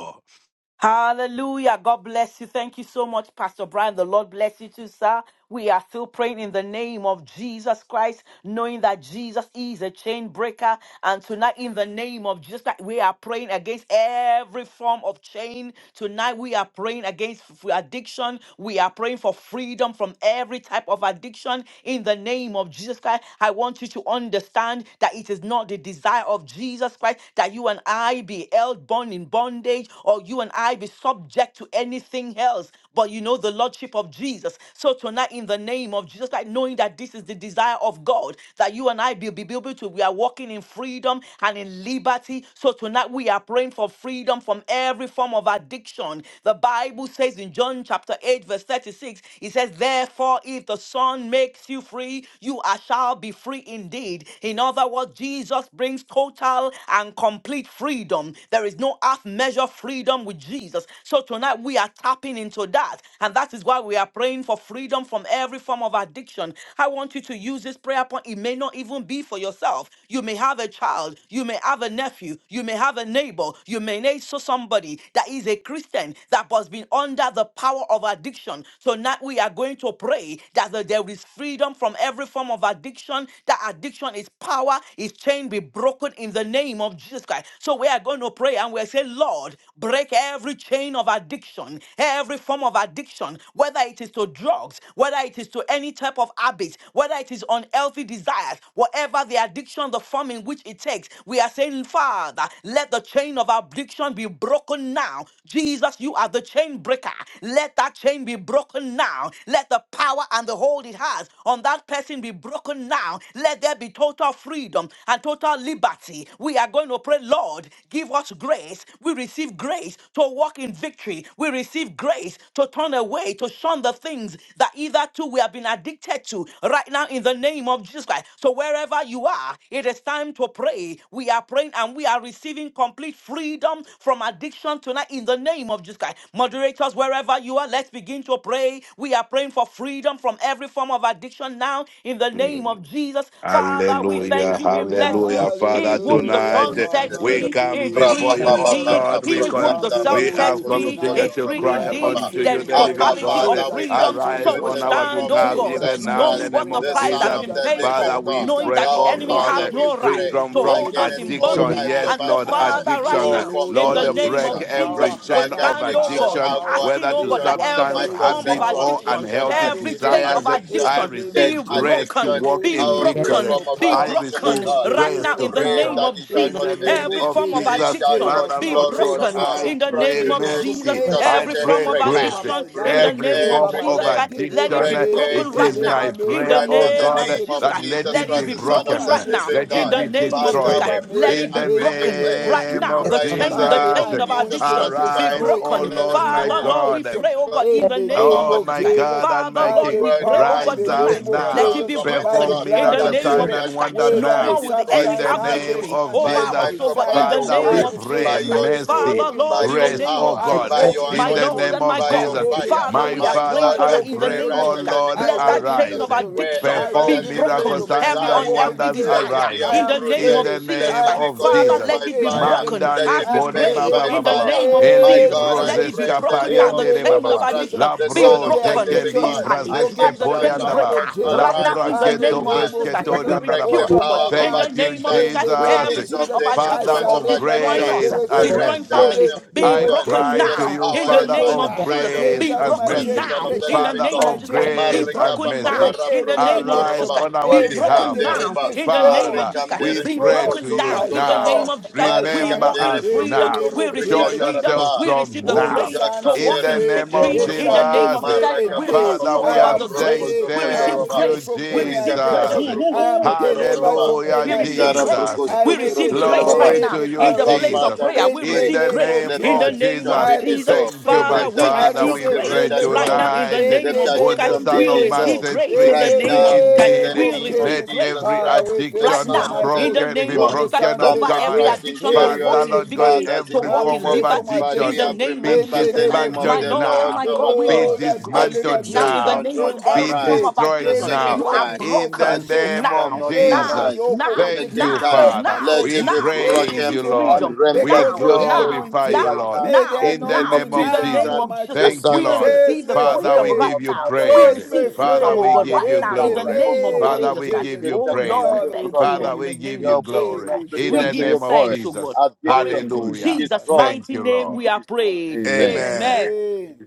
S2: Hallelujah. God bless you. Thank you so much, Pastor Brian. The Lord bless you too, sir. We are still praying in the name of Jesus Christ, knowing that Jesus is a chain breaker. And tonight, in the name of Jesus, Christ, we are praying against every form of chain. Tonight, we are praying against f- addiction. We are praying for freedom from every type of addiction. In the name of Jesus Christ, I want you to understand that it is not the desire of Jesus Christ that you and I be held bound in bondage or you and I be subject to anything else but you know the lordship of Jesus. So tonight, in the name of Jesus, like knowing that this is the desire of God, that you and I be, be able to, we are walking in freedom and in liberty. So tonight, we are praying for freedom from every form of addiction. The Bible says in John chapter 8, verse 36, it says, Therefore, if the Son makes you free, you are, shall be free indeed. In other words, Jesus brings total and complete freedom. There is no half measure freedom with Jesus. So tonight, said we are tapping into that. And that is why we are praying for freedom from every form of addiction. I want you to use this prayer point. It may not even be for yourself. You may have a child, you may have a nephew, you may have a neighbor, you may know so somebody that is a Christian that has been under the power of addiction. So now we are going to pray that the- there is freedom from every form of addiction, that addiction is power, is chain be broken in the name of Jesus Christ. So we are going to pray and we say, Lord, break every every chain of addiction, every form of addiction, whether it is to drugs, whether it is to any type of habit, whether it is unhealthy desires, whatever the addiction, the form in which it takes, we are saying, Father, let the chain of addiction be broken now. Jesus, you are the chain breaker. Let that chain be broken now. Let the power and the hold it has on that person be broken now. Let there be total freedom and total liberty. We are going to pray, Lord, give us grace. We receive receive grace to walk in victory. We receive grace to turn away, to shun the things that either too we have been addicted to right now in the name of Jesus Christ. So wherever you are, it is time to pray. We are praying and we are receiving complete freedom from addiction tonight in the name of Jesus Christ. Moderators, wherever you are, let's begin to pray. We are praying for freedom from every form of addiction now in the
S5: all.
S2: name of Jesus. Father, we thank
S5: Hallelujah,
S2: you. We
S3: Hallelujah,
S2: bless
S5: hallelujah,
S2: you.
S5: Father.
S2: He whom the
S3: hallelujah,
S4: Abba,
S5: Tonight
S2: Son
S5: eh,
S2: sets
S3: Father,
S5: we
S2: free
S3: in the
S5: come
S2: is
S3: name of
S2: free
S5: before you, oh
S3: Jesus.
S2: indeed.
S5: God. We
S2: He
S3: We
S2: whom
S5: con-
S2: the
S3: come
S2: Son
S5: we
S3: before
S2: sets
S3: you
S5: have
S2: free
S3: tonight.
S5: continued
S2: is
S5: to
S2: free
S3: We
S5: cry
S3: are
S2: indeed.
S5: unto
S2: There
S5: you,
S3: receiving,
S2: is
S3: oh
S5: the
S3: my
S5: living
S3: God,
S2: totality
S5: God.
S2: of
S5: Eh,
S4: Father, we
S3: Jesus, my
S4: come
S2: freedom.
S4: to
S3: chain
S4: you
S2: So
S5: Arise
S4: in
S2: we
S5: on
S4: the
S3: breaker.
S5: our
S4: name
S2: stand,
S4: of
S2: oh
S5: behalf,
S2: God,
S3: Jesus,
S5: even
S4: Jesus
S3: my
S5: now in the
S2: knowing
S4: Christ,
S3: chain
S2: what
S5: name
S2: the
S5: of
S4: the
S3: breaker.
S2: price
S4: Son
S2: has
S5: Jesus.
S4: of
S2: been
S3: Jesus,
S4: the
S2: paid
S3: my
S4: living
S5: Father,
S2: for,
S3: chain
S5: we
S4: God.
S3: breaker.
S2: knowing
S5: pray,
S2: that the
S5: oh
S4: Our
S2: enemy
S3: Break
S5: God.
S4: Father,
S2: has
S4: we
S3: every
S2: no right
S4: pray
S3: chain.
S2: to
S5: Freedom
S3: Break
S5: from
S2: hold
S3: every
S2: us
S4: against
S2: in
S3: chain
S4: all
S5: addiction.
S2: bondage.
S4: types
S5: Yes,
S4: of
S3: tonight.
S2: And so,
S5: Lord,
S3: I
S4: addiction,
S3: am
S2: Father, right
S5: addiction.
S3: free,
S4: all
S2: now,
S4: forms
S3: Lord.
S2: in
S4: of
S5: Lord,
S2: the
S3: Release
S2: name
S5: break
S4: addiction,
S2: of
S3: that
S4: from
S2: Jesus,
S5: every
S3: power.
S2: we
S5: chain
S4: drug
S5: of
S3: That
S2: stand, oh
S4: addiction,
S3: power,
S2: God,
S5: addiction,
S3: power.
S4: alcohol
S2: asking,
S5: whether
S2: oh
S3: There
S5: to
S2: God,
S3: is
S4: addiction,
S2: that
S3: wonder
S2: every
S5: substance,
S3: waking
S2: form of
S5: habits,
S4: microsexual
S3: power
S5: or
S3: in the
S2: addiction,
S4: addiction,
S5: unhealthy
S3: blood
S2: every
S3: of
S4: material
S2: chain of
S3: Jesus.
S5: desires.
S3: In
S5: I
S4: addiction
S2: addiction
S3: the name
S4: that
S3: of
S2: be
S3: of
S5: receive
S3: Jesus.
S5: grace to
S2: broken,
S4: addiction,
S5: walk
S3: Lord,
S2: be
S5: in
S4: our free
S3: release
S5: victory.
S2: broken,
S3: your
S4: from of
S2: be
S5: I
S3: power.
S4: addiction, oh
S5: receive
S2: broken
S3: Lord,
S4: God.
S2: right
S5: grace
S3: release
S4: We
S2: now
S5: to
S3: your
S2: in the
S4: pray
S2: name
S3: power
S5: victory.
S4: that
S2: of
S4: it shall
S3: in
S5: In
S2: Jesus.
S4: not
S5: the
S3: the name
S5: name
S2: Every
S3: of
S4: exist,
S5: of
S2: form of
S3: Jesus.
S2: of
S4: it
S5: Jesus,
S4: shall
S2: addiction
S4: not
S3: Jesus,
S5: Father,
S2: be
S3: my
S5: Lord
S4: flourish,
S3: chain
S5: God,
S4: oh
S2: broken
S5: I
S4: God.
S3: breaker.
S2: in the
S4: From
S5: pray
S2: name of
S3: Freedom
S4: today,
S3: from
S2: Jesus.
S5: mercy.
S3: any
S4: Jesus, the
S5: I
S2: Every
S4: chain
S2: form
S5: pray
S2: of
S3: addiction
S4: breaker,
S3: over
S5: grace
S3: my
S2: addiction in
S3: life,
S2: the
S4: break
S5: every
S2: name of
S3: over
S5: form
S4: every
S3: my
S5: of
S2: Jesus
S3: life.
S4: chain,
S2: Christ, let it
S3: Deliver
S5: addiction.
S2: be
S4: break
S3: me,
S2: broken
S5: It
S4: every
S2: right
S5: is
S4: chain.
S2: now.
S5: my
S3: deliver me
S2: In the
S3: from
S5: prayer,
S4: Right
S5: oh
S4: now, in
S3: any
S4: the
S2: name
S5: God,
S2: of
S4: name
S2: Jesus
S4: of
S5: that
S3: addiction,
S2: Christ,
S5: let
S4: Jesus
S2: let
S5: it
S2: it
S5: be
S4: Christ,
S3: any
S2: be
S4: the Son
S3: evil
S4: of
S5: broken,
S2: broken
S4: the
S2: right now.
S4: living
S3: addiction.
S5: let
S2: In
S5: it
S4: God.
S2: the
S5: be
S3: Almighty God,
S2: name of Jesus
S4: Father,
S5: destroyed.
S2: Christ,
S4: we
S3: deliver me
S2: let
S4: pray
S2: it
S5: In
S2: be
S5: the
S4: and we
S3: in the
S2: broken
S3: name
S4: declare,
S2: right
S3: of
S5: name
S2: now.
S3: Jesus
S5: of
S2: The
S4: right now, in
S2: chain,
S4: the
S3: by
S2: the
S4: name
S3: the
S5: Jesus,
S4: of
S2: chain of
S4: Jesus
S3: anointing,
S2: addiction
S4: Christ, the
S2: be
S4: Son of
S5: arise,
S3: destroy
S5: oh
S2: broken.
S3: every
S5: Lord, my
S2: Father,
S3: evil
S4: the
S2: Lord, we
S5: God.
S4: living
S3: addiction
S2: pray, oh
S4: God.
S2: God, in
S3: in
S2: the
S3: the
S2: name
S3: name
S2: of
S4: God,
S5: Oh,
S3: of
S2: Jesus
S5: my
S2: Christ.
S3: Jesus,
S5: God and
S2: Father,
S5: my
S3: by
S5: King,
S2: Lord,
S3: the
S2: we
S4: word,
S2: pray, oh
S3: power
S4: Almighty
S3: of
S2: God,
S5: rise
S3: the
S4: God,
S5: up
S4: we
S3: name
S2: tonight,
S3: of
S2: let
S5: now.
S2: it
S4: pronounce,
S3: Jesus,
S2: be
S4: Almighty
S3: by the
S2: broken
S5: Perform
S4: God,
S2: in
S3: blood
S2: the
S5: miracle,
S4: that
S3: of
S2: name of
S5: sign,
S4: every
S3: Jesus.
S5: and
S2: Jesus Christ.
S5: wonder
S4: addiction
S3: Whether
S2: No
S4: be
S3: a
S5: now.
S2: more will the
S4: destroyed
S5: In
S2: enemy
S3: substance,
S5: the
S2: have
S4: from the
S5: name
S4: root
S3: habit,
S2: victory
S5: of
S2: over
S4: by,
S3: unhealthy
S5: Jesus,
S4: Almighty
S2: also,
S4: God,
S2: but
S4: by
S2: in
S3: desire,
S2: the
S4: your
S5: Father,
S2: name
S5: we
S3: I
S4: word,
S2: of
S3: receive
S5: pray
S4: by
S2: Jesus Christ.
S4: your
S3: grace to
S4: truth,
S5: mercy,
S3: walk
S2: Father,
S3: in
S4: by
S2: Lord, in
S4: your
S2: the
S3: victory.
S5: grace,
S2: name
S5: oh
S2: of
S4: power,
S3: I
S2: Jesus
S4: by
S5: God,
S2: Christ,
S3: walk
S4: your
S3: in
S5: in
S2: my
S5: the
S4: anointing,
S2: Lord
S5: name
S3: victory.
S2: and my
S5: of
S4: by
S3: I
S4: your
S5: Jesus.
S2: God,
S3: walk in
S4: fire.
S2: Father,
S5: My
S2: we are
S4: My
S3: freedom.
S5: Father,
S2: praying
S4: God,
S3: I
S4: I
S5: I
S2: tonight
S3: walk
S2: in the
S3: in
S4: pray
S5: pray,
S2: name
S4: right
S2: of
S5: oh
S2: Jesus
S4: in
S3: victory.
S2: Christ.
S4: the name
S5: Lord,
S3: I
S4: of
S2: Let that
S3: walk in
S2: chain
S4: Jesus.
S5: arise.
S2: of
S3: victory.
S2: addiction
S3: I
S4: Wherever
S2: be
S4: the
S3: walk
S5: Perform
S3: in
S4: addiction
S5: miracle,
S4: is
S2: broken,
S3: freedom.
S5: signs,
S2: every
S3: I
S5: and
S3: walk
S4: residing,
S3: in
S2: unhealthy
S5: wonders,
S4: let
S3: freedom.
S4: it
S2: desire
S4: be
S5: arise.
S3: I
S2: in the
S3: am
S2: name
S5: In
S2: of
S4: uprooted.
S5: the
S3: free.
S4: Let
S2: Jesus
S3: I
S5: name
S4: it
S2: Christ.
S3: am
S4: be
S5: of
S3: free
S4: consumed
S2: Father,
S5: Jesus.
S3: from
S2: let
S4: by
S2: it be
S3: any
S4: fire.
S2: broken
S3: addiction.
S4: Let
S5: Mandale
S2: as
S4: it be
S3: I
S2: we
S3: am
S5: kore
S4: burnt
S5: baba
S2: pray
S4: by
S2: in
S5: baba
S3: delivered
S2: the
S3: from
S5: baba.
S4: fire.
S2: name of
S4: My
S5: Eli
S3: any
S2: Jesus.
S4: God, I
S2: Let it
S5: brozes
S2: be
S4: pray
S3: addiction.
S4: in the
S2: broken
S5: kapari
S4: name
S2: now.
S3: In
S2: The
S4: of
S3: the name
S2: chain of
S5: baba.
S4: Jesus
S3: of
S4: Christ,
S3: Jesus,
S2: addiction
S4: the
S2: be
S4: Son
S5: Labro
S3: every
S4: of the
S2: broken
S4: living
S3: addiction
S5: jekeli
S4: God.
S3: is
S2: totally by
S5: brazeske
S3: broken
S2: the
S3: by the
S4: Addiction
S2: chain
S4: shall
S3: blood
S5: poriandaba.
S2: breaker
S4: not
S3: of Jesus,
S2: right now
S4: arise the
S5: Lambra
S2: in the
S3: by the
S4: second
S5: keto
S2: name of
S4: time.
S3: name
S2: Jesus
S3: of
S2: Christ.
S4: We
S5: bresketo
S3: Jesus
S2: We
S4: break the
S2: rebuke,
S5: riandaba.
S3: over
S2: oh
S3: my
S2: God,
S4: power of
S2: in the
S3: life.
S2: name
S5: Thank you,
S2: name of
S4: addiction.
S3: In
S2: Jesus,
S3: the
S4: We
S3: name
S5: Jesus,
S2: every
S3: of
S2: spirit
S4: dissolve
S3: Jesus,
S2: of
S4: the
S3: I
S5: Father
S2: addiction
S4: influence of
S5: of
S3: surrender my
S2: destroying
S4: addiction.
S2: us,
S5: grace
S3: spirit,
S4: We
S5: and
S3: soul,
S2: destroying
S3: and
S5: mercy.
S3: body.
S2: families,
S4: render
S2: be
S5: I
S3: Lord,
S4: crucifixion,
S3: take
S2: broken
S5: cry
S4: yes,
S5: to
S2: now
S3: over,
S5: you,
S2: in the
S4: powerless
S3: take
S5: Father
S4: by
S2: name
S4: the
S2: of
S5: of
S3: over.
S4: blood
S2: Jesus.
S4: of
S5: grace
S2: Be
S3: Jesus,
S5: and
S4: Jesus
S3: my
S2: broken
S4: Christ, the
S5: mercy.
S3: chain
S4: Son
S2: now
S4: of the
S2: in
S3: breaker,
S2: the
S4: living
S5: Father
S2: name
S4: God.
S2: of
S3: my
S5: of
S2: Jesus.
S3: chain
S2: Be
S5: grace
S3: breaker.
S4: Marika
S5: and
S2: broken
S4: papa
S5: mercy.
S2: now
S3: Break
S4: para
S2: in the
S3: every
S4: broko
S2: name of
S5: Arise
S2: Jesus.
S3: addiction,
S4: dorobaba.
S5: on our
S2: Be
S3: every
S4: Iskam
S2: broken
S5: behalf.
S2: now
S3: addiction.
S4: dereba.
S2: in the name
S3: Destroy,
S2: of
S5: Father,
S2: Jesus.
S4: Marikam dere
S5: we
S2: Be
S5: pray
S3: destroy
S4: broko
S5: to
S2: broken
S5: you
S2: now
S3: by
S2: in the
S4: zokondorobaba.
S5: now.
S2: name
S3: fire,
S2: of Jesus.
S3: by
S2: We
S4: Marikam
S5: Remember
S3: fire.
S2: walk in
S4: dere
S5: us
S3: In
S4: broko
S3: the
S2: freedom.
S5: now.
S3: name
S2: We
S3: of
S4: dorobrika
S2: receive
S5: Show
S3: Jesus.
S2: freedom.
S5: yourself
S4: darababa.
S2: We receive
S5: strong
S2: the
S3: Whom
S5: now.
S3: the
S2: grace
S3: Son
S2: to
S4: Ujakam
S5: In
S3: sets
S2: walk
S4: dere
S5: the
S2: in
S3: free,
S5: name
S4: broko
S6: yeah,
S5: of
S2: victory
S3: he
S2: in the
S4: dorobaba.
S3: shall be
S2: name of Jesus.
S5: Jesus.
S3: free
S4: Maraka
S2: We
S4: papa
S3: indeed.
S5: Father,
S2: receive,
S4: papa
S2: oh
S5: we
S3: I
S5: are
S2: God,
S4: para
S3: am
S2: the
S4: broko
S2: grace.
S5: saying
S3: free.
S2: We
S3: I am
S2: receive
S5: thank
S4: zokondorobaba.
S3: free
S5: you,
S2: grace.
S3: from
S2: We
S3: any
S2: receive
S4: Itikam
S2: grace.
S4: dara
S5: Jesus.
S3: addiction. I
S4: broko
S3: am delivered
S4: skotorobaba.
S3: from
S5: Hallelujah,
S3: any
S2: We
S4: Im
S2: receive
S4: dara
S3: addiction.
S2: grace.
S4: broko
S5: Jesus.
S3: I
S2: We
S3: make a
S2: receive grace right
S4: skotorobaba.
S5: Glory
S3: decree,
S2: now
S5: to you,
S2: in the
S4: Abba
S2: place
S3: declaration
S2: of
S5: Jesus.
S4: Father,
S2: prayer.
S4: we
S2: We
S3: in
S5: In
S3: the
S4: pray.
S2: receive
S5: the
S3: name
S2: grace
S3: of
S5: name
S4: Let
S2: in the
S5: of
S3: Jesus.
S2: name
S4: addiction
S2: of
S4: be
S5: Jesus.
S3: I
S2: Jesus.
S3: receive
S4: dissolved.
S5: Thank you,
S4: Let
S2: Father,
S5: my
S3: freedom.
S2: we
S3: I
S5: Father.
S4: addiction
S2: receive
S5: We
S4: be
S3: receive
S2: grace
S5: pray
S4: rendered
S2: right now
S3: deliverance
S2: in
S4: powerless.
S2: the
S5: tonight.
S3: in
S4: Let
S2: name
S3: the
S2: of Jesus.
S5: Who
S3: name
S2: Christ.
S5: the
S3: of
S4: addiction be
S5: Son
S2: We
S5: of Man
S3: Jesus.
S2: receive
S4: dissolved
S5: sets
S2: grace
S5: free
S2: in
S3: In
S2: the
S4: right
S5: is
S3: the
S2: name
S5: free
S2: of
S4: now
S2: Jesus. Christ.
S4: in
S3: name
S4: the
S5: indeed.
S2: We
S3: of
S4: name of
S2: receive
S5: Let
S3: Jesus.
S2: grace
S4: Jesus
S5: every
S3: Father,
S4: Christ,
S3: we
S4: the
S3: thank
S2: right
S3: you,
S5: addiction
S4: Son
S2: now
S4: of
S3: Almighty
S4: the
S2: in
S3: God.
S2: the
S5: broken
S4: living
S5: be
S2: name of
S3: Whom
S4: God.
S3: the
S2: Jesus
S5: broken,
S3: Son
S5: oh
S4: Some
S2: over
S3: says
S4: may
S2: every
S3: free,
S5: God.
S4: trust in
S3: he
S2: addiction to
S3: is
S2: walk
S5: Father,
S4: chariots,
S3: free
S2: in
S5: Lord God,
S2: victory,
S3: indeed.
S4: others
S2: to
S4: in
S5: every
S2: walk
S3: I'm
S5: form
S2: in
S4: horses,
S5: of
S3: free from
S2: liberty
S4: but
S2: in
S4: we
S5: addiction.
S2: the
S3: addiction
S4: have
S2: name
S5: Be
S2: of
S3: in
S4: remembered
S3: the
S2: Jesus
S4: the
S3: name
S2: Christ.
S3: of
S4: name of
S2: My
S4: the
S5: dismantled
S3: Jesus.
S2: Lord and
S4: Lord
S5: now.
S2: my
S3: The
S4: our
S2: God, we will
S5: Be
S4: God.
S3: Lord
S2: receive
S3: has
S2: grace
S3: delivered
S5: dismantled
S2: now
S4: Addiction
S3: me.
S2: in the
S4: shall
S5: now.
S2: name of
S3: In
S4: not
S3: that
S5: Be
S2: every form
S3: day,
S4: arise
S2: of
S4: the
S5: destroyed
S2: addiction.
S3: every
S5: now.
S4: second
S2: You are
S3: yoke
S4: time.
S3: is off
S5: In
S3: my
S5: the
S4: I
S2: broken
S4: think they
S5: name
S3: shoulder.
S4: shall
S2: now,
S5: of
S4: not
S2: now,
S3: Every
S4: arise.
S5: Jesus.
S3: yoke of
S4: They
S2: now,
S4: take
S5: Thank
S3: addiction
S4: them
S5: you,
S3: is
S2: now,
S4: time.
S3: off
S2: now,
S3: my
S5: Father.
S2: now,
S4: Let
S5: We
S4: it
S3: shoulder.
S4: be
S2: now we
S3: It's
S5: praise
S2: receive
S4: broken
S5: you,
S3: destroyed
S4: and
S5: Lord.
S2: freedom.
S5: We
S4: rendered
S3: because
S2: Now,
S3: of the
S4: useless
S2: now,
S5: glorify you,
S3: anointing.
S4: right
S2: now,
S5: Lord.
S4: now
S3: May
S4: in
S2: now,
S3: the
S4: the
S5: In the
S4: name
S2: now,
S4: of
S5: name
S3: anointing
S2: in
S5: of
S2: the
S4: Jesus
S3: now,
S2: name
S5: Jesus.
S4: Christ,
S2: of
S3: Almighty
S2: Jesus
S4: the
S2: Christ,
S3: God,
S5: Thank you,
S2: we
S4: Son of the
S5: Lord.
S3: set
S2: receive
S4: living
S2: the
S3: me
S4: God.
S5: Father,
S2: freedom
S5: we
S2: right
S3: free.
S4: Our
S5: give you
S2: now.
S4: Father,
S2: We
S4: we
S5: praise.
S3: Set
S2: receive
S3: me
S4: pray.
S5: Father,
S2: freedom, oh
S3: free.
S5: we
S2: God,
S4: Father,
S5: give
S2: right
S4: we
S5: you
S3: In
S2: now, in
S4: stand
S3: the
S2: the
S5: glory.
S4: upon
S2: name
S4: your
S2: of
S3: name
S5: Father,
S4: word.
S3: of
S2: Jesus
S5: we
S2: Christ.
S5: give
S3: Jesus.
S5: you
S2: Oh
S4: Scripture
S2: Lord,
S5: praise.
S4: cannot
S2: we
S4: be
S3: Father, we
S2: thank you,
S4: broken.
S3: thank
S5: Father,
S2: Lord, in
S3: you.
S5: we
S2: the
S5: give
S2: name
S5: you
S2: of
S4: Your word
S2: Jesus
S4: will
S3: Thank
S5: glory.
S4: not
S2: Christ.
S3: you,
S5: In
S2: We
S4: return
S5: the
S4: to
S2: give you
S4: your
S5: name of
S3: Jesus.
S4: void.
S2: thanks, oh God.
S5: Jesus.
S2: For it
S4: Addiction
S3: Thank
S2: is
S3: you,
S2: in
S4: is
S5: Hallelujah.
S2: Jesus'
S3: Jesus.
S4: destroyed
S5: Thank
S2: mighty
S5: you,
S2: name
S5: Lord.
S4: in
S2: we are
S4: Jesus.
S2: prayed.
S4: Amen.
S5: Amen.
S2: Amen.
S3: Amen.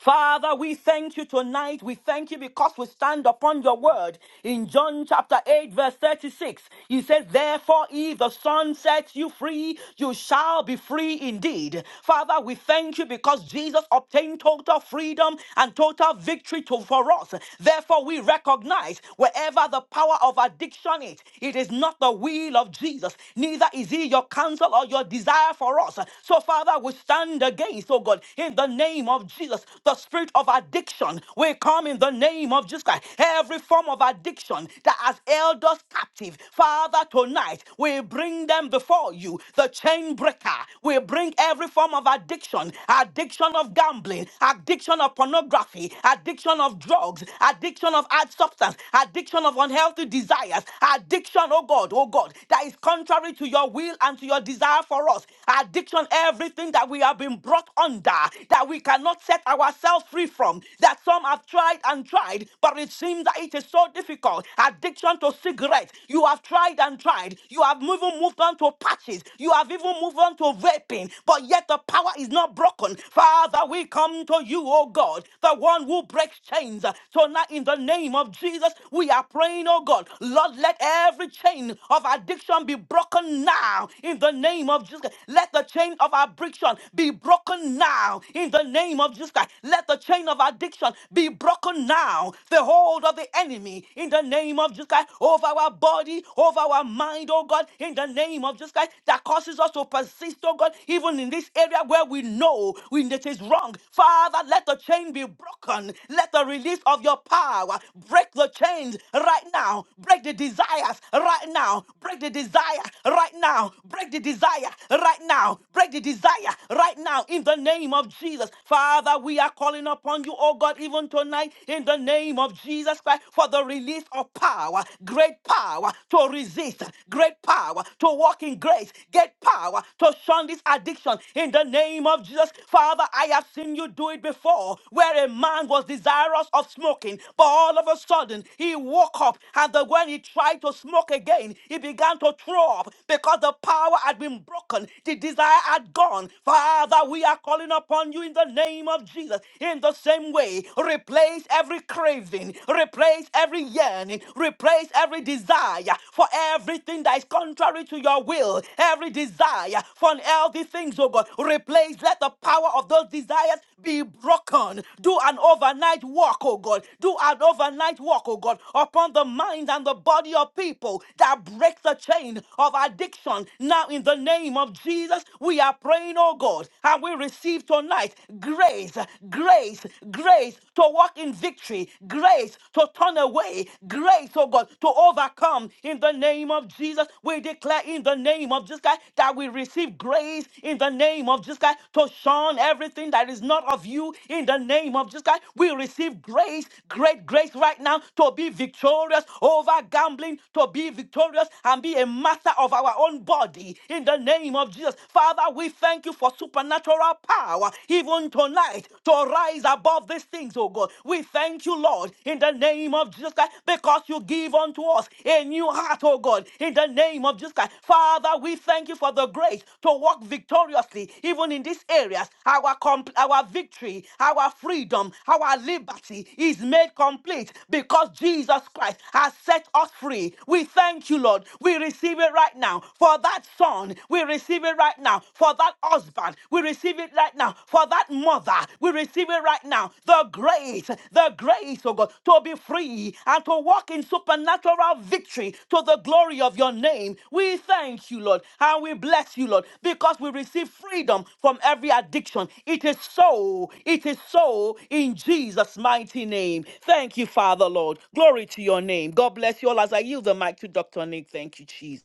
S2: Father, we thank you tonight. We thank you because we stand upon your word. In John chapter 8, verse 36, he says, Therefore, if the Son sets you free, you shall be free indeed. Father, we thank you because Jesus obtained total freedom and total victory to, for us. Therefore, we recognize wherever the power of addiction is, it is not the will of Jesus, neither is he your counsel or your desire for us. So, Father, we stand against, oh God, in the name of name of Jesus. The spirit of addiction will come in the name of Jesus Christ. Every form of addiction that has held us captive, Father, tonight we bring them before you. The chain breaker will bring every form of addiction addiction of gambling, addiction of pornography, addiction of drugs, addiction of hard substance, addiction of unhealthy desires, addiction, oh God, oh God, that is contrary to your will and to your desire for us. Addiction, everything that we have been brought under that we cannot set ourselves free from, that some have tried and tried, but it seems that it is so difficult. Addiction to cigarettes, you have tried and tried, you have even moved on to patches, you have even moved on to vaping, but yet the power is not broken. Father, we come to you, oh God, the one who breaks chains. So now, in the name of Jesus, we are praying, oh God, Lord, let every chain of addiction be broken now. In the name of Jesus, let the chain of addiction be broken broken now in the name of Jesus Christ. Let the chain of addiction be broken now. The hold of the enemy in the name of Jesus Christ over our body, over our mind, oh God, in the name of Jesus Christ that causes us to persist, oh God, even in this area where we know we, it is wrong. Father, let the chain be broken. Let the release of your power break the chains right now. Break the desires right now. Break the desire right now. Break the desire right now. Break the desire right now in the name of Jesus. Father, we are calling upon you, oh God, even tonight in the name of Jesus Christ for the release of power, great power to resist, great power to walk in grace, great power to shun this addiction in the name of Jesus. Father, I have seen you do it before where a man was desirous of smoking, but all of a sudden he woke up and the, when he tried to smoke again, he began to throw up because the power had been broken. The desire are gone. Father, we are calling upon you in the name of Jesus. In the same way, replace every craving, replace every yearning, replace every desire for everything that is contrary to your will, every desire for unhealthy things, oh God. Replace, let the power of those desires be broken. Do an overnight walk, oh God. Do an overnight walk, oh God, upon the mind and the body of people that breaks the chain of addiction now in the name of of Jesus, we are praying, oh God, and we receive tonight grace, grace, grace to walk in victory, grace to turn away, grace, oh God, to overcome in the name of Jesus. We declare in the name of Jesus Christ that we receive grace in the name of Jesus Christ to shun everything that is not of you in the name of Jesus Christ. We receive grace, great grace right now to be victorious over gambling, to be victorious and be a master of our own body in the name of Jesus. Father, we thank you for supernatural power even tonight to rise above these things, oh God. We thank you, Lord, in the name of Jesus Christ, because you give unto us a new heart, oh God, in the name of Jesus Christ. Father, we thank you for the grace to walk victoriously even in these areas. Our compl- our victory, our freedom, our liberty is made complete because Jesus Christ has set us free. We thank you, Lord. We receive it right now. For that son, we receive it right now. For that husband, we receive it right now. For that mother, we receive it right now. The grace, the grace, oh God, to be free and to walk in supernatural victory to the glory of your name. We thank you, Lord, and we bless you, Lord, because we receive freedom from every addiction. It is so, it is so in Jesus' mighty name. Thank you, Father, Lord. Glory to your name. God bless you all as I yield the mic to Dr. Nick. Thank you, Jesus.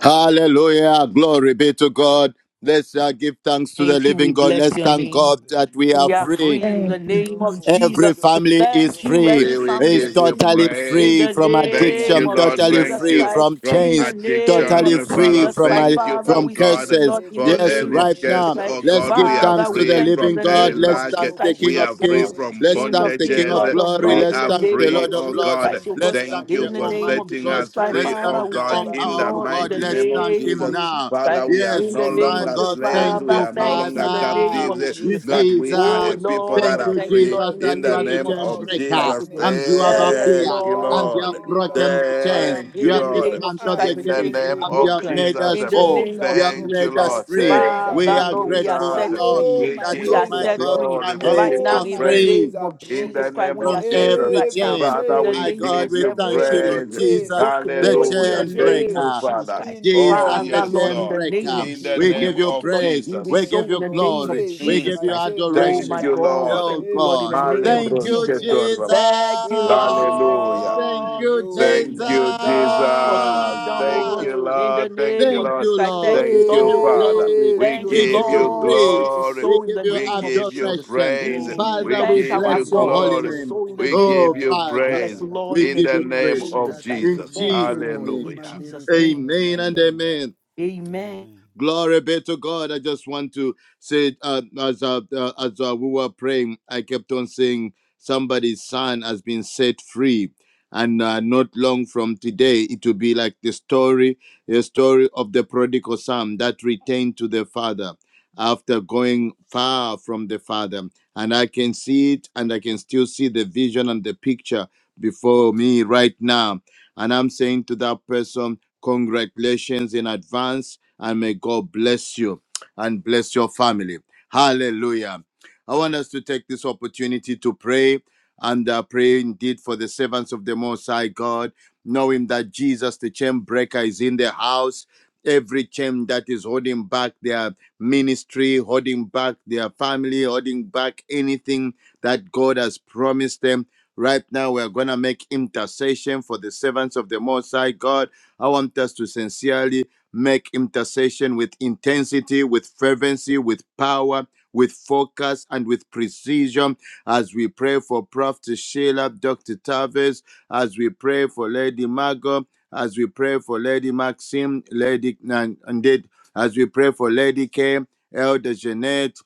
S4: Hallelujah. Glory be to God. Let's uh, give thanks to the
S2: Thank you. We
S4: living God.
S2: bless
S4: Let's
S2: your
S4: thank
S2: name.
S4: God that we are
S2: We are
S3: Hallelujah.
S4: free.
S2: free in the
S6: thank
S3: Thank
S6: you,
S3: you,
S2: name
S3: Lord,
S2: of
S3: for
S4: Every
S2: Jesus.
S3: freedom.
S4: family
S3: Thank you,
S4: is
S2: Thank
S3: Lord, for
S2: you.
S4: free,
S2: Every
S5: Three, we
S2: family
S4: is
S5: give
S2: is
S3: deliverance.
S5: you
S4: totally
S2: free in
S5: praise.
S4: free
S2: the
S3: Thank you,
S4: from
S3: Lord. We
S5: Thank
S3: are
S2: name
S5: you,
S4: addiction,
S2: of
S5: Lord.
S3: free.
S4: totally
S3: We
S5: Thank
S2: Jesus
S3: are
S4: free
S5: you
S2: Christ.
S3: debt
S4: from
S5: from
S2: In
S3: free.
S2: the
S4: chains,
S3: We
S2: name
S4: totally
S2: of
S3: are
S5: addiction.
S4: free
S5: Father,
S3: free
S2: Jesus
S4: from,
S3: from
S2: Christ.
S4: uh,
S5: thank you,
S2: Father,
S3: every
S5: oh
S4: from
S2: we thank you,
S5: God,
S3: chain,
S4: curses.
S2: Lord, in
S3: every
S5: for
S2: the
S4: Yes,
S2: name
S3: chain,
S5: any
S2: of
S4: right
S2: Jesus
S3: every
S4: now,
S5: guest.
S2: Christ.
S5: Oh
S4: let's
S5: God,
S4: give
S5: we
S3: generation
S5: are
S2: Father,
S4: thanks
S2: we
S4: to the
S5: free
S3: curses.
S2: thank you in
S5: from
S4: living
S2: the
S4: God.
S5: any
S2: name
S3: Thank
S4: Let's
S2: of
S3: you,
S5: lack.
S2: Jesus
S4: thank
S3: Lord,
S4: the
S3: for
S2: Christ.
S4: King
S5: We
S4: of
S5: are
S2: Yes,
S6: thank
S3: freedom.
S5: free
S4: Kings.
S2: Lord.
S3: Thank
S5: from
S3: you,
S4: Let's
S3: Lord,
S2: King
S4: thank
S3: for
S2: of
S4: the
S2: kings,
S4: King of
S5: bondages.
S2: Lord
S3: delivering
S2: of
S4: Glory.
S3: me,
S5: We
S2: lords, in
S4: Let's
S2: the
S5: are
S4: thank
S3: my
S4: the
S2: name
S5: free,
S2: of
S4: Lord of
S5: oh
S2: Jesus
S3: family.
S4: Lords.
S5: God.
S2: Christ,
S3: Thank
S2: oh
S3: you,
S2: God.
S4: Let's
S3: Lord.
S4: thank
S5: Thank
S3: I'm
S5: you
S2: In
S4: the
S2: the
S5: for
S2: name
S3: grateful.
S2: of
S4: Almighty
S5: setting
S2: Jesus
S4: God.
S3: You
S5: us
S3: came
S2: Christ.
S3: to
S4: Let's
S5: free,
S4: thank
S5: oh
S3: set
S2: Father, we
S4: the
S3: my
S5: God,
S4: All
S2: thank you,
S5: in
S3: family.
S5: the
S3: You
S4: Powerful
S2: Lord,
S3: came
S2: in
S4: God.
S3: to
S2: the
S5: mighty
S4: Let's
S5: name
S3: set
S5: of
S3: me
S4: thank
S2: name
S4: Him
S5: Jesus.
S2: of
S3: free.
S4: now.
S2: Jesus
S5: Father,
S2: Christ.
S3: Thank
S5: we
S3: you,
S5: are
S3: Lord,
S4: Yes,
S2: In
S3: for
S2: the
S4: oh
S5: no
S2: name
S4: my
S2: of
S5: longer
S3: setting
S2: this
S3: me
S4: God,
S3: free.
S4: thank
S5: slaves. We
S2: Father,
S4: you,
S5: are no
S3: You have
S2: thank you
S5: longer
S2: in the
S3: set me
S2: name
S4: Father
S2: of
S3: free.
S5: captives.
S3: You
S4: you,
S2: Jesus Christ.
S5: that
S3: set me
S5: we are
S2: Oh
S5: a
S3: free.
S4: Jesus.
S5: people
S2: Lord,
S3: You
S5: that
S4: Thank
S2: we
S5: are
S3: have
S4: you,
S2: thank you,
S5: free
S2: Lord,
S4: Jesus,
S2: in
S3: delivered
S2: the
S4: that
S5: in
S3: me
S4: you
S5: the
S4: are
S3: from
S4: the
S3: the
S2: name
S5: name
S2: of
S4: chain
S5: of
S3: powers
S2: Jesus
S3: of
S4: breaker
S2: Christ, oh
S5: Jesus.
S2: God.
S3: darkness.
S4: and you have
S2: Yeah,
S3: Thank
S2: yes,
S3: you,
S5: Thank
S4: appeared
S3: Lord.
S5: you,
S3: I
S4: and
S3: am
S4: you have
S5: Lord.
S3: delivered.
S4: broken the
S3: I
S2: Lord.
S4: chains.
S3: am
S5: Thank
S2: In
S5: you,
S4: You
S2: the
S4: have
S5: Lord.
S3: delivered.
S2: name of Jesus
S3: I
S4: dismantled
S2: Christ,
S4: the
S3: am
S5: In
S2: the
S5: the
S3: set
S4: chains
S2: chain is
S5: name
S3: free.
S4: and you
S5: of
S4: have
S3: My,
S2: broken.
S4: made
S3: my
S5: Jesus.
S4: us
S2: In the
S4: whole.
S3: chains
S2: name
S3: are
S2: of
S4: You have
S5: Thank
S2: Jesus
S5: you,
S3: broken.
S4: made us
S2: Christ.
S3: My
S5: Lord.
S4: free.
S3: chains are
S5: Thank
S4: We
S2: Father,
S5: you,
S4: are
S3: broken.
S2: Lord, we are
S4: grateful, O
S5: Jesus.
S3: My
S2: set
S4: Lord,
S3: oh,
S2: free.
S5: We
S3: my
S4: that,
S2: We
S4: oh
S5: give
S2: are
S3: chains
S4: my
S5: you
S3: are
S2: set
S4: God,
S2: free
S3: broken.
S5: glory. We
S2: right
S4: families
S5: give
S2: now
S3: Oh,
S4: are
S5: you
S2: in
S3: my
S2: the
S5: praise.
S4: free
S3: chains
S2: name
S3: are
S2: of
S5: In
S2: Jesus
S5: the
S3: broken.
S2: Christ.
S5: name
S2: We are
S5: of
S4: from
S2: set free
S5: Jesus.
S4: every
S2: right
S3: Every
S2: now.
S4: chain.
S2: In
S5: Father,
S2: the
S3: chain
S5: we
S4: My
S3: is
S2: name of
S4: God,
S5: give
S2: just
S4: we
S3: broken.
S5: you
S2: every
S4: thank you,
S3: Every
S2: chain
S4: Lord
S5: praise.
S2: is
S3: chain,
S4: Jesus,
S2: broken, oh
S4: the
S2: God, in
S3: every
S2: the
S5: Hallelujah.
S4: chain
S2: name
S5: Thank
S3: chain.
S2: of
S5: you,
S4: breaker.
S2: Jesus
S5: Father.
S2: Christ.
S3: In the
S5: Oh,
S3: name
S4: Jesus,
S3: of
S4: the
S2: Father,
S5: yes,
S2: Lord,
S4: chain
S3: Jesus.
S2: in the
S5: Lord.
S2: name
S4: breaker.
S2: of
S3: Thank
S5: In the
S3: you,
S2: Jesus,
S4: We
S2: we
S5: name
S4: give you
S3: Lord.
S2: thank you,
S5: of
S2: Lord.
S4: praise.
S2: We be
S5: Jesus.
S4: We
S3: Thank
S4: give
S2: so in
S3: you,
S4: you
S2: the
S3: Lord
S2: name
S4: glory.
S2: of
S4: We
S5: Mm.
S3: Jesus,
S4: give
S2: Jesus
S3: my
S4: you
S2: Christ.
S3: chain
S2: Oh
S5: Thank
S2: my
S4: adoration.
S5: you,
S3: breaker.
S2: God, we
S5: Lord.
S4: Oh
S2: thank you, Lord,
S3: Every
S2: in
S4: God.
S2: the
S3: chain
S2: name
S5: Male
S3: is
S2: of
S4: Thank you,
S2: Jesus
S3: broken.
S2: Christ.
S5: brosketor,
S4: Jesus.
S5: Baba.
S2: Thank you,
S3: Thank you, Lord.
S5: Hallelujah.
S4: Thank
S2: Lord.
S4: you,
S2: Thank
S4: Jesus.
S2: you,
S5: Thank
S3: Hallelujah.
S5: you,
S2: Jesus, for
S3: Thank
S5: Jesus.
S3: you,
S2: freedom, oh
S5: Thank
S2: God,
S5: you,
S3: Lord.
S2: in the
S5: Lord. Thank
S2: name
S5: you,
S2: of
S4: Thank
S5: Lord.
S2: Jesus
S4: you,
S2: Christ.
S4: Lord.
S2: Thank you,
S4: We
S5: Thank
S4: give
S5: you,
S4: you
S2: Lord.
S5: Father.
S4: glory.
S3: Thank
S5: We
S2: Thank
S3: you,
S2: you,
S4: We give
S5: give
S4: you
S5: you
S2: Lord, for
S4: praise.
S2: it is
S3: Jesus.
S5: glory.
S4: We
S2: so in
S4: give
S2: the
S4: you
S5: We
S2: name of
S5: give you
S2: Jesus.
S4: adoration.
S2: We
S5: praise.
S3: Oh,
S2: give you
S3: ring
S5: We
S4: Father, we
S2: thanks,
S5: give
S2: our
S5: you
S4: bless your
S3: Mashandiri
S2: God.
S4: holy
S2: It
S5: glory.
S2: is
S4: name.
S2: so in
S3: Katuruku
S2: the
S5: We
S2: name
S5: give
S4: Oh,
S2: of Jesus.
S3: Jandara
S5: you
S4: Father,
S2: Yes,
S5: praise
S3: Mandara Kata.
S2: Lord,
S4: we
S2: in the
S5: in
S4: give
S5: the
S4: you
S2: name of
S5: name
S4: praise.
S5: of
S2: Jesus Christ.
S4: In
S5: Jesus.
S3: Rikaturumu
S2: Thank you,
S4: Jesus'
S2: Lord,
S3: Jendiri
S4: name,
S2: in
S5: Hallelujah.
S3: Mandiri
S2: Jesus' name.
S3: Katara
S4: amen and
S2: Amen.
S3: Majanda.
S4: amen.
S2: Amen.
S3: Amen.
S4: Glory be to God. I just want to say, uh, as uh, uh, as uh, we were praying, I kept on saying somebody's son has been set free, and uh, not long from today, it will be like the story, the story of the prodigal son that returned to the father after going far from the father. And I can see it, and I can still see the vision and the picture before me right now and I'm saying to that person, congratulations in advance, and may God bless you and bless your family. Hallelujah. I want us to take this opportunity to pray and uh, pray indeed for the servants of the Most High God, knowing that Jesus, the chain breaker, is in the house. Every chain that is holding back their ministry, holding back their family, holding back anything that God has promised them. Right now, we're going to make intercession for the servants of the Most High God. I want us to sincerely make intercession with intensity, with fervency, with power, with focus, and with precision as we pray for Prophet Sheila, Dr. Tavis, as we pray for Lady Margot, as we pray for Lady Maxim, Lady, and, and as we pray for Lady K, Elder Jeanette.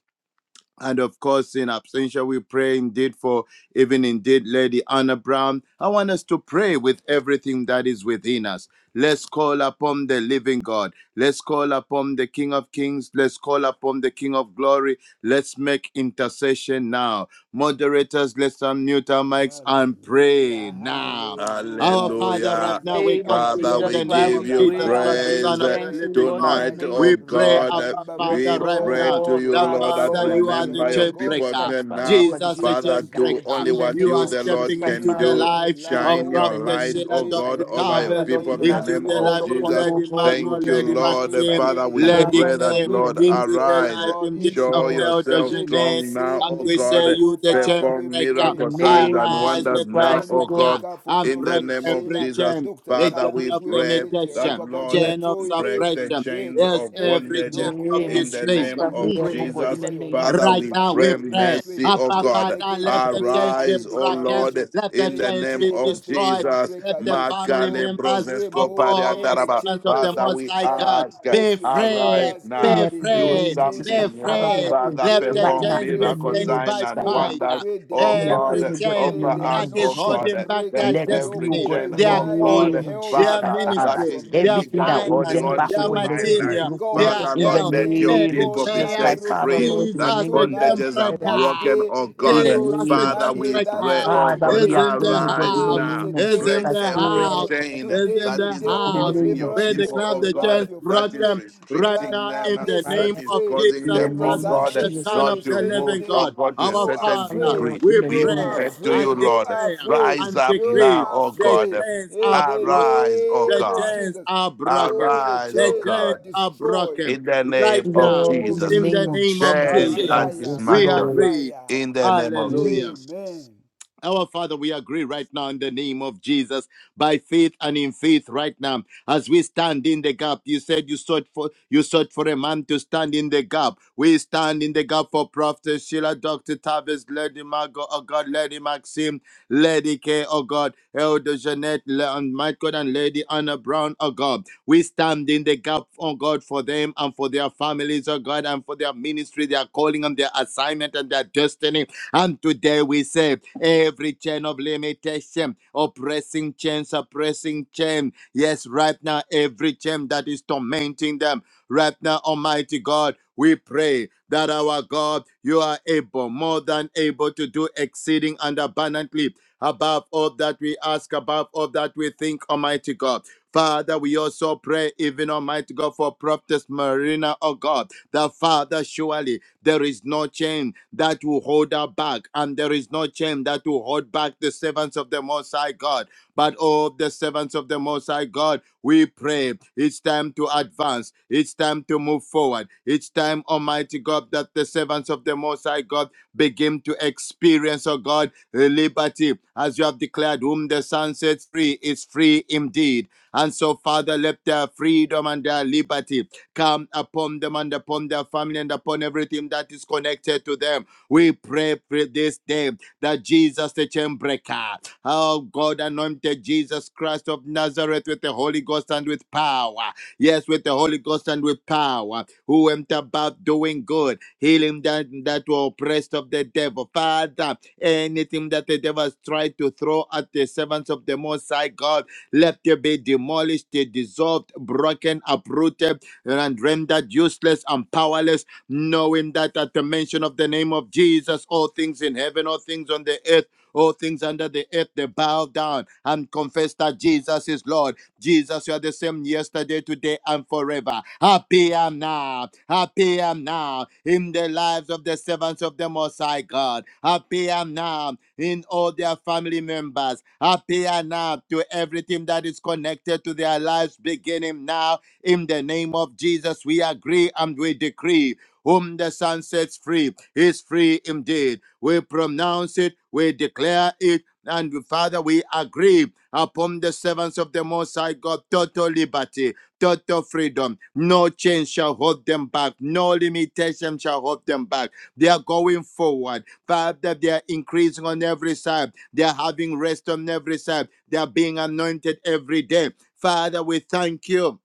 S4: And of course, in absentia, we pray indeed for even indeed Lady Anna Brown. I want us to pray with everything that is within us. Let's call upon the living God. Let's call upon the King of Kings. Let's call upon the King of Glory. Let's make intercession now. Moderators, let's unmute our mics and pray
S3: Hallelujah,
S4: now. Our
S3: hallelujah.
S4: Father, right
S5: Hallelujah.
S4: now
S3: Jesus,
S4: we
S2: name of
S4: come
S3: our
S4: to you
S5: Father,
S4: in
S2: Jesus,
S3: chain
S4: the
S5: we
S2: while
S4: name
S5: give
S4: of
S2: we
S3: breaker,
S5: you
S2: pray
S4: Jesus
S2: and we
S4: Christ,
S3: Father,
S4: the
S2: give
S3: we
S2: you
S4: Son
S5: praise
S4: of
S5: uh,
S4: the
S2: thanks,
S3: pray
S2: oh
S4: living
S2: God, in
S4: God.
S2: the
S5: tonight,
S3: tonight,
S2: name
S5: oh
S2: of
S4: We
S2: Jesus
S4: pray,
S2: Christ.
S5: God. Uh,
S4: Abba
S3: remembering,
S2: Yes,
S4: Father,
S5: We
S4: right
S3: Almighty
S5: pray
S4: now
S5: to
S3: God,
S2: Lord,
S3: your
S5: you,
S4: the
S3: maid
S2: Father,
S5: Lord, that
S4: Father,
S2: Lord,
S4: you
S3: servants,
S2: in the
S4: are the
S5: remember your
S3: Jehovah
S2: name of
S4: chain
S3: God.
S2: Jesus
S5: people
S4: breaker.
S5: here
S2: Christ, Father,
S5: now.
S2: you are
S3: Lord
S2: the
S4: Jesus,
S2: King
S4: the
S2: of
S5: Father,
S2: the
S3: Jesus,
S4: chain
S2: God.
S5: do
S3: Lord
S4: breaker.
S5: only
S2: In the
S3: Jesus,
S5: what
S4: You
S2: name
S5: you,
S4: are
S2: of
S5: the
S3: break
S2: Jesus
S5: Lord,
S3: every
S4: stepping
S2: Christ,
S4: into
S5: can
S3: chain
S4: the
S2: Father,
S5: do.
S3: in
S2: Lord,
S3: the
S2: we
S4: life
S2: pray, oh
S3: life
S4: of
S2: God,
S5: Shine
S3: of
S2: in the
S5: your
S4: Prophet
S2: name
S5: light,
S2: of
S4: Sheila,
S5: oh
S2: Jesus
S3: in
S2: Christ.
S3: the
S5: God,
S4: Dr.
S5: over
S3: name
S5: your
S2: Father,
S4: Tavis,
S3: of
S2: Lord,
S5: people in
S2: even
S3: Jesus,
S5: the
S2: as
S3: as
S2: we
S4: into
S5: name
S3: we
S4: the
S2: call
S5: of
S4: life of
S3: pray
S2: upon
S5: Jesus.
S2: you, oh
S4: Lady
S3: for
S2: God, in the
S4: Margot,
S5: Thank
S3: Elder
S5: you,
S4: Lady
S2: name of Jesus
S5: Lord.
S3: Janet,
S5: Uh,
S2: Christ.
S4: Maxim,
S5: Father,
S3: Lady
S5: we
S6: you,
S4: Lady
S2: Father,
S3: K,
S5: pray that,
S2: Lord,
S4: K,
S2: in
S3: we
S2: the
S5: Lord,
S3: pray,
S2: name
S4: into the
S3: Jehovah
S5: arise.
S4: life
S3: God,
S2: of
S4: indeed
S3: in
S2: Jesus,
S3: the name
S5: Show
S4: of
S2: Lord,
S3: of
S4: Elder
S5: yourself
S3: Lady
S4: Jeanette.
S5: strong now,
S3: Maxim,
S4: And
S5: oh
S4: we
S3: Lady
S5: God.
S4: say,
S3: Margot,
S4: You, the
S3: Father,
S4: chain
S3: we
S5: Perform
S2: in
S4: breaker,
S3: pray
S2: the
S5: miracle
S3: you
S5: signs
S2: name
S3: are
S5: and
S2: of
S3: the
S4: arise,
S5: wonders
S2: Jesus
S4: the chain
S5: now,
S2: Christ, oh
S3: chain
S5: oh
S2: God,
S5: God.
S4: breaker,
S3: breaker for
S4: and
S5: In the
S4: break
S3: Prophet
S5: name of
S4: every
S3: Sheila,
S5: Jesus,
S4: chain,
S3: Dr.
S4: the
S5: Father,
S4: chain
S5: we
S3: Tavis.
S4: of
S3: We
S5: pray
S3: pray,
S5: that,
S4: limitation,
S3: Jehovah God,
S5: Lord,
S6: yeah,
S4: chain of
S3: destroy
S5: break
S3: every
S5: the
S4: suppression,
S3: yoke,
S5: chains
S4: yes,
S5: of
S3: every
S4: every
S5: bondage
S2: in the
S4: chain
S3: yoke,
S4: of
S2: name of
S5: in
S3: every
S5: the
S2: Jesus
S3: yoke
S4: disfavor.
S5: name
S2: Christ,
S3: is
S2: we
S4: Mm.
S5: of
S6: yeah,
S2: pray, oh
S3: broken
S2: God, in
S5: Jesus.
S2: the
S3: over your
S2: name of
S3: life,
S5: Father,
S3: your
S4: Right
S5: we
S4: now
S3: family,
S4: we
S5: pray
S3: your
S4: pray.
S3: ministry.
S5: mercy, O
S4: Abba
S3: We
S5: God.
S3: make
S4: Father,
S3: a
S4: let the
S3: decree
S4: chains
S3: and
S4: be
S5: Arise,
S3: a
S5: O
S4: broken.
S5: Lord,
S3: declaration.
S4: Let the
S5: in the
S3: Make
S4: chains
S5: name
S4: be
S5: of
S3: Jesus the
S4: destroyed.
S3: chain
S5: Jesus.
S4: Let
S3: breaker,
S4: the family
S3: destroy,
S5: Makale
S4: members of
S5: brozesko
S3: remove remove
S4: all the
S3: any
S5: pariandaraba.
S3: chain
S4: servants of the
S3: off
S5: Father,
S3: your
S4: Most
S5: we
S4: High
S3: neck,
S4: God
S5: ask,
S3: off
S4: be
S3: your
S5: arise
S4: free.
S3: shoulders
S4: Be
S5: now.
S3: in
S6: Yes,
S3: the
S2: in the
S5: Do
S3: name of
S4: free.
S2: name of Jesus
S3: Jesus.
S4: Be
S2: Christ.
S5: something new.
S2: Father, we
S4: free.
S3: Father,
S2: are
S3: we
S2: praying
S5: Father,
S4: Let
S3: pray,
S4: the
S2: right
S3: we
S2: now
S5: perform
S4: chains
S2: in
S3: decree
S2: the
S4: be
S5: miracle
S4: bent
S2: name
S3: freedom,
S2: of
S5: sign
S4: by
S2: Jesus
S5: and
S2: Christ.
S3: we
S6: Lord,
S2: Father.
S4: fire.
S5: wonders.
S3: decree
S5: Oh
S2: We are
S4: Every
S3: deliverance.
S2: praying,
S5: God,
S2: oh God, in
S4: chain
S2: the
S3: May
S5: offer
S3: the
S2: name
S4: that
S5: us,
S2: of
S4: is
S5: oh
S3: anointing
S2: Jesus.
S4: holding
S5: God,
S4: back
S3: break
S4: their
S5: let
S2: Let
S3: every
S2: it be,
S3: yoke
S5: every
S2: oh
S4: destiny,
S3: over
S2: God,
S5: chain,
S2: in
S3: your
S2: the
S4: their
S5: oh
S3: life,
S5: God,
S3: your
S4: calling,
S2: name of
S3: health,
S2: Jesus
S3: your
S4: their
S2: Christ,
S5: Father, that
S3: finance,
S2: Father.
S4: ministry,
S3: your
S5: is
S4: their
S2: Everything
S3: ministry,
S5: legally
S2: that holds
S4: finance,
S5: holding
S2: them
S3: your
S5: on
S2: back, oh
S4: their
S5: to
S2: God, let
S5: my
S2: it
S3: children.
S2: be
S5: life.
S3: May
S4: material,
S2: broken
S3: God
S4: their
S5: Father,
S2: in
S5: Lord,
S2: the
S4: health.
S5: let
S3: intervene.
S5: your
S3: May
S4: We
S2: name of
S3: God
S5: people be
S2: Jesus
S3: come
S4: declare
S5: set
S2: Christ,
S3: through for
S2: Father,
S5: free.
S3: you
S2: Lord, in the
S5: That
S4: Jesus the
S2: name of,
S3: tonight,
S4: chain
S5: bondages are
S3: in that
S4: breaker.
S5: broken,
S3: day,
S5: oh
S2: in
S5: God.
S2: the
S3: includes
S4: Jesus
S2: name
S4: the
S2: of
S5: Father,
S3: tonight,
S4: chain
S2: Jesus
S5: we
S3: in
S2: Christ.
S3: that
S5: pray,
S4: breaker
S3: day,
S5: oh
S2: Father,
S5: God,
S2: we
S4: is
S3: today.
S2: are
S4: in the
S2: praying, oh God,
S5: arise
S2: in the
S3: Today
S4: house.
S3: is
S5: now.
S3: a
S2: name of
S3: day
S4: Is
S2: Jesus
S5: Break
S4: in
S3: of
S4: the
S2: Christ,
S6: we
S2: Father.
S5: every
S6: are
S4: house.
S3: salvation.
S5: chain
S4: Is
S3: Today
S4: in
S3: is
S5: that
S3: a
S4: the
S5: is
S3: day
S2: In the
S3: of
S4: house.
S5: opposing
S2: name of
S5: your
S4: We
S3: deliverance
S2: Jesus,
S5: people,
S3: over
S4: declare
S5: oh
S3: your
S4: the
S5: God,
S4: chains
S3: life, your
S5: that is
S3: family.
S4: broken right
S6: the
S3: Right
S5: restricting
S4: now
S3: now,
S5: them,
S4: in
S3: be
S4: the
S6: right
S5: that
S4: name
S3: set
S6: now.
S5: is
S4: of
S3: free.
S5: causing
S2: in
S4: Jesus
S2: the
S5: them,
S3: Whom the
S5: oh
S4: Christ,
S2: name of
S3: Son
S5: God,
S4: the
S3: sets
S2: Jesus,
S3: free
S4: Son
S5: not
S4: of
S3: is
S5: to
S4: the
S3: free
S4: Living
S5: move, oh
S3: indeed.
S4: God.
S5: God, to a
S4: Our
S3: You are
S5: certain
S4: Father,
S3: free.
S5: degree.
S2: Lord, in
S4: we
S2: the
S5: We
S3: You
S2: name of
S4: pray
S3: are
S5: pray to
S3: free.
S4: and
S5: you,
S3: You
S5: Lord.
S3: are
S4: declare
S3: free.
S5: Rise
S4: and
S5: up
S3: You
S4: decree
S5: now,
S3: are
S5: O
S4: the
S3: free
S5: God.
S4: chains are
S3: in the
S4: broken.
S5: Arise, O
S4: The
S3: name of
S5: God.
S4: chains
S3: Jesus.
S4: are broken.
S3: All the
S5: Arise, O
S4: The
S3: chains
S4: chains
S3: are
S5: God.
S4: are
S3: destroyed
S4: broken
S5: In the
S4: right
S5: name
S3: in the
S5: of
S4: now
S3: name
S2: Lord, in
S3: of
S2: the
S5: Jesus.
S4: in
S2: name
S4: the
S3: Jesus
S2: of
S4: name of
S3: by
S2: Jesus
S5: Chains
S4: Jesus,
S5: are
S2: Christ,
S3: fire,
S2: yes,
S4: we
S3: by
S5: dismantled.
S2: Lord.
S4: agree.
S3: fire.
S5: In the name of
S2: Amen.
S4: Hallelujah.
S5: Jesus.
S3: Amen.
S4: Our Father, we agree right now in the name of Jesus, by faith and in faith right now, as we stand in the gap. You said you sought for you sought for a man to stand in the gap. We stand in the gap for Prophet Sheila, Dr. Tavis, Lady Margot, oh God, Lady Maxim, Lady K, oh God, Elder Jeanette, Le- and Michael and Lady Anna Brown, oh God. We stand in the gap, oh God, for them and for their families, oh God, and for their ministry, their calling and their assignment and their destiny. And today we say every chain of limitation, oppressing chain, suppressing chain. Yes, right now, every chain that is tormenting them. Right now, Almighty God, we pray that our God, you are able, more than able to do exceeding and abundantly above all that we ask, above all that we think, Almighty God. Father, we also pray, even Almighty God, for Prophetess Marina, oh God, the Father, surely there is no chain that will hold her back, and there is no chain that will hold back the servants of the Most High God. But oh, the servants of the Most High God, we pray. It's time to advance. It's time to move forward. It's time, Almighty God, that the servants of the Most High God begin to experience, oh God, liberty. As you have declared, whom the sun sets free is free indeed. And so, Father, let their freedom and their liberty Come upon them and upon their family and upon everything that is connected to them. We pray for this day that Jesus, the chain breaker, oh God, anointed Jesus Christ of Nazareth with the Holy Ghost and with power. Yes, with the Holy Ghost and with power, who went about doing good, healing that that were oppressed of the devil. Father, anything that the devil has tried to throw at the servants of the Most High God, let it be demolished, dissolved, broken, uprooted and rendered useless and powerless, knowing that at the mention of the name of Jesus, all things in heaven, all things on the earth, all things under the earth, they bow down and confess that Jesus is Lord. Jesus, you are the same yesterday, today, and forever. Happy am now. Happy am now in the lives of the servants of the Most High God. Happy am now in all their family members. Happy am now to everything that is connected to their lives, beginning now in the name of Jesus, we agree and we decree. Whom the Son sets free is free indeed. We pronounce it, we declare it, and Father, we agree upon the servants of the Most High God total liberty, total freedom. No chain shall hold them back, no limitation shall hold them back. They are going forward. Father, they are increasing on every side, they are having rest on every side, they are being anointed every day. Father, we thank you.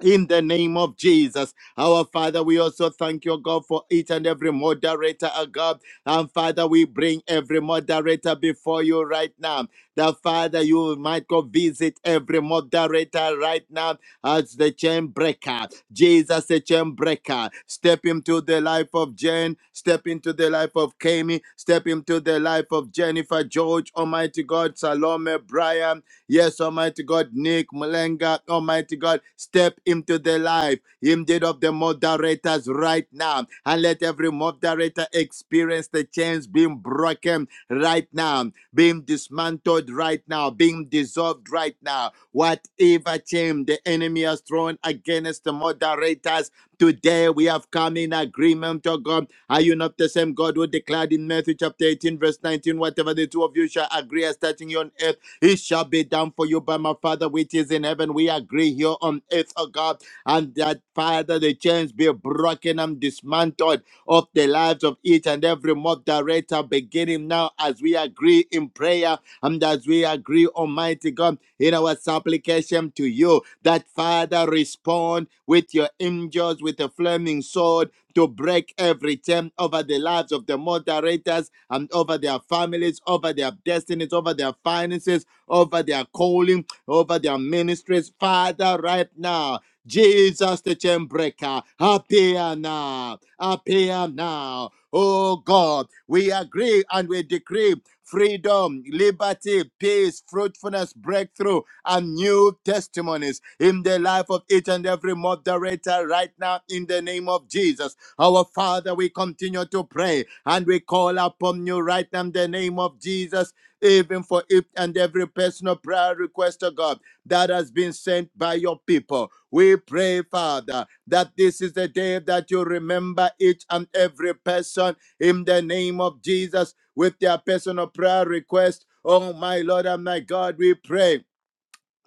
S4: In the name of Jesus, our Father, we also thank you, God, for each and every moderator, oh God. And Father, we bring every moderator before you right now. That Father, you might go visit every moderator right now as the chain breaker. Jesus, the chain breaker. Step into the life of Jen, step into the life of Kami, step into the life of Jennifer, George, Almighty God, Salome, Brian. Yes, Almighty God, Nick Malenga, Almighty God, step into the life indeed of the moderators right now. And let every moderator experience the chains being broken right now, being dismantled right now, being dissolved right now. Whatever chain the enemy has thrown against the moderators, today we have come in agreement, oh God. Are you not the same God who declared in Matthew chapter 18, verse 19, whatever the two of you shall agree as touching you on earth? It shall be done for you by my Father which is in heaven. We agree here on earth, oh God, and that Father, the chains be broken and dismantled of the lives of each and every mob director, beginning now as we agree in prayer and as we agree, Almighty God, in our supplication to you, that Father, respond with your angels with a flaming sword to break every chain over the lives of the moderators and over their families, over their destinies, over their finances over their calling, over their ministries. Father, right now, Jesus the chain breaker, appear now, appear now. Oh God, we agree and we decree freedom, liberty, peace, fruitfulness, breakthrough, and new testimonies in the life of each and every moderator right now in the name of Jesus. Our Father, we continue to pray and we call upon you right now in the name of Jesus even for each and every personal prayer request of God that has been sent by your people. We pray, Father, that this is the day that you remember each and every person in the name of Jesus with their personal prayer request. Oh, my Lord and my God, we pray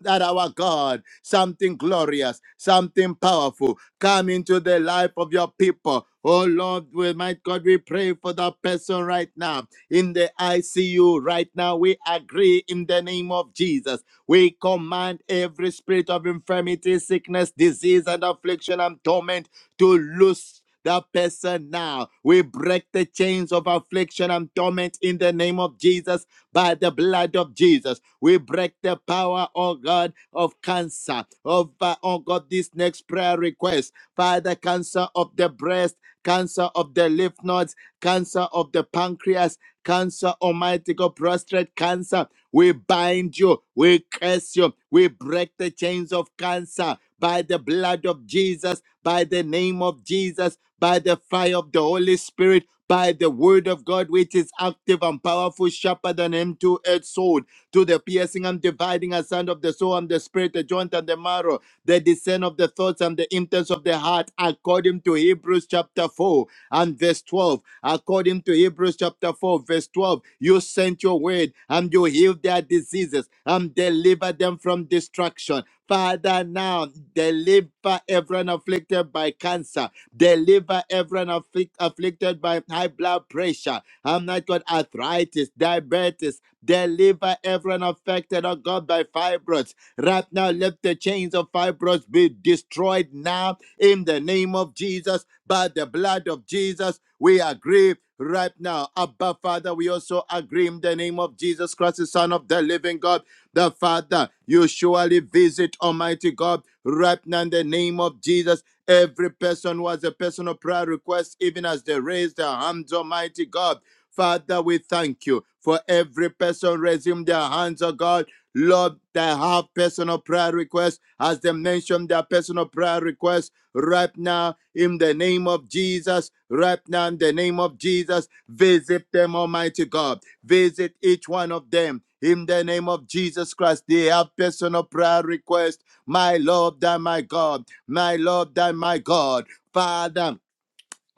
S4: that our God, something glorious, something powerful, come into the life of your people. Oh Lord, we might God, we pray for that person right now in the ICU. Right now, we agree in the name of Jesus. We command every spirit of infirmity, sickness, disease, and affliction and torment to loose. That person now. We break the chains of affliction and torment in the name of Jesus by the blood of Jesus. We break the power, oh God, of cancer, of, uh, oh God, this next prayer request, Father, cancer of the breast, cancer of the lymph nodes, cancer of the pancreas, cancer, almighty God, prostate cancer. We bind you, we curse you, we break the chains of cancer by the blood of Jesus, by the name of Jesus, by the fire of the Holy Spirit by the word of God, which is active and powerful, sharper than any two-edged sword, to the piercing and dividing aside of the soul and the spirit, the joint and the marrow, the discern of the thoughts and the intents of the heart, according to Hebrews chapter 4 and verse 12. According to Hebrews chapter 4, verse 12, you sent your word and you healed their diseases and delivered them from destruction. Father, now deliver everyone afflicted by cancer, deliver everyone afflic- afflicted by high blood pressure, I'm not God, arthritis, diabetes, deliver everyone affected, oh God, by fibroids Right now, let the chains of fibroids be destroyed now in the name of Jesus. By the blood of Jesus, we agree right now. Abba, Father, we also agree in the name of Jesus Christ, the Son of the living God. The Father, you surely visit Almighty God right now in the name of Jesus. Every person who has a personal prayer request, even as they raise their hands, Almighty God. Father, we thank you for every person raising their hands, oh God. Lord, that have personal prayer requests, as they mentioned their personal prayer requests right now in the name of Jesus, right now in the name of Jesus, visit them, Almighty God. Visit each one of them in the name of Jesus Christ. They have personal prayer requests, my Lord, thy my God, my Lord, thy my God. Father,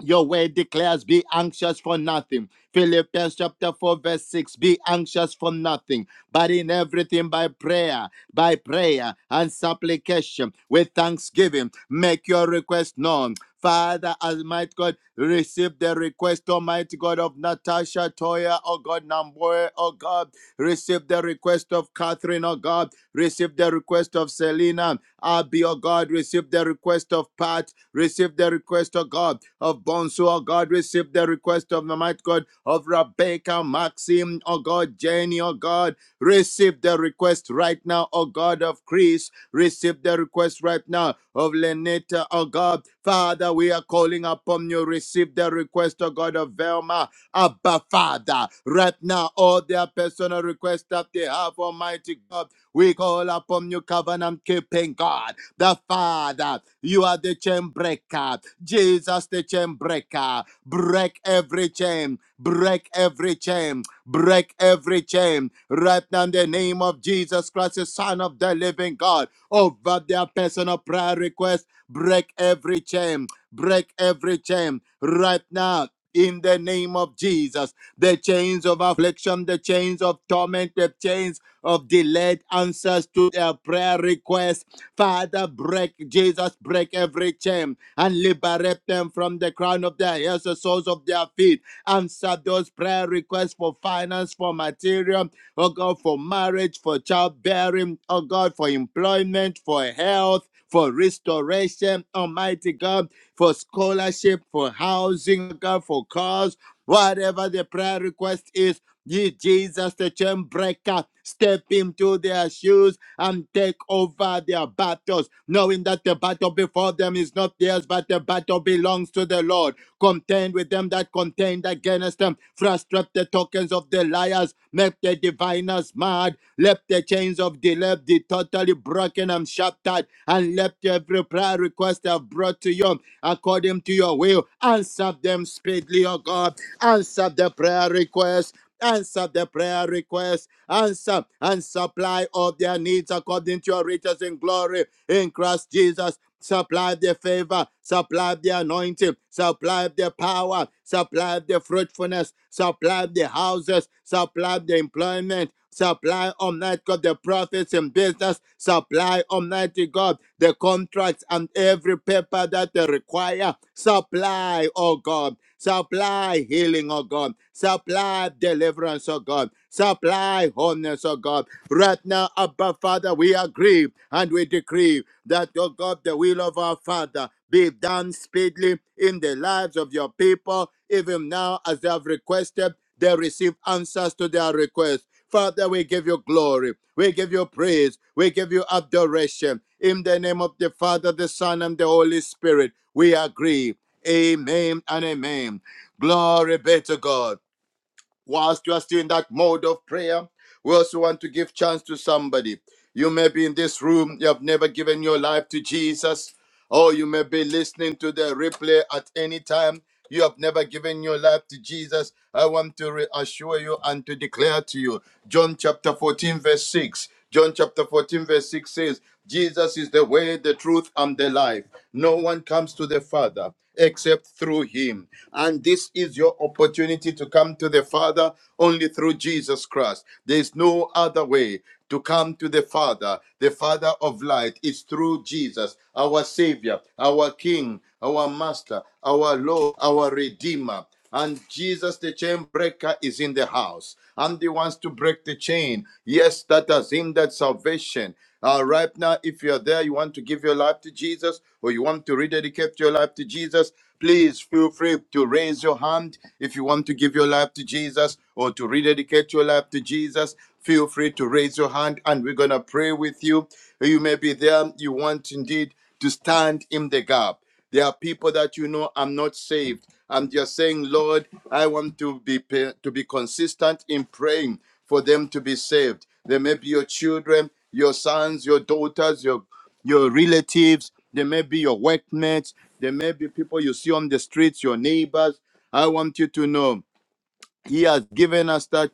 S4: your word declares, be anxious for nothing. Philippians chapter 4, verse 6 Be anxious for nothing, but in everything by prayer, by prayer and supplication, with thanksgiving, make your request known. Father, Almighty God, receive the request, Almighty God, of Natasha Toya, oh God, Namboy, oh God, receive the request of Catherine, oh God, receive the request of Selena, Abby, oh God, receive the request of Pat, Receive the request, of God, of Bonsu, oh God. Receive the request of the might God, of Rebecca, Maxim, oh God, Jenny, oh God. Receive the request right now, oh God, of Chris. Receive the request right now of Lenita, oh God. Father, we are calling upon you. Receive the request, oh God, of Velma, Abba, Father. Right now, all their personal requests that they have, Almighty God. We call upon you, covenant keeping God. The Father, you are the chain breaker. Jesus, the chain breaker. Break every chain. Break every chain. Break every chain. Right now, in the name of Jesus Christ, the Son of the living God, over their personal prayer request, break every chain. Break every chain. Right now, in the name of Jesus, the chains of affliction, the chains of torment, the chains of delayed answers to their prayer requests Father, break, Jesus, break every chain and liberate them from the crown of their heads, the soles of their feet. Answer those prayer requests for finance, for material, oh God, for marriage, for childbearing, oh God, for employment, for health, for restoration, Almighty God, for scholarship, for housing, oh God, for cars, whatever the prayer request is. Ye Jesus, the chain breaker, step into their shoes and take over their battles, knowing that the battle before them is not theirs, but the battle belongs to the Lord. Contend with them that contend against them, frustrate the tokens of the liars, make the diviners mad, let the chains of delay be totally broken and shattered, and let every prayer request I have brought to you according to your will. Answer them speedily, O God. Answer the prayer request Answer the prayer request. Answer and supply all their needs according to your riches in glory in Christ Jesus. Supply the favor, supply the anointing, supply the power, supply the fruitfulness, supply the houses, supply the employment. Supply, Almighty God, the profits in business. Supply, Almighty God, the contracts and every paper that they require. Supply, oh God. Supply healing, oh God. Supply deliverance, oh God. Supply wholeness, oh God. Right now, Abba Father, we agree and we decree that, oh God, the will of our Father be done speedily in the lives of your people, even now as they have requested. They receive answers to their request. Father, we give you glory. We give you praise. We give you adoration. In the name of the Father, the Son, and the Holy Spirit, we agree. Amen and amen. Glory be to God. Whilst you are still in that mode of prayer, we also want to give chance to somebody. You may be in this room, you have never given your life to Jesus, or you may be listening to the replay at any time. You have never given your life to Jesus. I want to reassure you and to declare to you John chapter 14, verse 6. John chapter 14, verse 6 says, Jesus is the way, the truth, and the life. No one comes to the Father except through him. And this is your opportunity to come to the Father only through Jesus Christ. There is no other way to come to the Father, the Father of light, is through Jesus, our Savior, our King, our Master, our Lord, our Redeemer. And Jesus, the chain breaker, is in the house. And he wants to break the chain. Yes, that has hindered salvation. Uh, right now, if you're there, you want to give your life to Jesus or you want to rededicate your life to Jesus, please feel free to raise your hand if you want to give your life to Jesus or to rededicate your life to Jesus feel free to raise your hand and we're going to pray with you. You may be there, you want indeed to stand in the gap. There are people that you know I'm not saved. I'm just saying, Lord, I want to be to be consistent in praying for them to be saved. They may be your children, your sons, your daughters, your your relatives. They may be your workmates. They may be people you see on the streets, your neighbors. I want you to know. He has given us that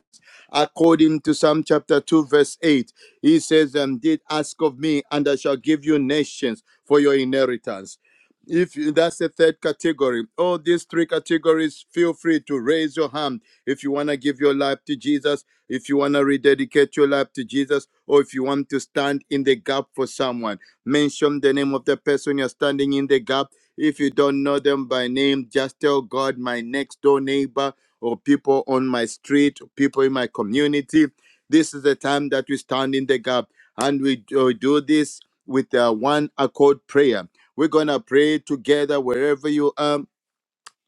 S4: according to Psalm chapter 2, verse 8. He says, Indeed, ask of me, and I shall give you nations for your inheritance. If you- that's the third category, all these three categories, feel free to raise your hand if you want to give your life to Jesus, if you want to rededicate your life to Jesus, or if you want to stand in the gap for someone. Mention the name of the person you're standing in the gap. If you don't know them by name, just tell God, my next door neighbor or people on my street, or people in my community. This is the time that we stand in the gap and we do do this with a one accord prayer. We're going to pray together wherever you are.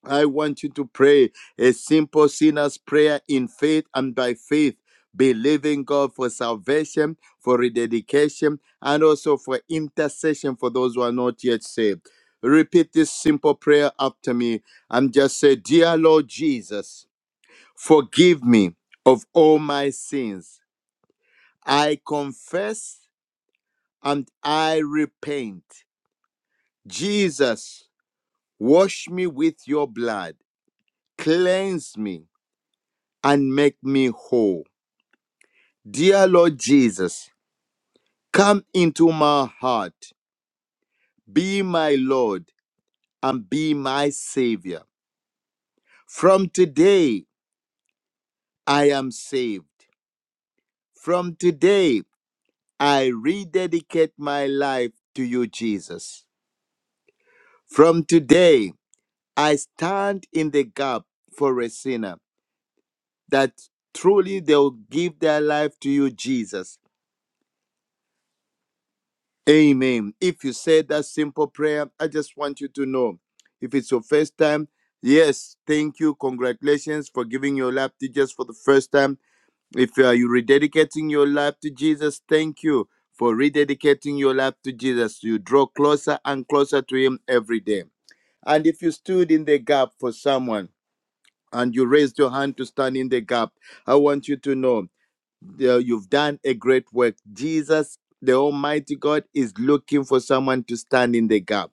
S4: I want you to pray a simple sinner's prayer in faith and by faith, believing God for salvation, for rededication, and also for intercession for those who are not yet saved. Repeat this simple prayer after me. and just say, Dear Lord Jesus. Forgive me of all my sins. I confess and I repent. Jesus, wash me with your blood, cleanse me, and make me whole. Dear Lord Jesus, come into my heart, be my Lord, and be my Savior. From today, I am saved. From today, I rededicate my life to you, Jesus. From today, I stand in the gap for a sinner that truly they'll give their life to you, Jesus. Amen. If you said that simple prayer, I just want you to know. If it's your first time, yes, thank you. Congratulations for giving your life to Jesus for the first time. If uh, you're rededicating your life to Jesus, thank you for rededicating your life to Jesus. You draw closer and closer to Him every day. And if you stood in the gap for someone, and you raised your hand to stand in the gap, I want you to know that you've done a great work. Jesus, the Almighty God, is looking for someone to stand in the gap.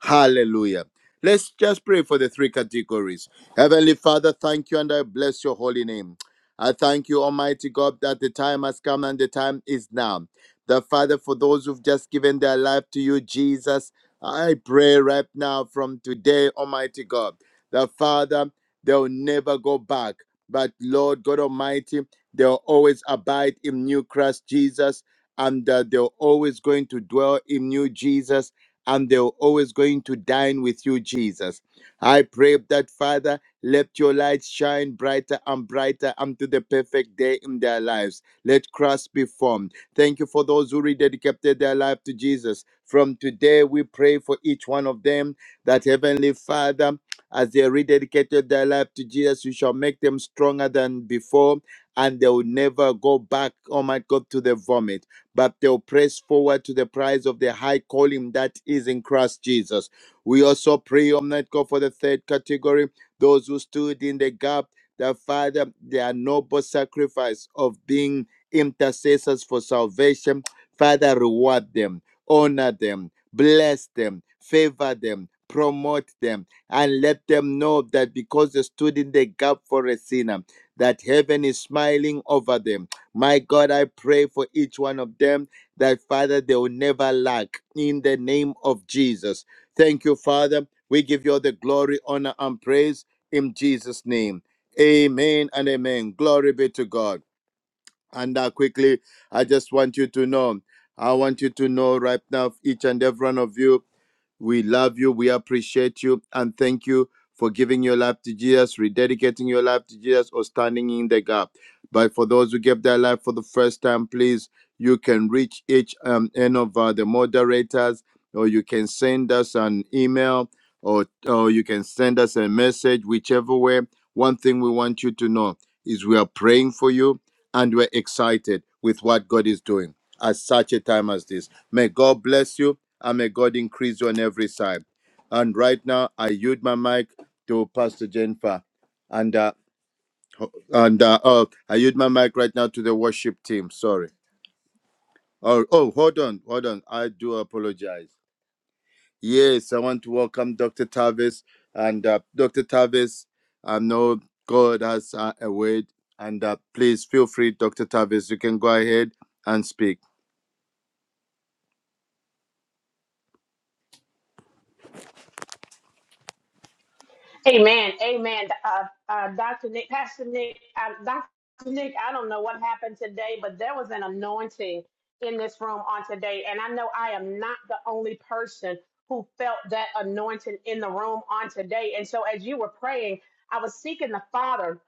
S4: Hallelujah. Let's just pray for the three categories. Heavenly Father, thank you and I bless your holy name. I thank you, Almighty God, that the time has come and the time is now. The Father, for those who've just given their life to you, Jesus, I pray right now from today, Almighty God, the Father, they'll never go back. But Lord God Almighty, they'll always abide in new Christ Jesus, and uh, they're always going to dwell in new Jesus and they're always going to dine with you, Jesus. I pray that, Father, let your light shine brighter and brighter unto the perfect day in their lives. Let Christ be formed. Thank you for those who rededicated their life to Jesus. From today, we pray for each one of them that, Heavenly Father, as they rededicated their life to Jesus, you shall make them stronger than before, and they will never go back, oh my God, to the vomit but they'll press forward to the prize of the high calling that is in Christ Jesus. We also pray, Almighty God, for the third category, those who stood in the gap, the Father, their noble sacrifice of being intercessors for salvation. Father, reward them, honor them, bless them, favor them, promote them, and let them know that because they stood in the gap for a sinner, that heaven is smiling over them my God, I pray for each one of them that, Father, they will never lack in the name of Jesus. Thank you, Father. We give you all the glory, honor, and praise in Jesus' name. Amen and amen. Glory be to God. And uh, quickly, I just want you to know, I want you to know right now, each and every one of you, we love you. We appreciate you. And thank you for giving your life to Jesus, rededicating your life to Jesus, or standing in the gap. But for those who gave their life for the first time, please, you can reach each um, end of uh, the moderators, or you can send us an email, or, or you can send us a message, whichever way. One thing we want you to know is we are praying for you and we're excited with what God is doing at such a time as this. May God bless you and may God increase you on every side. And right now, I yield my mic to Pastor Jennifer. And, uh, and uh, oh, I yield my mic right now to the worship team. Sorry. Oh, oh, hold on, hold on. I do apologize. Yes, I want to welcome Dr. Tavis. And uh, Dr. Tavis, I know God has uh, a word. And uh, please feel free, Dr. Tavis, you can go ahead and speak.
S7: Amen. Amen. Uh, uh, Dr. Nick, Pastor Nick, uh, Dr. Nick, I don't know what happened today, but there was an anointing in this room on today. And I know I am not the only person who felt that anointing in the room on today. And so as you were praying, I was seeking the Father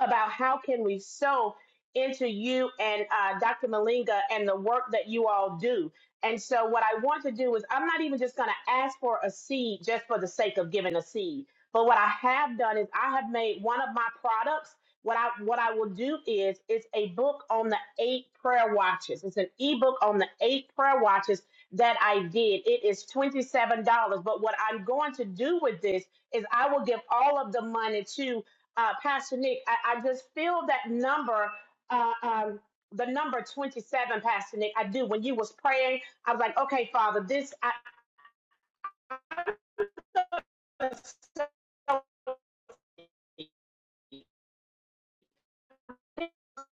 S7: about how can we sow into you and uh, Dr. Malinga and the work that you all do. And so what I want to do is I'm not even just going to ask for a seed just for the sake of giving a seed. But what I have done is I have made one of my products. What I what I will do is it's a book on the eight prayer watches. It's an ebook on the eight prayer watches that I did. It is $27. But what I'm going to do with this is I will give all of the money to uh, Pastor Nick, I, I just feel that number, uh, um, the number 27, Pastor Nick. I do. When you was praying, I was like, okay, Father, this I, I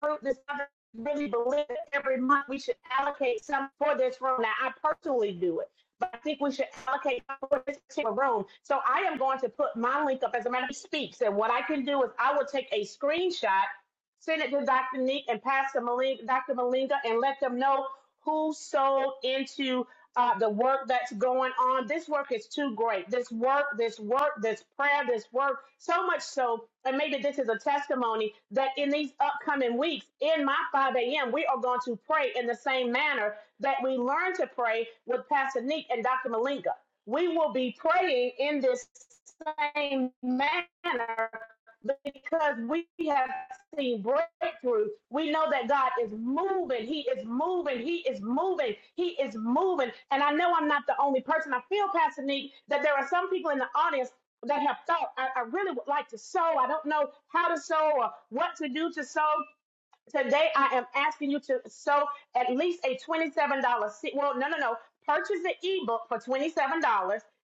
S7: fruit this other really believe that every month we should allocate some for this room. Now, I personally do it, but I think we should allocate for this particular room. So I am going to put my link up as a matter of speaks. And what I can do is I will take a screenshot, send it to Dr. Neek and Pastor Malinga, Dr. Malinga, and let them know who sold into uh, the work that's going on. This work is too great. This work, this work, this prayer, this work, so much so. And maybe this is a testimony that in these upcoming weeks, in my 5 a.m., we are going to pray in the same manner that we learned to pray with Pastor Neek and Dr. Malinka. We will be praying in this same manner because we have seen breakthrough. We know that God is moving. He is moving. He is moving. He is moving. And I know I'm not the only person. I feel, Pastor Neek, that there are some people in the audience that have thought, I, I really would like to sow. I don't know how to sow or what to do to sow. Today, I am asking you to sew at least a $27 Well, no, no, no. Purchase the ebook for $27,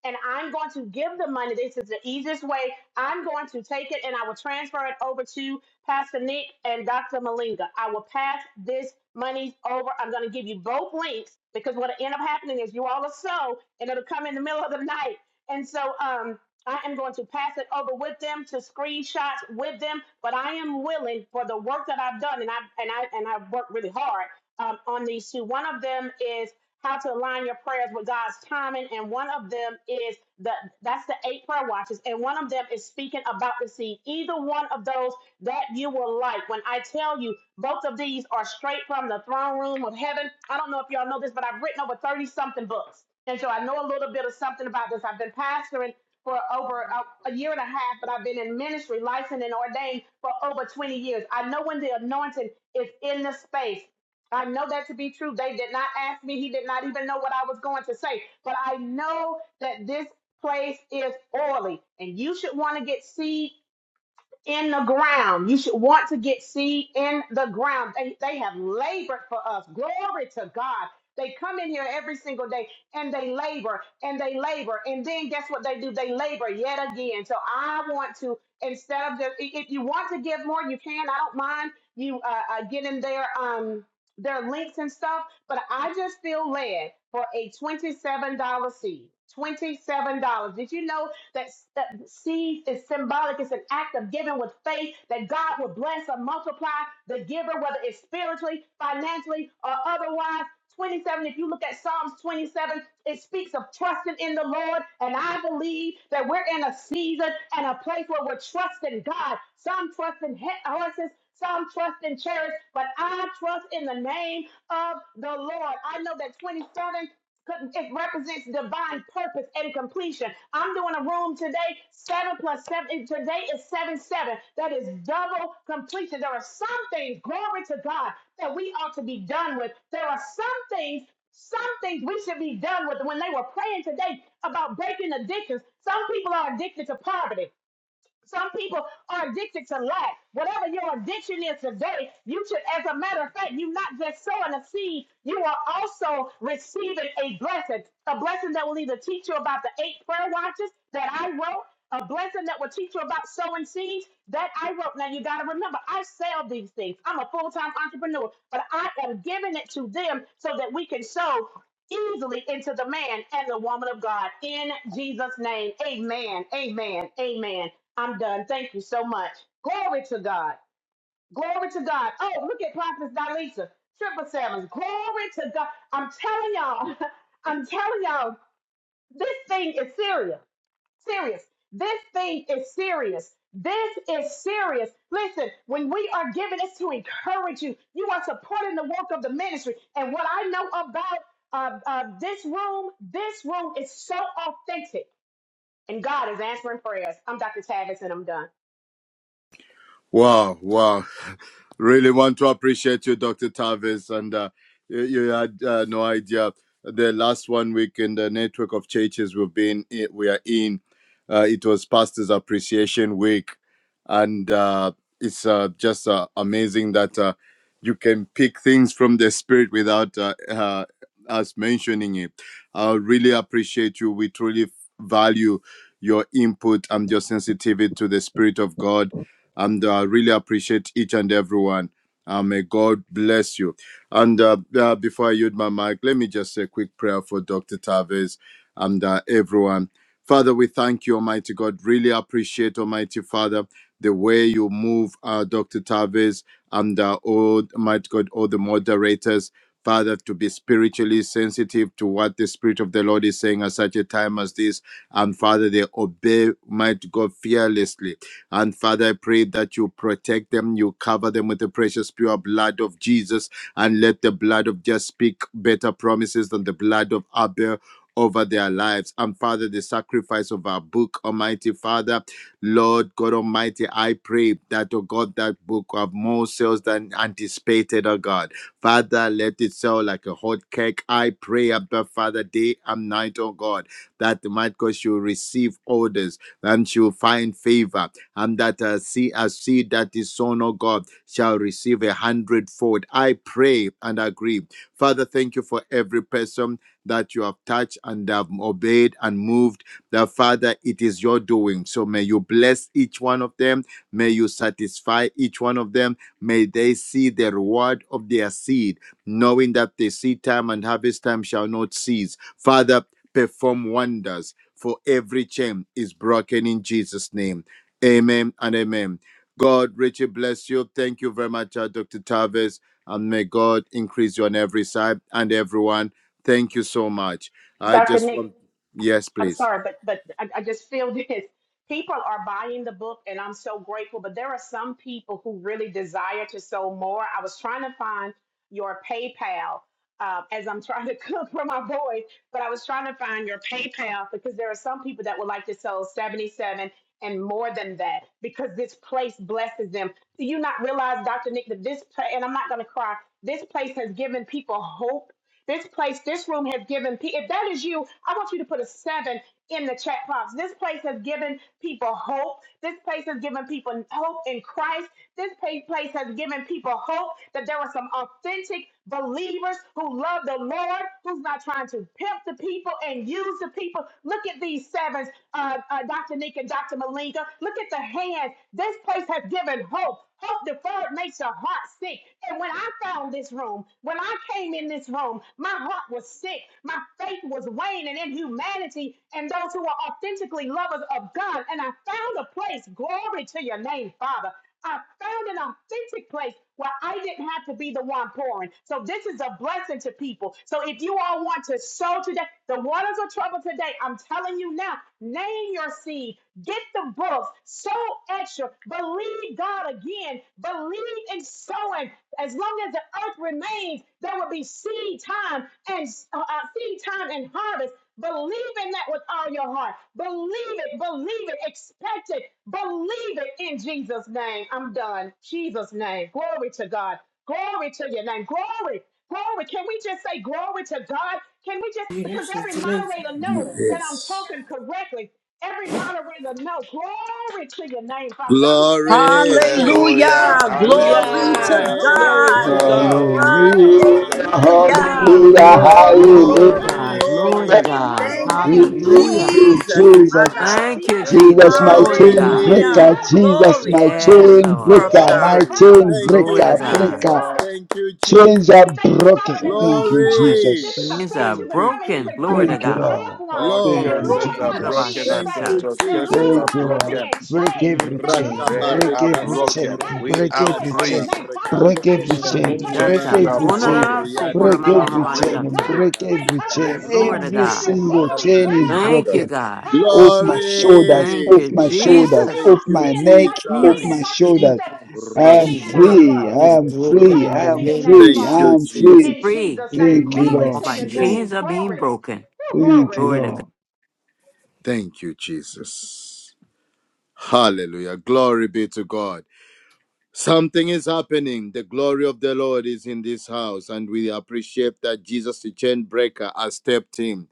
S7: and I'm going to give the money. This is the easiest way. I'm going to take it and I will transfer it over to Pastor Nick and Dr. Malinga. I will pass this money over. I'm going to give you both links because what will end up happening is you all will sow, and it'll come in the middle of the night. And so um, I am going to pass it over with them to screenshots with them, but I am willing for the work that I've done, and I and I and I've worked really hard um, on these two. One of them is how to align your prayers with God's timing, and one of them is the that's the eight prayer watches, and one of them is speaking about the seed. Either one of those that you will like. When I tell you, both of these are straight from the throne room of heaven. I don't know if y'all know this, but I've written over thirty something books. And so I know a little bit of something about this. I've been pastoring for over a, a year and a half, but I've been in ministry, licensed and ordained for over 20 years. I know when the anointing is in the space. I know that to be true. They did not ask me. He did not even know what I was going to say. But I know that this place is oily, and you should want to get seed in the ground. You should want to get seed in the ground. They, they have labored for us. Glory to God. They come in here every single day and they labor and they labor. And then guess what they do? They labor yet again. So I want to, instead of just, i- if you want to give more, you can. I don't mind you uh, uh, get in there. Um, their links and stuff, but I just feel led for a $27 seed. $27. Did you know that, that seed is symbolic? It's an act of giving with faith that God will bless and multiply the giver, whether it's spiritually, financially, or otherwise. 27, if you look at Psalms 27, it speaks of trusting in the Lord. And I believe that we're in a season and a place where we're trusting God. Some trust in horses, some trust in chariots, but I trust in the name of the Lord. I know that 27 it represents divine purpose and completion. I'm doing a room today, seven plus seven. Today is seven seven. That is double completion. There are some things, glory to God, that we ought to be done with. There are some things. Some things we should be done with. When they were praying today about breaking addictions, some people are addicted to poverty. Some people are addicted to lack. Whatever your addiction is today, you should, as a matter of fact, you're not just sowing a seed, you are also receiving a blessing. A blessing that will either teach you about the eight prayer watches that I wrote, a blessing that will teach you about sowing seeds that I wrote. Now, you got to remember, I sell these things. I'm a full time entrepreneur, but I am giving it to them so that we can sow easily into the man and the woman of God. In Jesus' name, amen, amen, amen. I'm done. Thank you so much. Glory to God. Glory to God. Oh, look at Prophet Dalisa, triple sevens. Glory to God. I'm telling y'all, I'm telling y'all, this thing is serious serious. This thing is serious. This is serious. Listen, when we are giving this to encourage you, you are supporting the work of the ministry. And what I know about uh, uh, this room, this room is so authentic. And God is answering prayers. I'm Dr. Tavis and I'm done.
S4: Wow, wow. Really want to appreciate you, Dr. Tavis. And uh, you, you had uh, no idea. The last one week in the network of churches we've been in, we are in, uh, it was Pastors Appreciation Week. And uh, it's uh, just uh, amazing that uh, you can pick things from the Spirit without uh, uh, us mentioning it. I really appreciate you. We truly value your input and your sensitivity to the Spirit of God and uh, really appreciate each and everyone. Uh, may God bless you. And uh, uh, before I use my mic, let me just say a quick prayer for Dr. Taves and uh, everyone. Father, we thank you, Almighty God. Really appreciate, Almighty Father, the way you move, uh, Dr. Taves and uh, all, Almighty God, all the moderators. Father, to be spiritually sensitive to what the Spirit of the Lord is saying at such a time as this. And Father, they obey, might God, fearlessly and Father, I pray that you protect them, you cover them with the precious, pure blood of Jesus, and let the blood of just speak better promises than the blood of Abel over their lives. And Father, the sacrifice of our book, Almighty Father, Lord God Almighty, I pray that, oh God, that book will have more sales than anticipated, oh God. Father, let it sell like a hot cake. I pray, Abba Father, day and night, oh God, that might God she'll receive orders and she'll find favor and that uh, see, a seed that is sown, oh God, shall receive a hundredfold. I pray and agree. Father, thank you for every person that you have touched and have obeyed and moved. That Father, it is your doing. So may you bless each one of them. May you satisfy each one of them. May they see the reward of their seed, knowing that the seed time and harvest time shall not cease. Father, perform wonders. For every chain is broken in Jesus' name. Amen and amen. God, Richard, bless you. Thank you very much, uh, Dr. Tavis. And may God increase you on every side and everyone. Thank you so much. I
S7: Dr.
S4: just
S7: Nick.
S4: want, yes,
S7: I'm
S4: please.
S7: sorry, but but I, I just feel this. People are buying the book, and I'm so grateful. But there are some people who really desire to sow more. I was trying to find your PayPal uh, as I'm trying to cook for my boys, but I was trying to find your PayPal because there are some people that would like to sow 77 and more than that because this place blesses them. Do you not realize, Dr. Nick, that this pla- and I'm not going to cry. This place has given people hope this place, this room has given people. If that is you, I want you to put a seven in the chat box. This place has given people hope. This place has given people hope in Christ. This place has given people hope that there are some authentic believers who love the Lord, who's not trying to pimp the people and use the people. Look at these sevens, uh, uh, Dr. Nika, Dr. Malinka. Look at the hands. This place has given hope. Hope deferred word makes your heart sick. And when I found this room, when I came in this room, my heart was sick. My faith was waning in humanity and those who are authentically lovers of God. And I found a place, glory to your name, Father. I found an authentic place where I didn't have to be the one pouring. So this is a blessing to people. So if you all want to sow today, the waters of trouble today, I'm telling you now, name your seed. Get Get the books. Sow extra. Believe God again. Believe in sowing. As long as the earth remains, there will be seed time and uh, uh, seed time and harvest. Believe in that with all your heart. Believe it. Believe it. Expect it. Believe it in Jesus' name. I'm done. Jesus' name. Glory to God. Glory to your name. Glory. Glory. Can we just say glory to God? Can we just, because
S4: Yes. it's
S7: every
S4: the name.
S7: moderator know that I'm
S4: Yes.
S7: talking correctly. Every moderator know. Glory to your name, Father. God, we thank you
S4: Glory.
S7: for them.
S4: Thank
S7: We
S5: Hallelujah.
S4: God.
S8: Hallelujah.
S7: thank you.
S8: Glory
S4: Glory.
S8: to
S2: Hallelujah.
S5: Hallelujah.
S7: Hallelujah.
S2: Glory to
S8: God.
S2: God.
S7: Hallelujah.
S5: Glory,
S7: Their work
S3: Hallelujah,
S7: is
S5: glory,
S7: not in
S5: glory,
S7: vain.
S8: Hallelujah.
S5: glory.
S3: hallelujah,
S4: And
S9: Hallelujah.
S7: Their
S8: Glory,
S7: work,
S5: Hallelujah.
S9: Glory
S7: their
S9: to
S3: hallelujah.
S8: glory,
S2: Hallelujah.
S9: God.
S7: time
S9: Glory
S4: glory.
S9: to
S8: glory.
S7: is
S5: Thank you,
S7: not
S9: God.
S7: in
S8: Thank
S5: Lord.
S8: you,
S7: vain. Their
S4: Thank
S3: Thank
S9: Hallelujah.
S4: you,
S3: you,
S7: work,
S8: Jesus,
S7: their
S5: Thank
S8: my
S3: Jesus.
S5: you,
S4: Jesus.
S8: God.
S5: Lord.
S9: Thank you,
S7: time
S5: Thank you,
S3: Jesus,
S9: Jesus.
S7: is
S3: my
S9: Glory
S5: Lord.
S7: not
S9: to
S7: in
S3: chain
S5: Thank
S9: God.
S5: you,
S7: vain.
S8: Hallelujah.
S4: Glory.
S3: breaker.
S7: God,
S5: Lord.
S7: we thank
S3: Jesus,
S7: you
S3: my
S8: Glory.
S7: for
S9: Yes,
S7: them.
S8: Thank
S3: chain
S8: you,
S7: We
S9: Lord.
S8: Father
S3: breaker.
S7: thank you,
S3: My
S8: God.
S4: Glory.
S3: chain
S7: Father.
S4: Thank you,
S9: Glory
S7: We
S9: to
S3: breaker,
S7: thank
S5: Thank
S7: you,
S5: you,
S9: God.
S3: breaker.
S4: Jesus.
S5: Lord.
S7: Father.
S4: Thank you,
S3: Chains
S4: Jesus.
S3: are
S7: We thank you, Father,
S3: broken.
S7: that
S2: Thank you,
S3: Thank
S7: loved
S3: you,
S7: ones,
S2: Jesus.
S4: Glory.
S7: this is
S2: It's
S7: a
S3: Jesus.
S9: Things are
S7: place you
S4: Thank
S7: can
S4: you,
S7: come and you
S9: broken.
S7: can pray
S9: Glory
S4: Jesus.
S7: for
S9: to
S3: Thank you,
S7: your
S9: God.
S7: loved
S3: Lord.
S7: ones,
S5: All
S7: and
S3: Thank
S7: your
S3: you,
S4: Glory.
S9: Woo.
S5: curses
S7: loved
S5: are
S9: What
S7: ones are
S9: about
S5: broken.
S7: being
S3: Jesus.
S4: Thank you,
S7: saved.
S9: Shatta?
S5: Ancestral
S7: Your
S5: curses
S4: Jesus.
S7: loved
S5: are
S3: Thank you,
S7: ones are
S3: Lord.
S5: broken.
S7: being
S3: Break
S7: changed.
S3: every
S7: Your loved
S3: chain,
S9: Mm.
S5: They
S7: ones are
S3: break
S5: are
S4: Rakabarika
S7: coming
S3: every
S7: back to
S3: chain,
S5: broken.
S7: Christ.
S5: We
S3: break
S5: are
S4: sotorubrika
S7: Glory
S3: every
S7: to your
S3: chain,
S5: free.
S7: name, Father.
S4: tarabrika
S7: We
S3: break
S7: thank
S2: broken
S7: you
S3: every
S2: in
S4: tarababa.
S9: What
S7: for
S2: the
S7: this
S9: about
S3: chain,
S2: name
S7: place.
S2: of
S3: break
S7: This
S9: Shatta?
S5: Chains
S7: is
S5: are
S7: a
S2: Jesus.
S3: every
S4: Maria
S3: chain,
S5: broken.
S9: Wunana
S7: sacred place.
S4: Doriana
S9: sukura
S5: We
S3: break
S7: This
S9: mama
S5: are
S7: is
S3: every
S4: Mariam
S9: mama
S7: holy
S5: free.
S3: chain, and
S9: Shatta.
S7: ground.
S3: break
S4: Derebreka
S7: Hey,
S3: every
S7: come
S4: Zika
S7: on,
S3: chain.
S5: Let
S7: so
S4: Babababa.
S5: go
S9: Glory to
S3: Every
S7: this
S9: God.
S7: is
S3: single
S4: Rika
S7: holy
S3: chain is
S7: ground.
S4: Mariam
S9: Thank you,
S4: Dere.
S3: broken.
S9: God.
S7: Father, we
S3: Off my
S7: thank you.
S3: shoulders,
S9: Thank
S3: off
S4: Glory.
S9: you,
S7: He
S3: my
S7: said, Who
S3: shoulders,
S7: shall
S9: Jesus.
S7: I
S3: off
S4: Thank you,
S3: my
S7: send? And
S3: neck,
S7: Dr.
S3: off
S7: Maria and
S9: Healing.
S3: my
S4: Jesus.
S7: Dr. Nick
S3: shoulders.
S7: said,
S9: Jesus.
S3: I
S7: Send
S3: am
S7: me and
S4: Rakam
S9: Restoration.
S2: Jesus.
S7: I'll
S3: free,
S7: go.
S4: barakam
S2: It's
S3: I am
S5: this
S4: darababa.
S2: broken
S3: free,
S2: in
S3: I
S7: Glory
S2: the
S7: to
S3: am
S7: your
S2: name
S7: name,
S2: of
S3: free,
S4: Thank
S3: I
S4: you,
S7: Father.
S3: am
S2: Jesus. It's
S4: Jesus.
S3: free.
S7: In
S2: broken
S9: Free.
S7: Jesus'
S2: in the
S7: name.
S3: Thank you,
S2: name
S7: Glory
S2: of
S9: All
S3: Lord.
S7: to
S9: my
S7: your
S2: Jesus.
S4: Thank
S9: chains
S7: name.
S4: you,
S9: are being
S7: Glory.
S4: Lord.
S9: broken.
S7: Woo,
S3: Thank you,
S9: Glory to
S3: Lord.
S7: glory.
S4: Thank you, Jesus. Hallelujah. Glory be to God. Something is happening. The glory of the Lord is in this house, and we appreciate that Jesus, the chain breaker, has stepped in.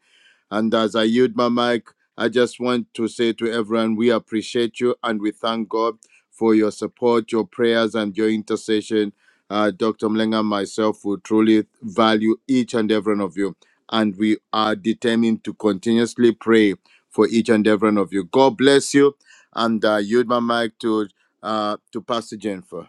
S4: And as I yield my mic, I just want to say to everyone, we appreciate you and we thank God for your support, your prayers, and your intercession. Uh, Dr. Mlenga and myself will truly value each and every one of you. And we are determined to continuously pray for each and every one of you. God bless you. And uh, yield my mic to uh, to Pastor Jennifer.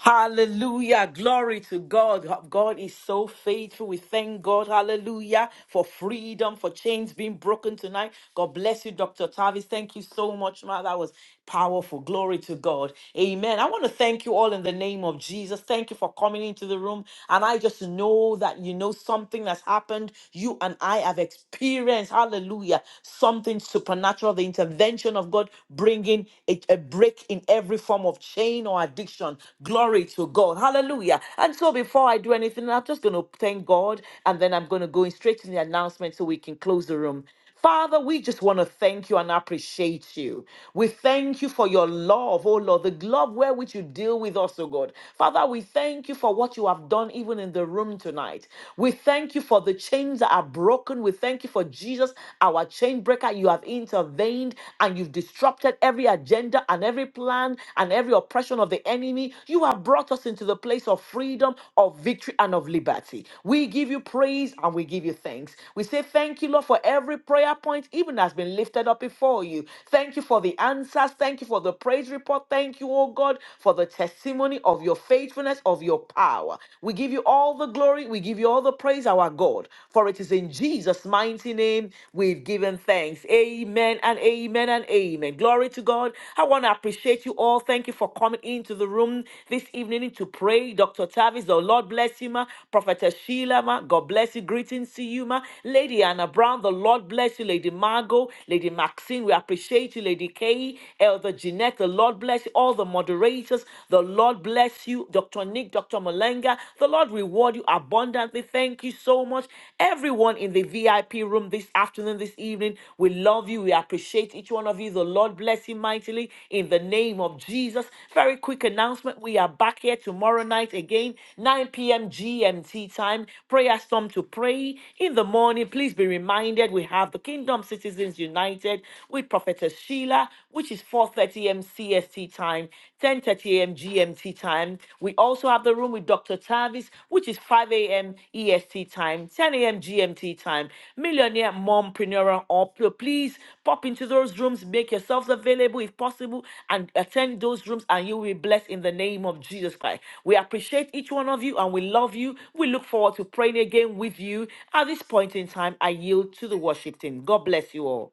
S2: Hallelujah. Glory to God. God is so faithful. We thank God. Hallelujah. For freedom, for chains being broken tonight. God bless you, Dr. Tavis. Thank you so much, Ma. That was powerful. Glory to God. Amen. I want to thank you all in the name of Jesus. Thank you for coming into the room. And I just know that you know something that's happened. You and I have experienced. Hallelujah. Something supernatural. The intervention of God bringing bring a, a break in every form of chain or addiction. Glory to God. Hallelujah. And so before I do anything, I'm just going to thank God and then I'm going to go in straight to the announcement so we can close the room. Father, we just want to thank you and appreciate you. We thank you for your love, oh Lord, the love wherewith you deal with us, oh God. Father, we thank you for what you have done even in the room tonight. We thank you for the chains that are broken. We thank you for Jesus, our a chain breaker. You have intervened and you've disrupted every agenda and every plan and every oppression of the enemy. You have brought us into the place of freedom, of victory, and of liberty. We give you praise and we give you thanks. We say thank you, Lord, for every prayer point, even has been lifted up before you. Thank you for the answers. Thank you for the praise report. Thank you, oh God, for the testimony of your faithfulness, of your power. We give you all the glory. We give you all the praise praise our God, for it is in Jesus' mighty name we've given thanks. Amen and amen and amen. Glory to God. I want to appreciate you all. Thank you for coming into the room this evening to pray. Dr. Tavis, the Lord bless you, ma. Prophetess Sheila, ma. God bless you. Greetings to you, ma. Lady Anna Brown, the Lord bless you. Lady Margot, Lady Maxine, we appreciate you. Lady Kay, Elder Jeanette, the Lord bless you. All the moderators, the Lord bless you. Dr. Dr. Nick, Dr. Malenga. The Lord reward you abundantly. Thank you so much. Everyone in the VIP room this afternoon, this evening, we love you. We appreciate each one of you. The Lord bless you mightily in the name of Jesus. Very quick announcement. We are back here tomorrow night again, 9 p.m. GMT time. Prayer storm to pray in the morning. Please be reminded we have the Kingdom Citizens United with Prophetess Sheila, which is 4:30 a.m. CST time, 10:30 a.m. GMT time. We also have the room with Dr. Tavis, which is 5 a.m. EST time, 10 a.m. GMT time. Millionaire mompreneur or pl- please pop into those rooms, make yourselves available if possible, and attend those rooms, and you will be blessed in the name of Jesus Christ. We appreciate each one of you and we love you. We look forward to praying again with you. At this point in time, I yield to the worship team. God bless you all.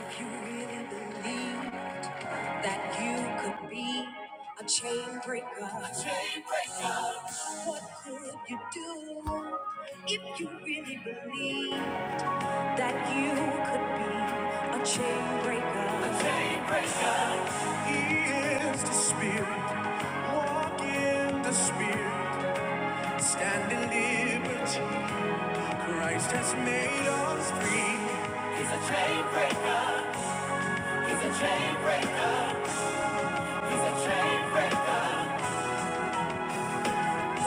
S1: If you really believe that you could be a chain breaker. what could you do? If you really believe that you could be a chain breaker, is the Spirit. Walk in the Spirit. Stand in liberty. Christ has made us free. The chain breaker. He's a chain breaker. He's a chain breaker. Chain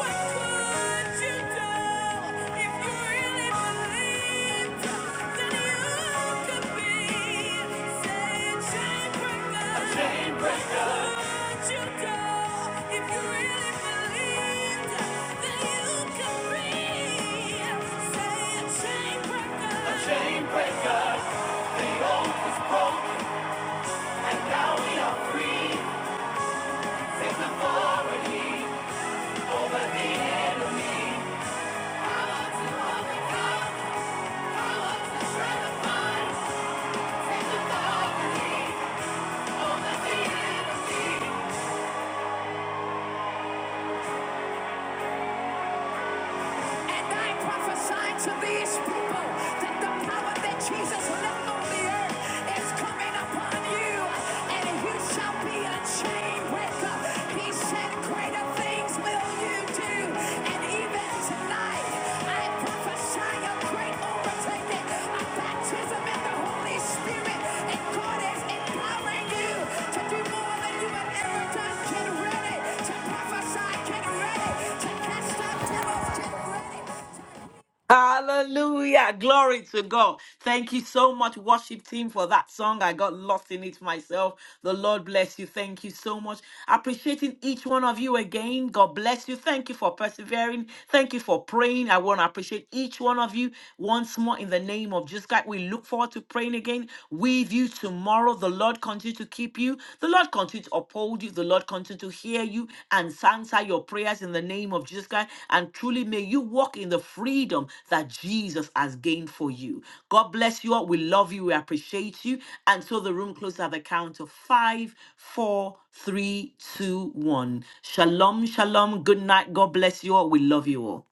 S1: breaker, the old is broken, and now we are free. Sings authority over the enemy. And I prophesy to these people that the power that Jesus left on the earth is coming upon you, and you shall be a chain breaker. He said, Greater things will you do. And even tonight, I prophesy a great overtaking, a baptism in the Holy Spirit, and God is empowering you to do more than you have ever done. Get ready to prophesy. Get ready to cast out devils. Get ready.
S2: Hallelujah. Glory to God. Thank you so much, worship team, for that song. I got lost in it myself. The Lord bless you. Thank you so much. Appreciating each one of you again. God bless you. Thank you for persevering. Thank you for praying. I want to appreciate each one of you once more in the name of Jesus Christ. We look forward to praying again with you tomorrow. The Lord continue to keep keep you. The Lord continue to uphold you. The Lord continue to hear you and answer your prayers in the name of Jesus Christ. And truly may you walk in the freedom that Jesus has gained for you. God bless you all. We love you. We appreciate you. And so the room closes at the count of five, four, three, two, one. Shalom, shalom. Good night. God bless you all. We love you all.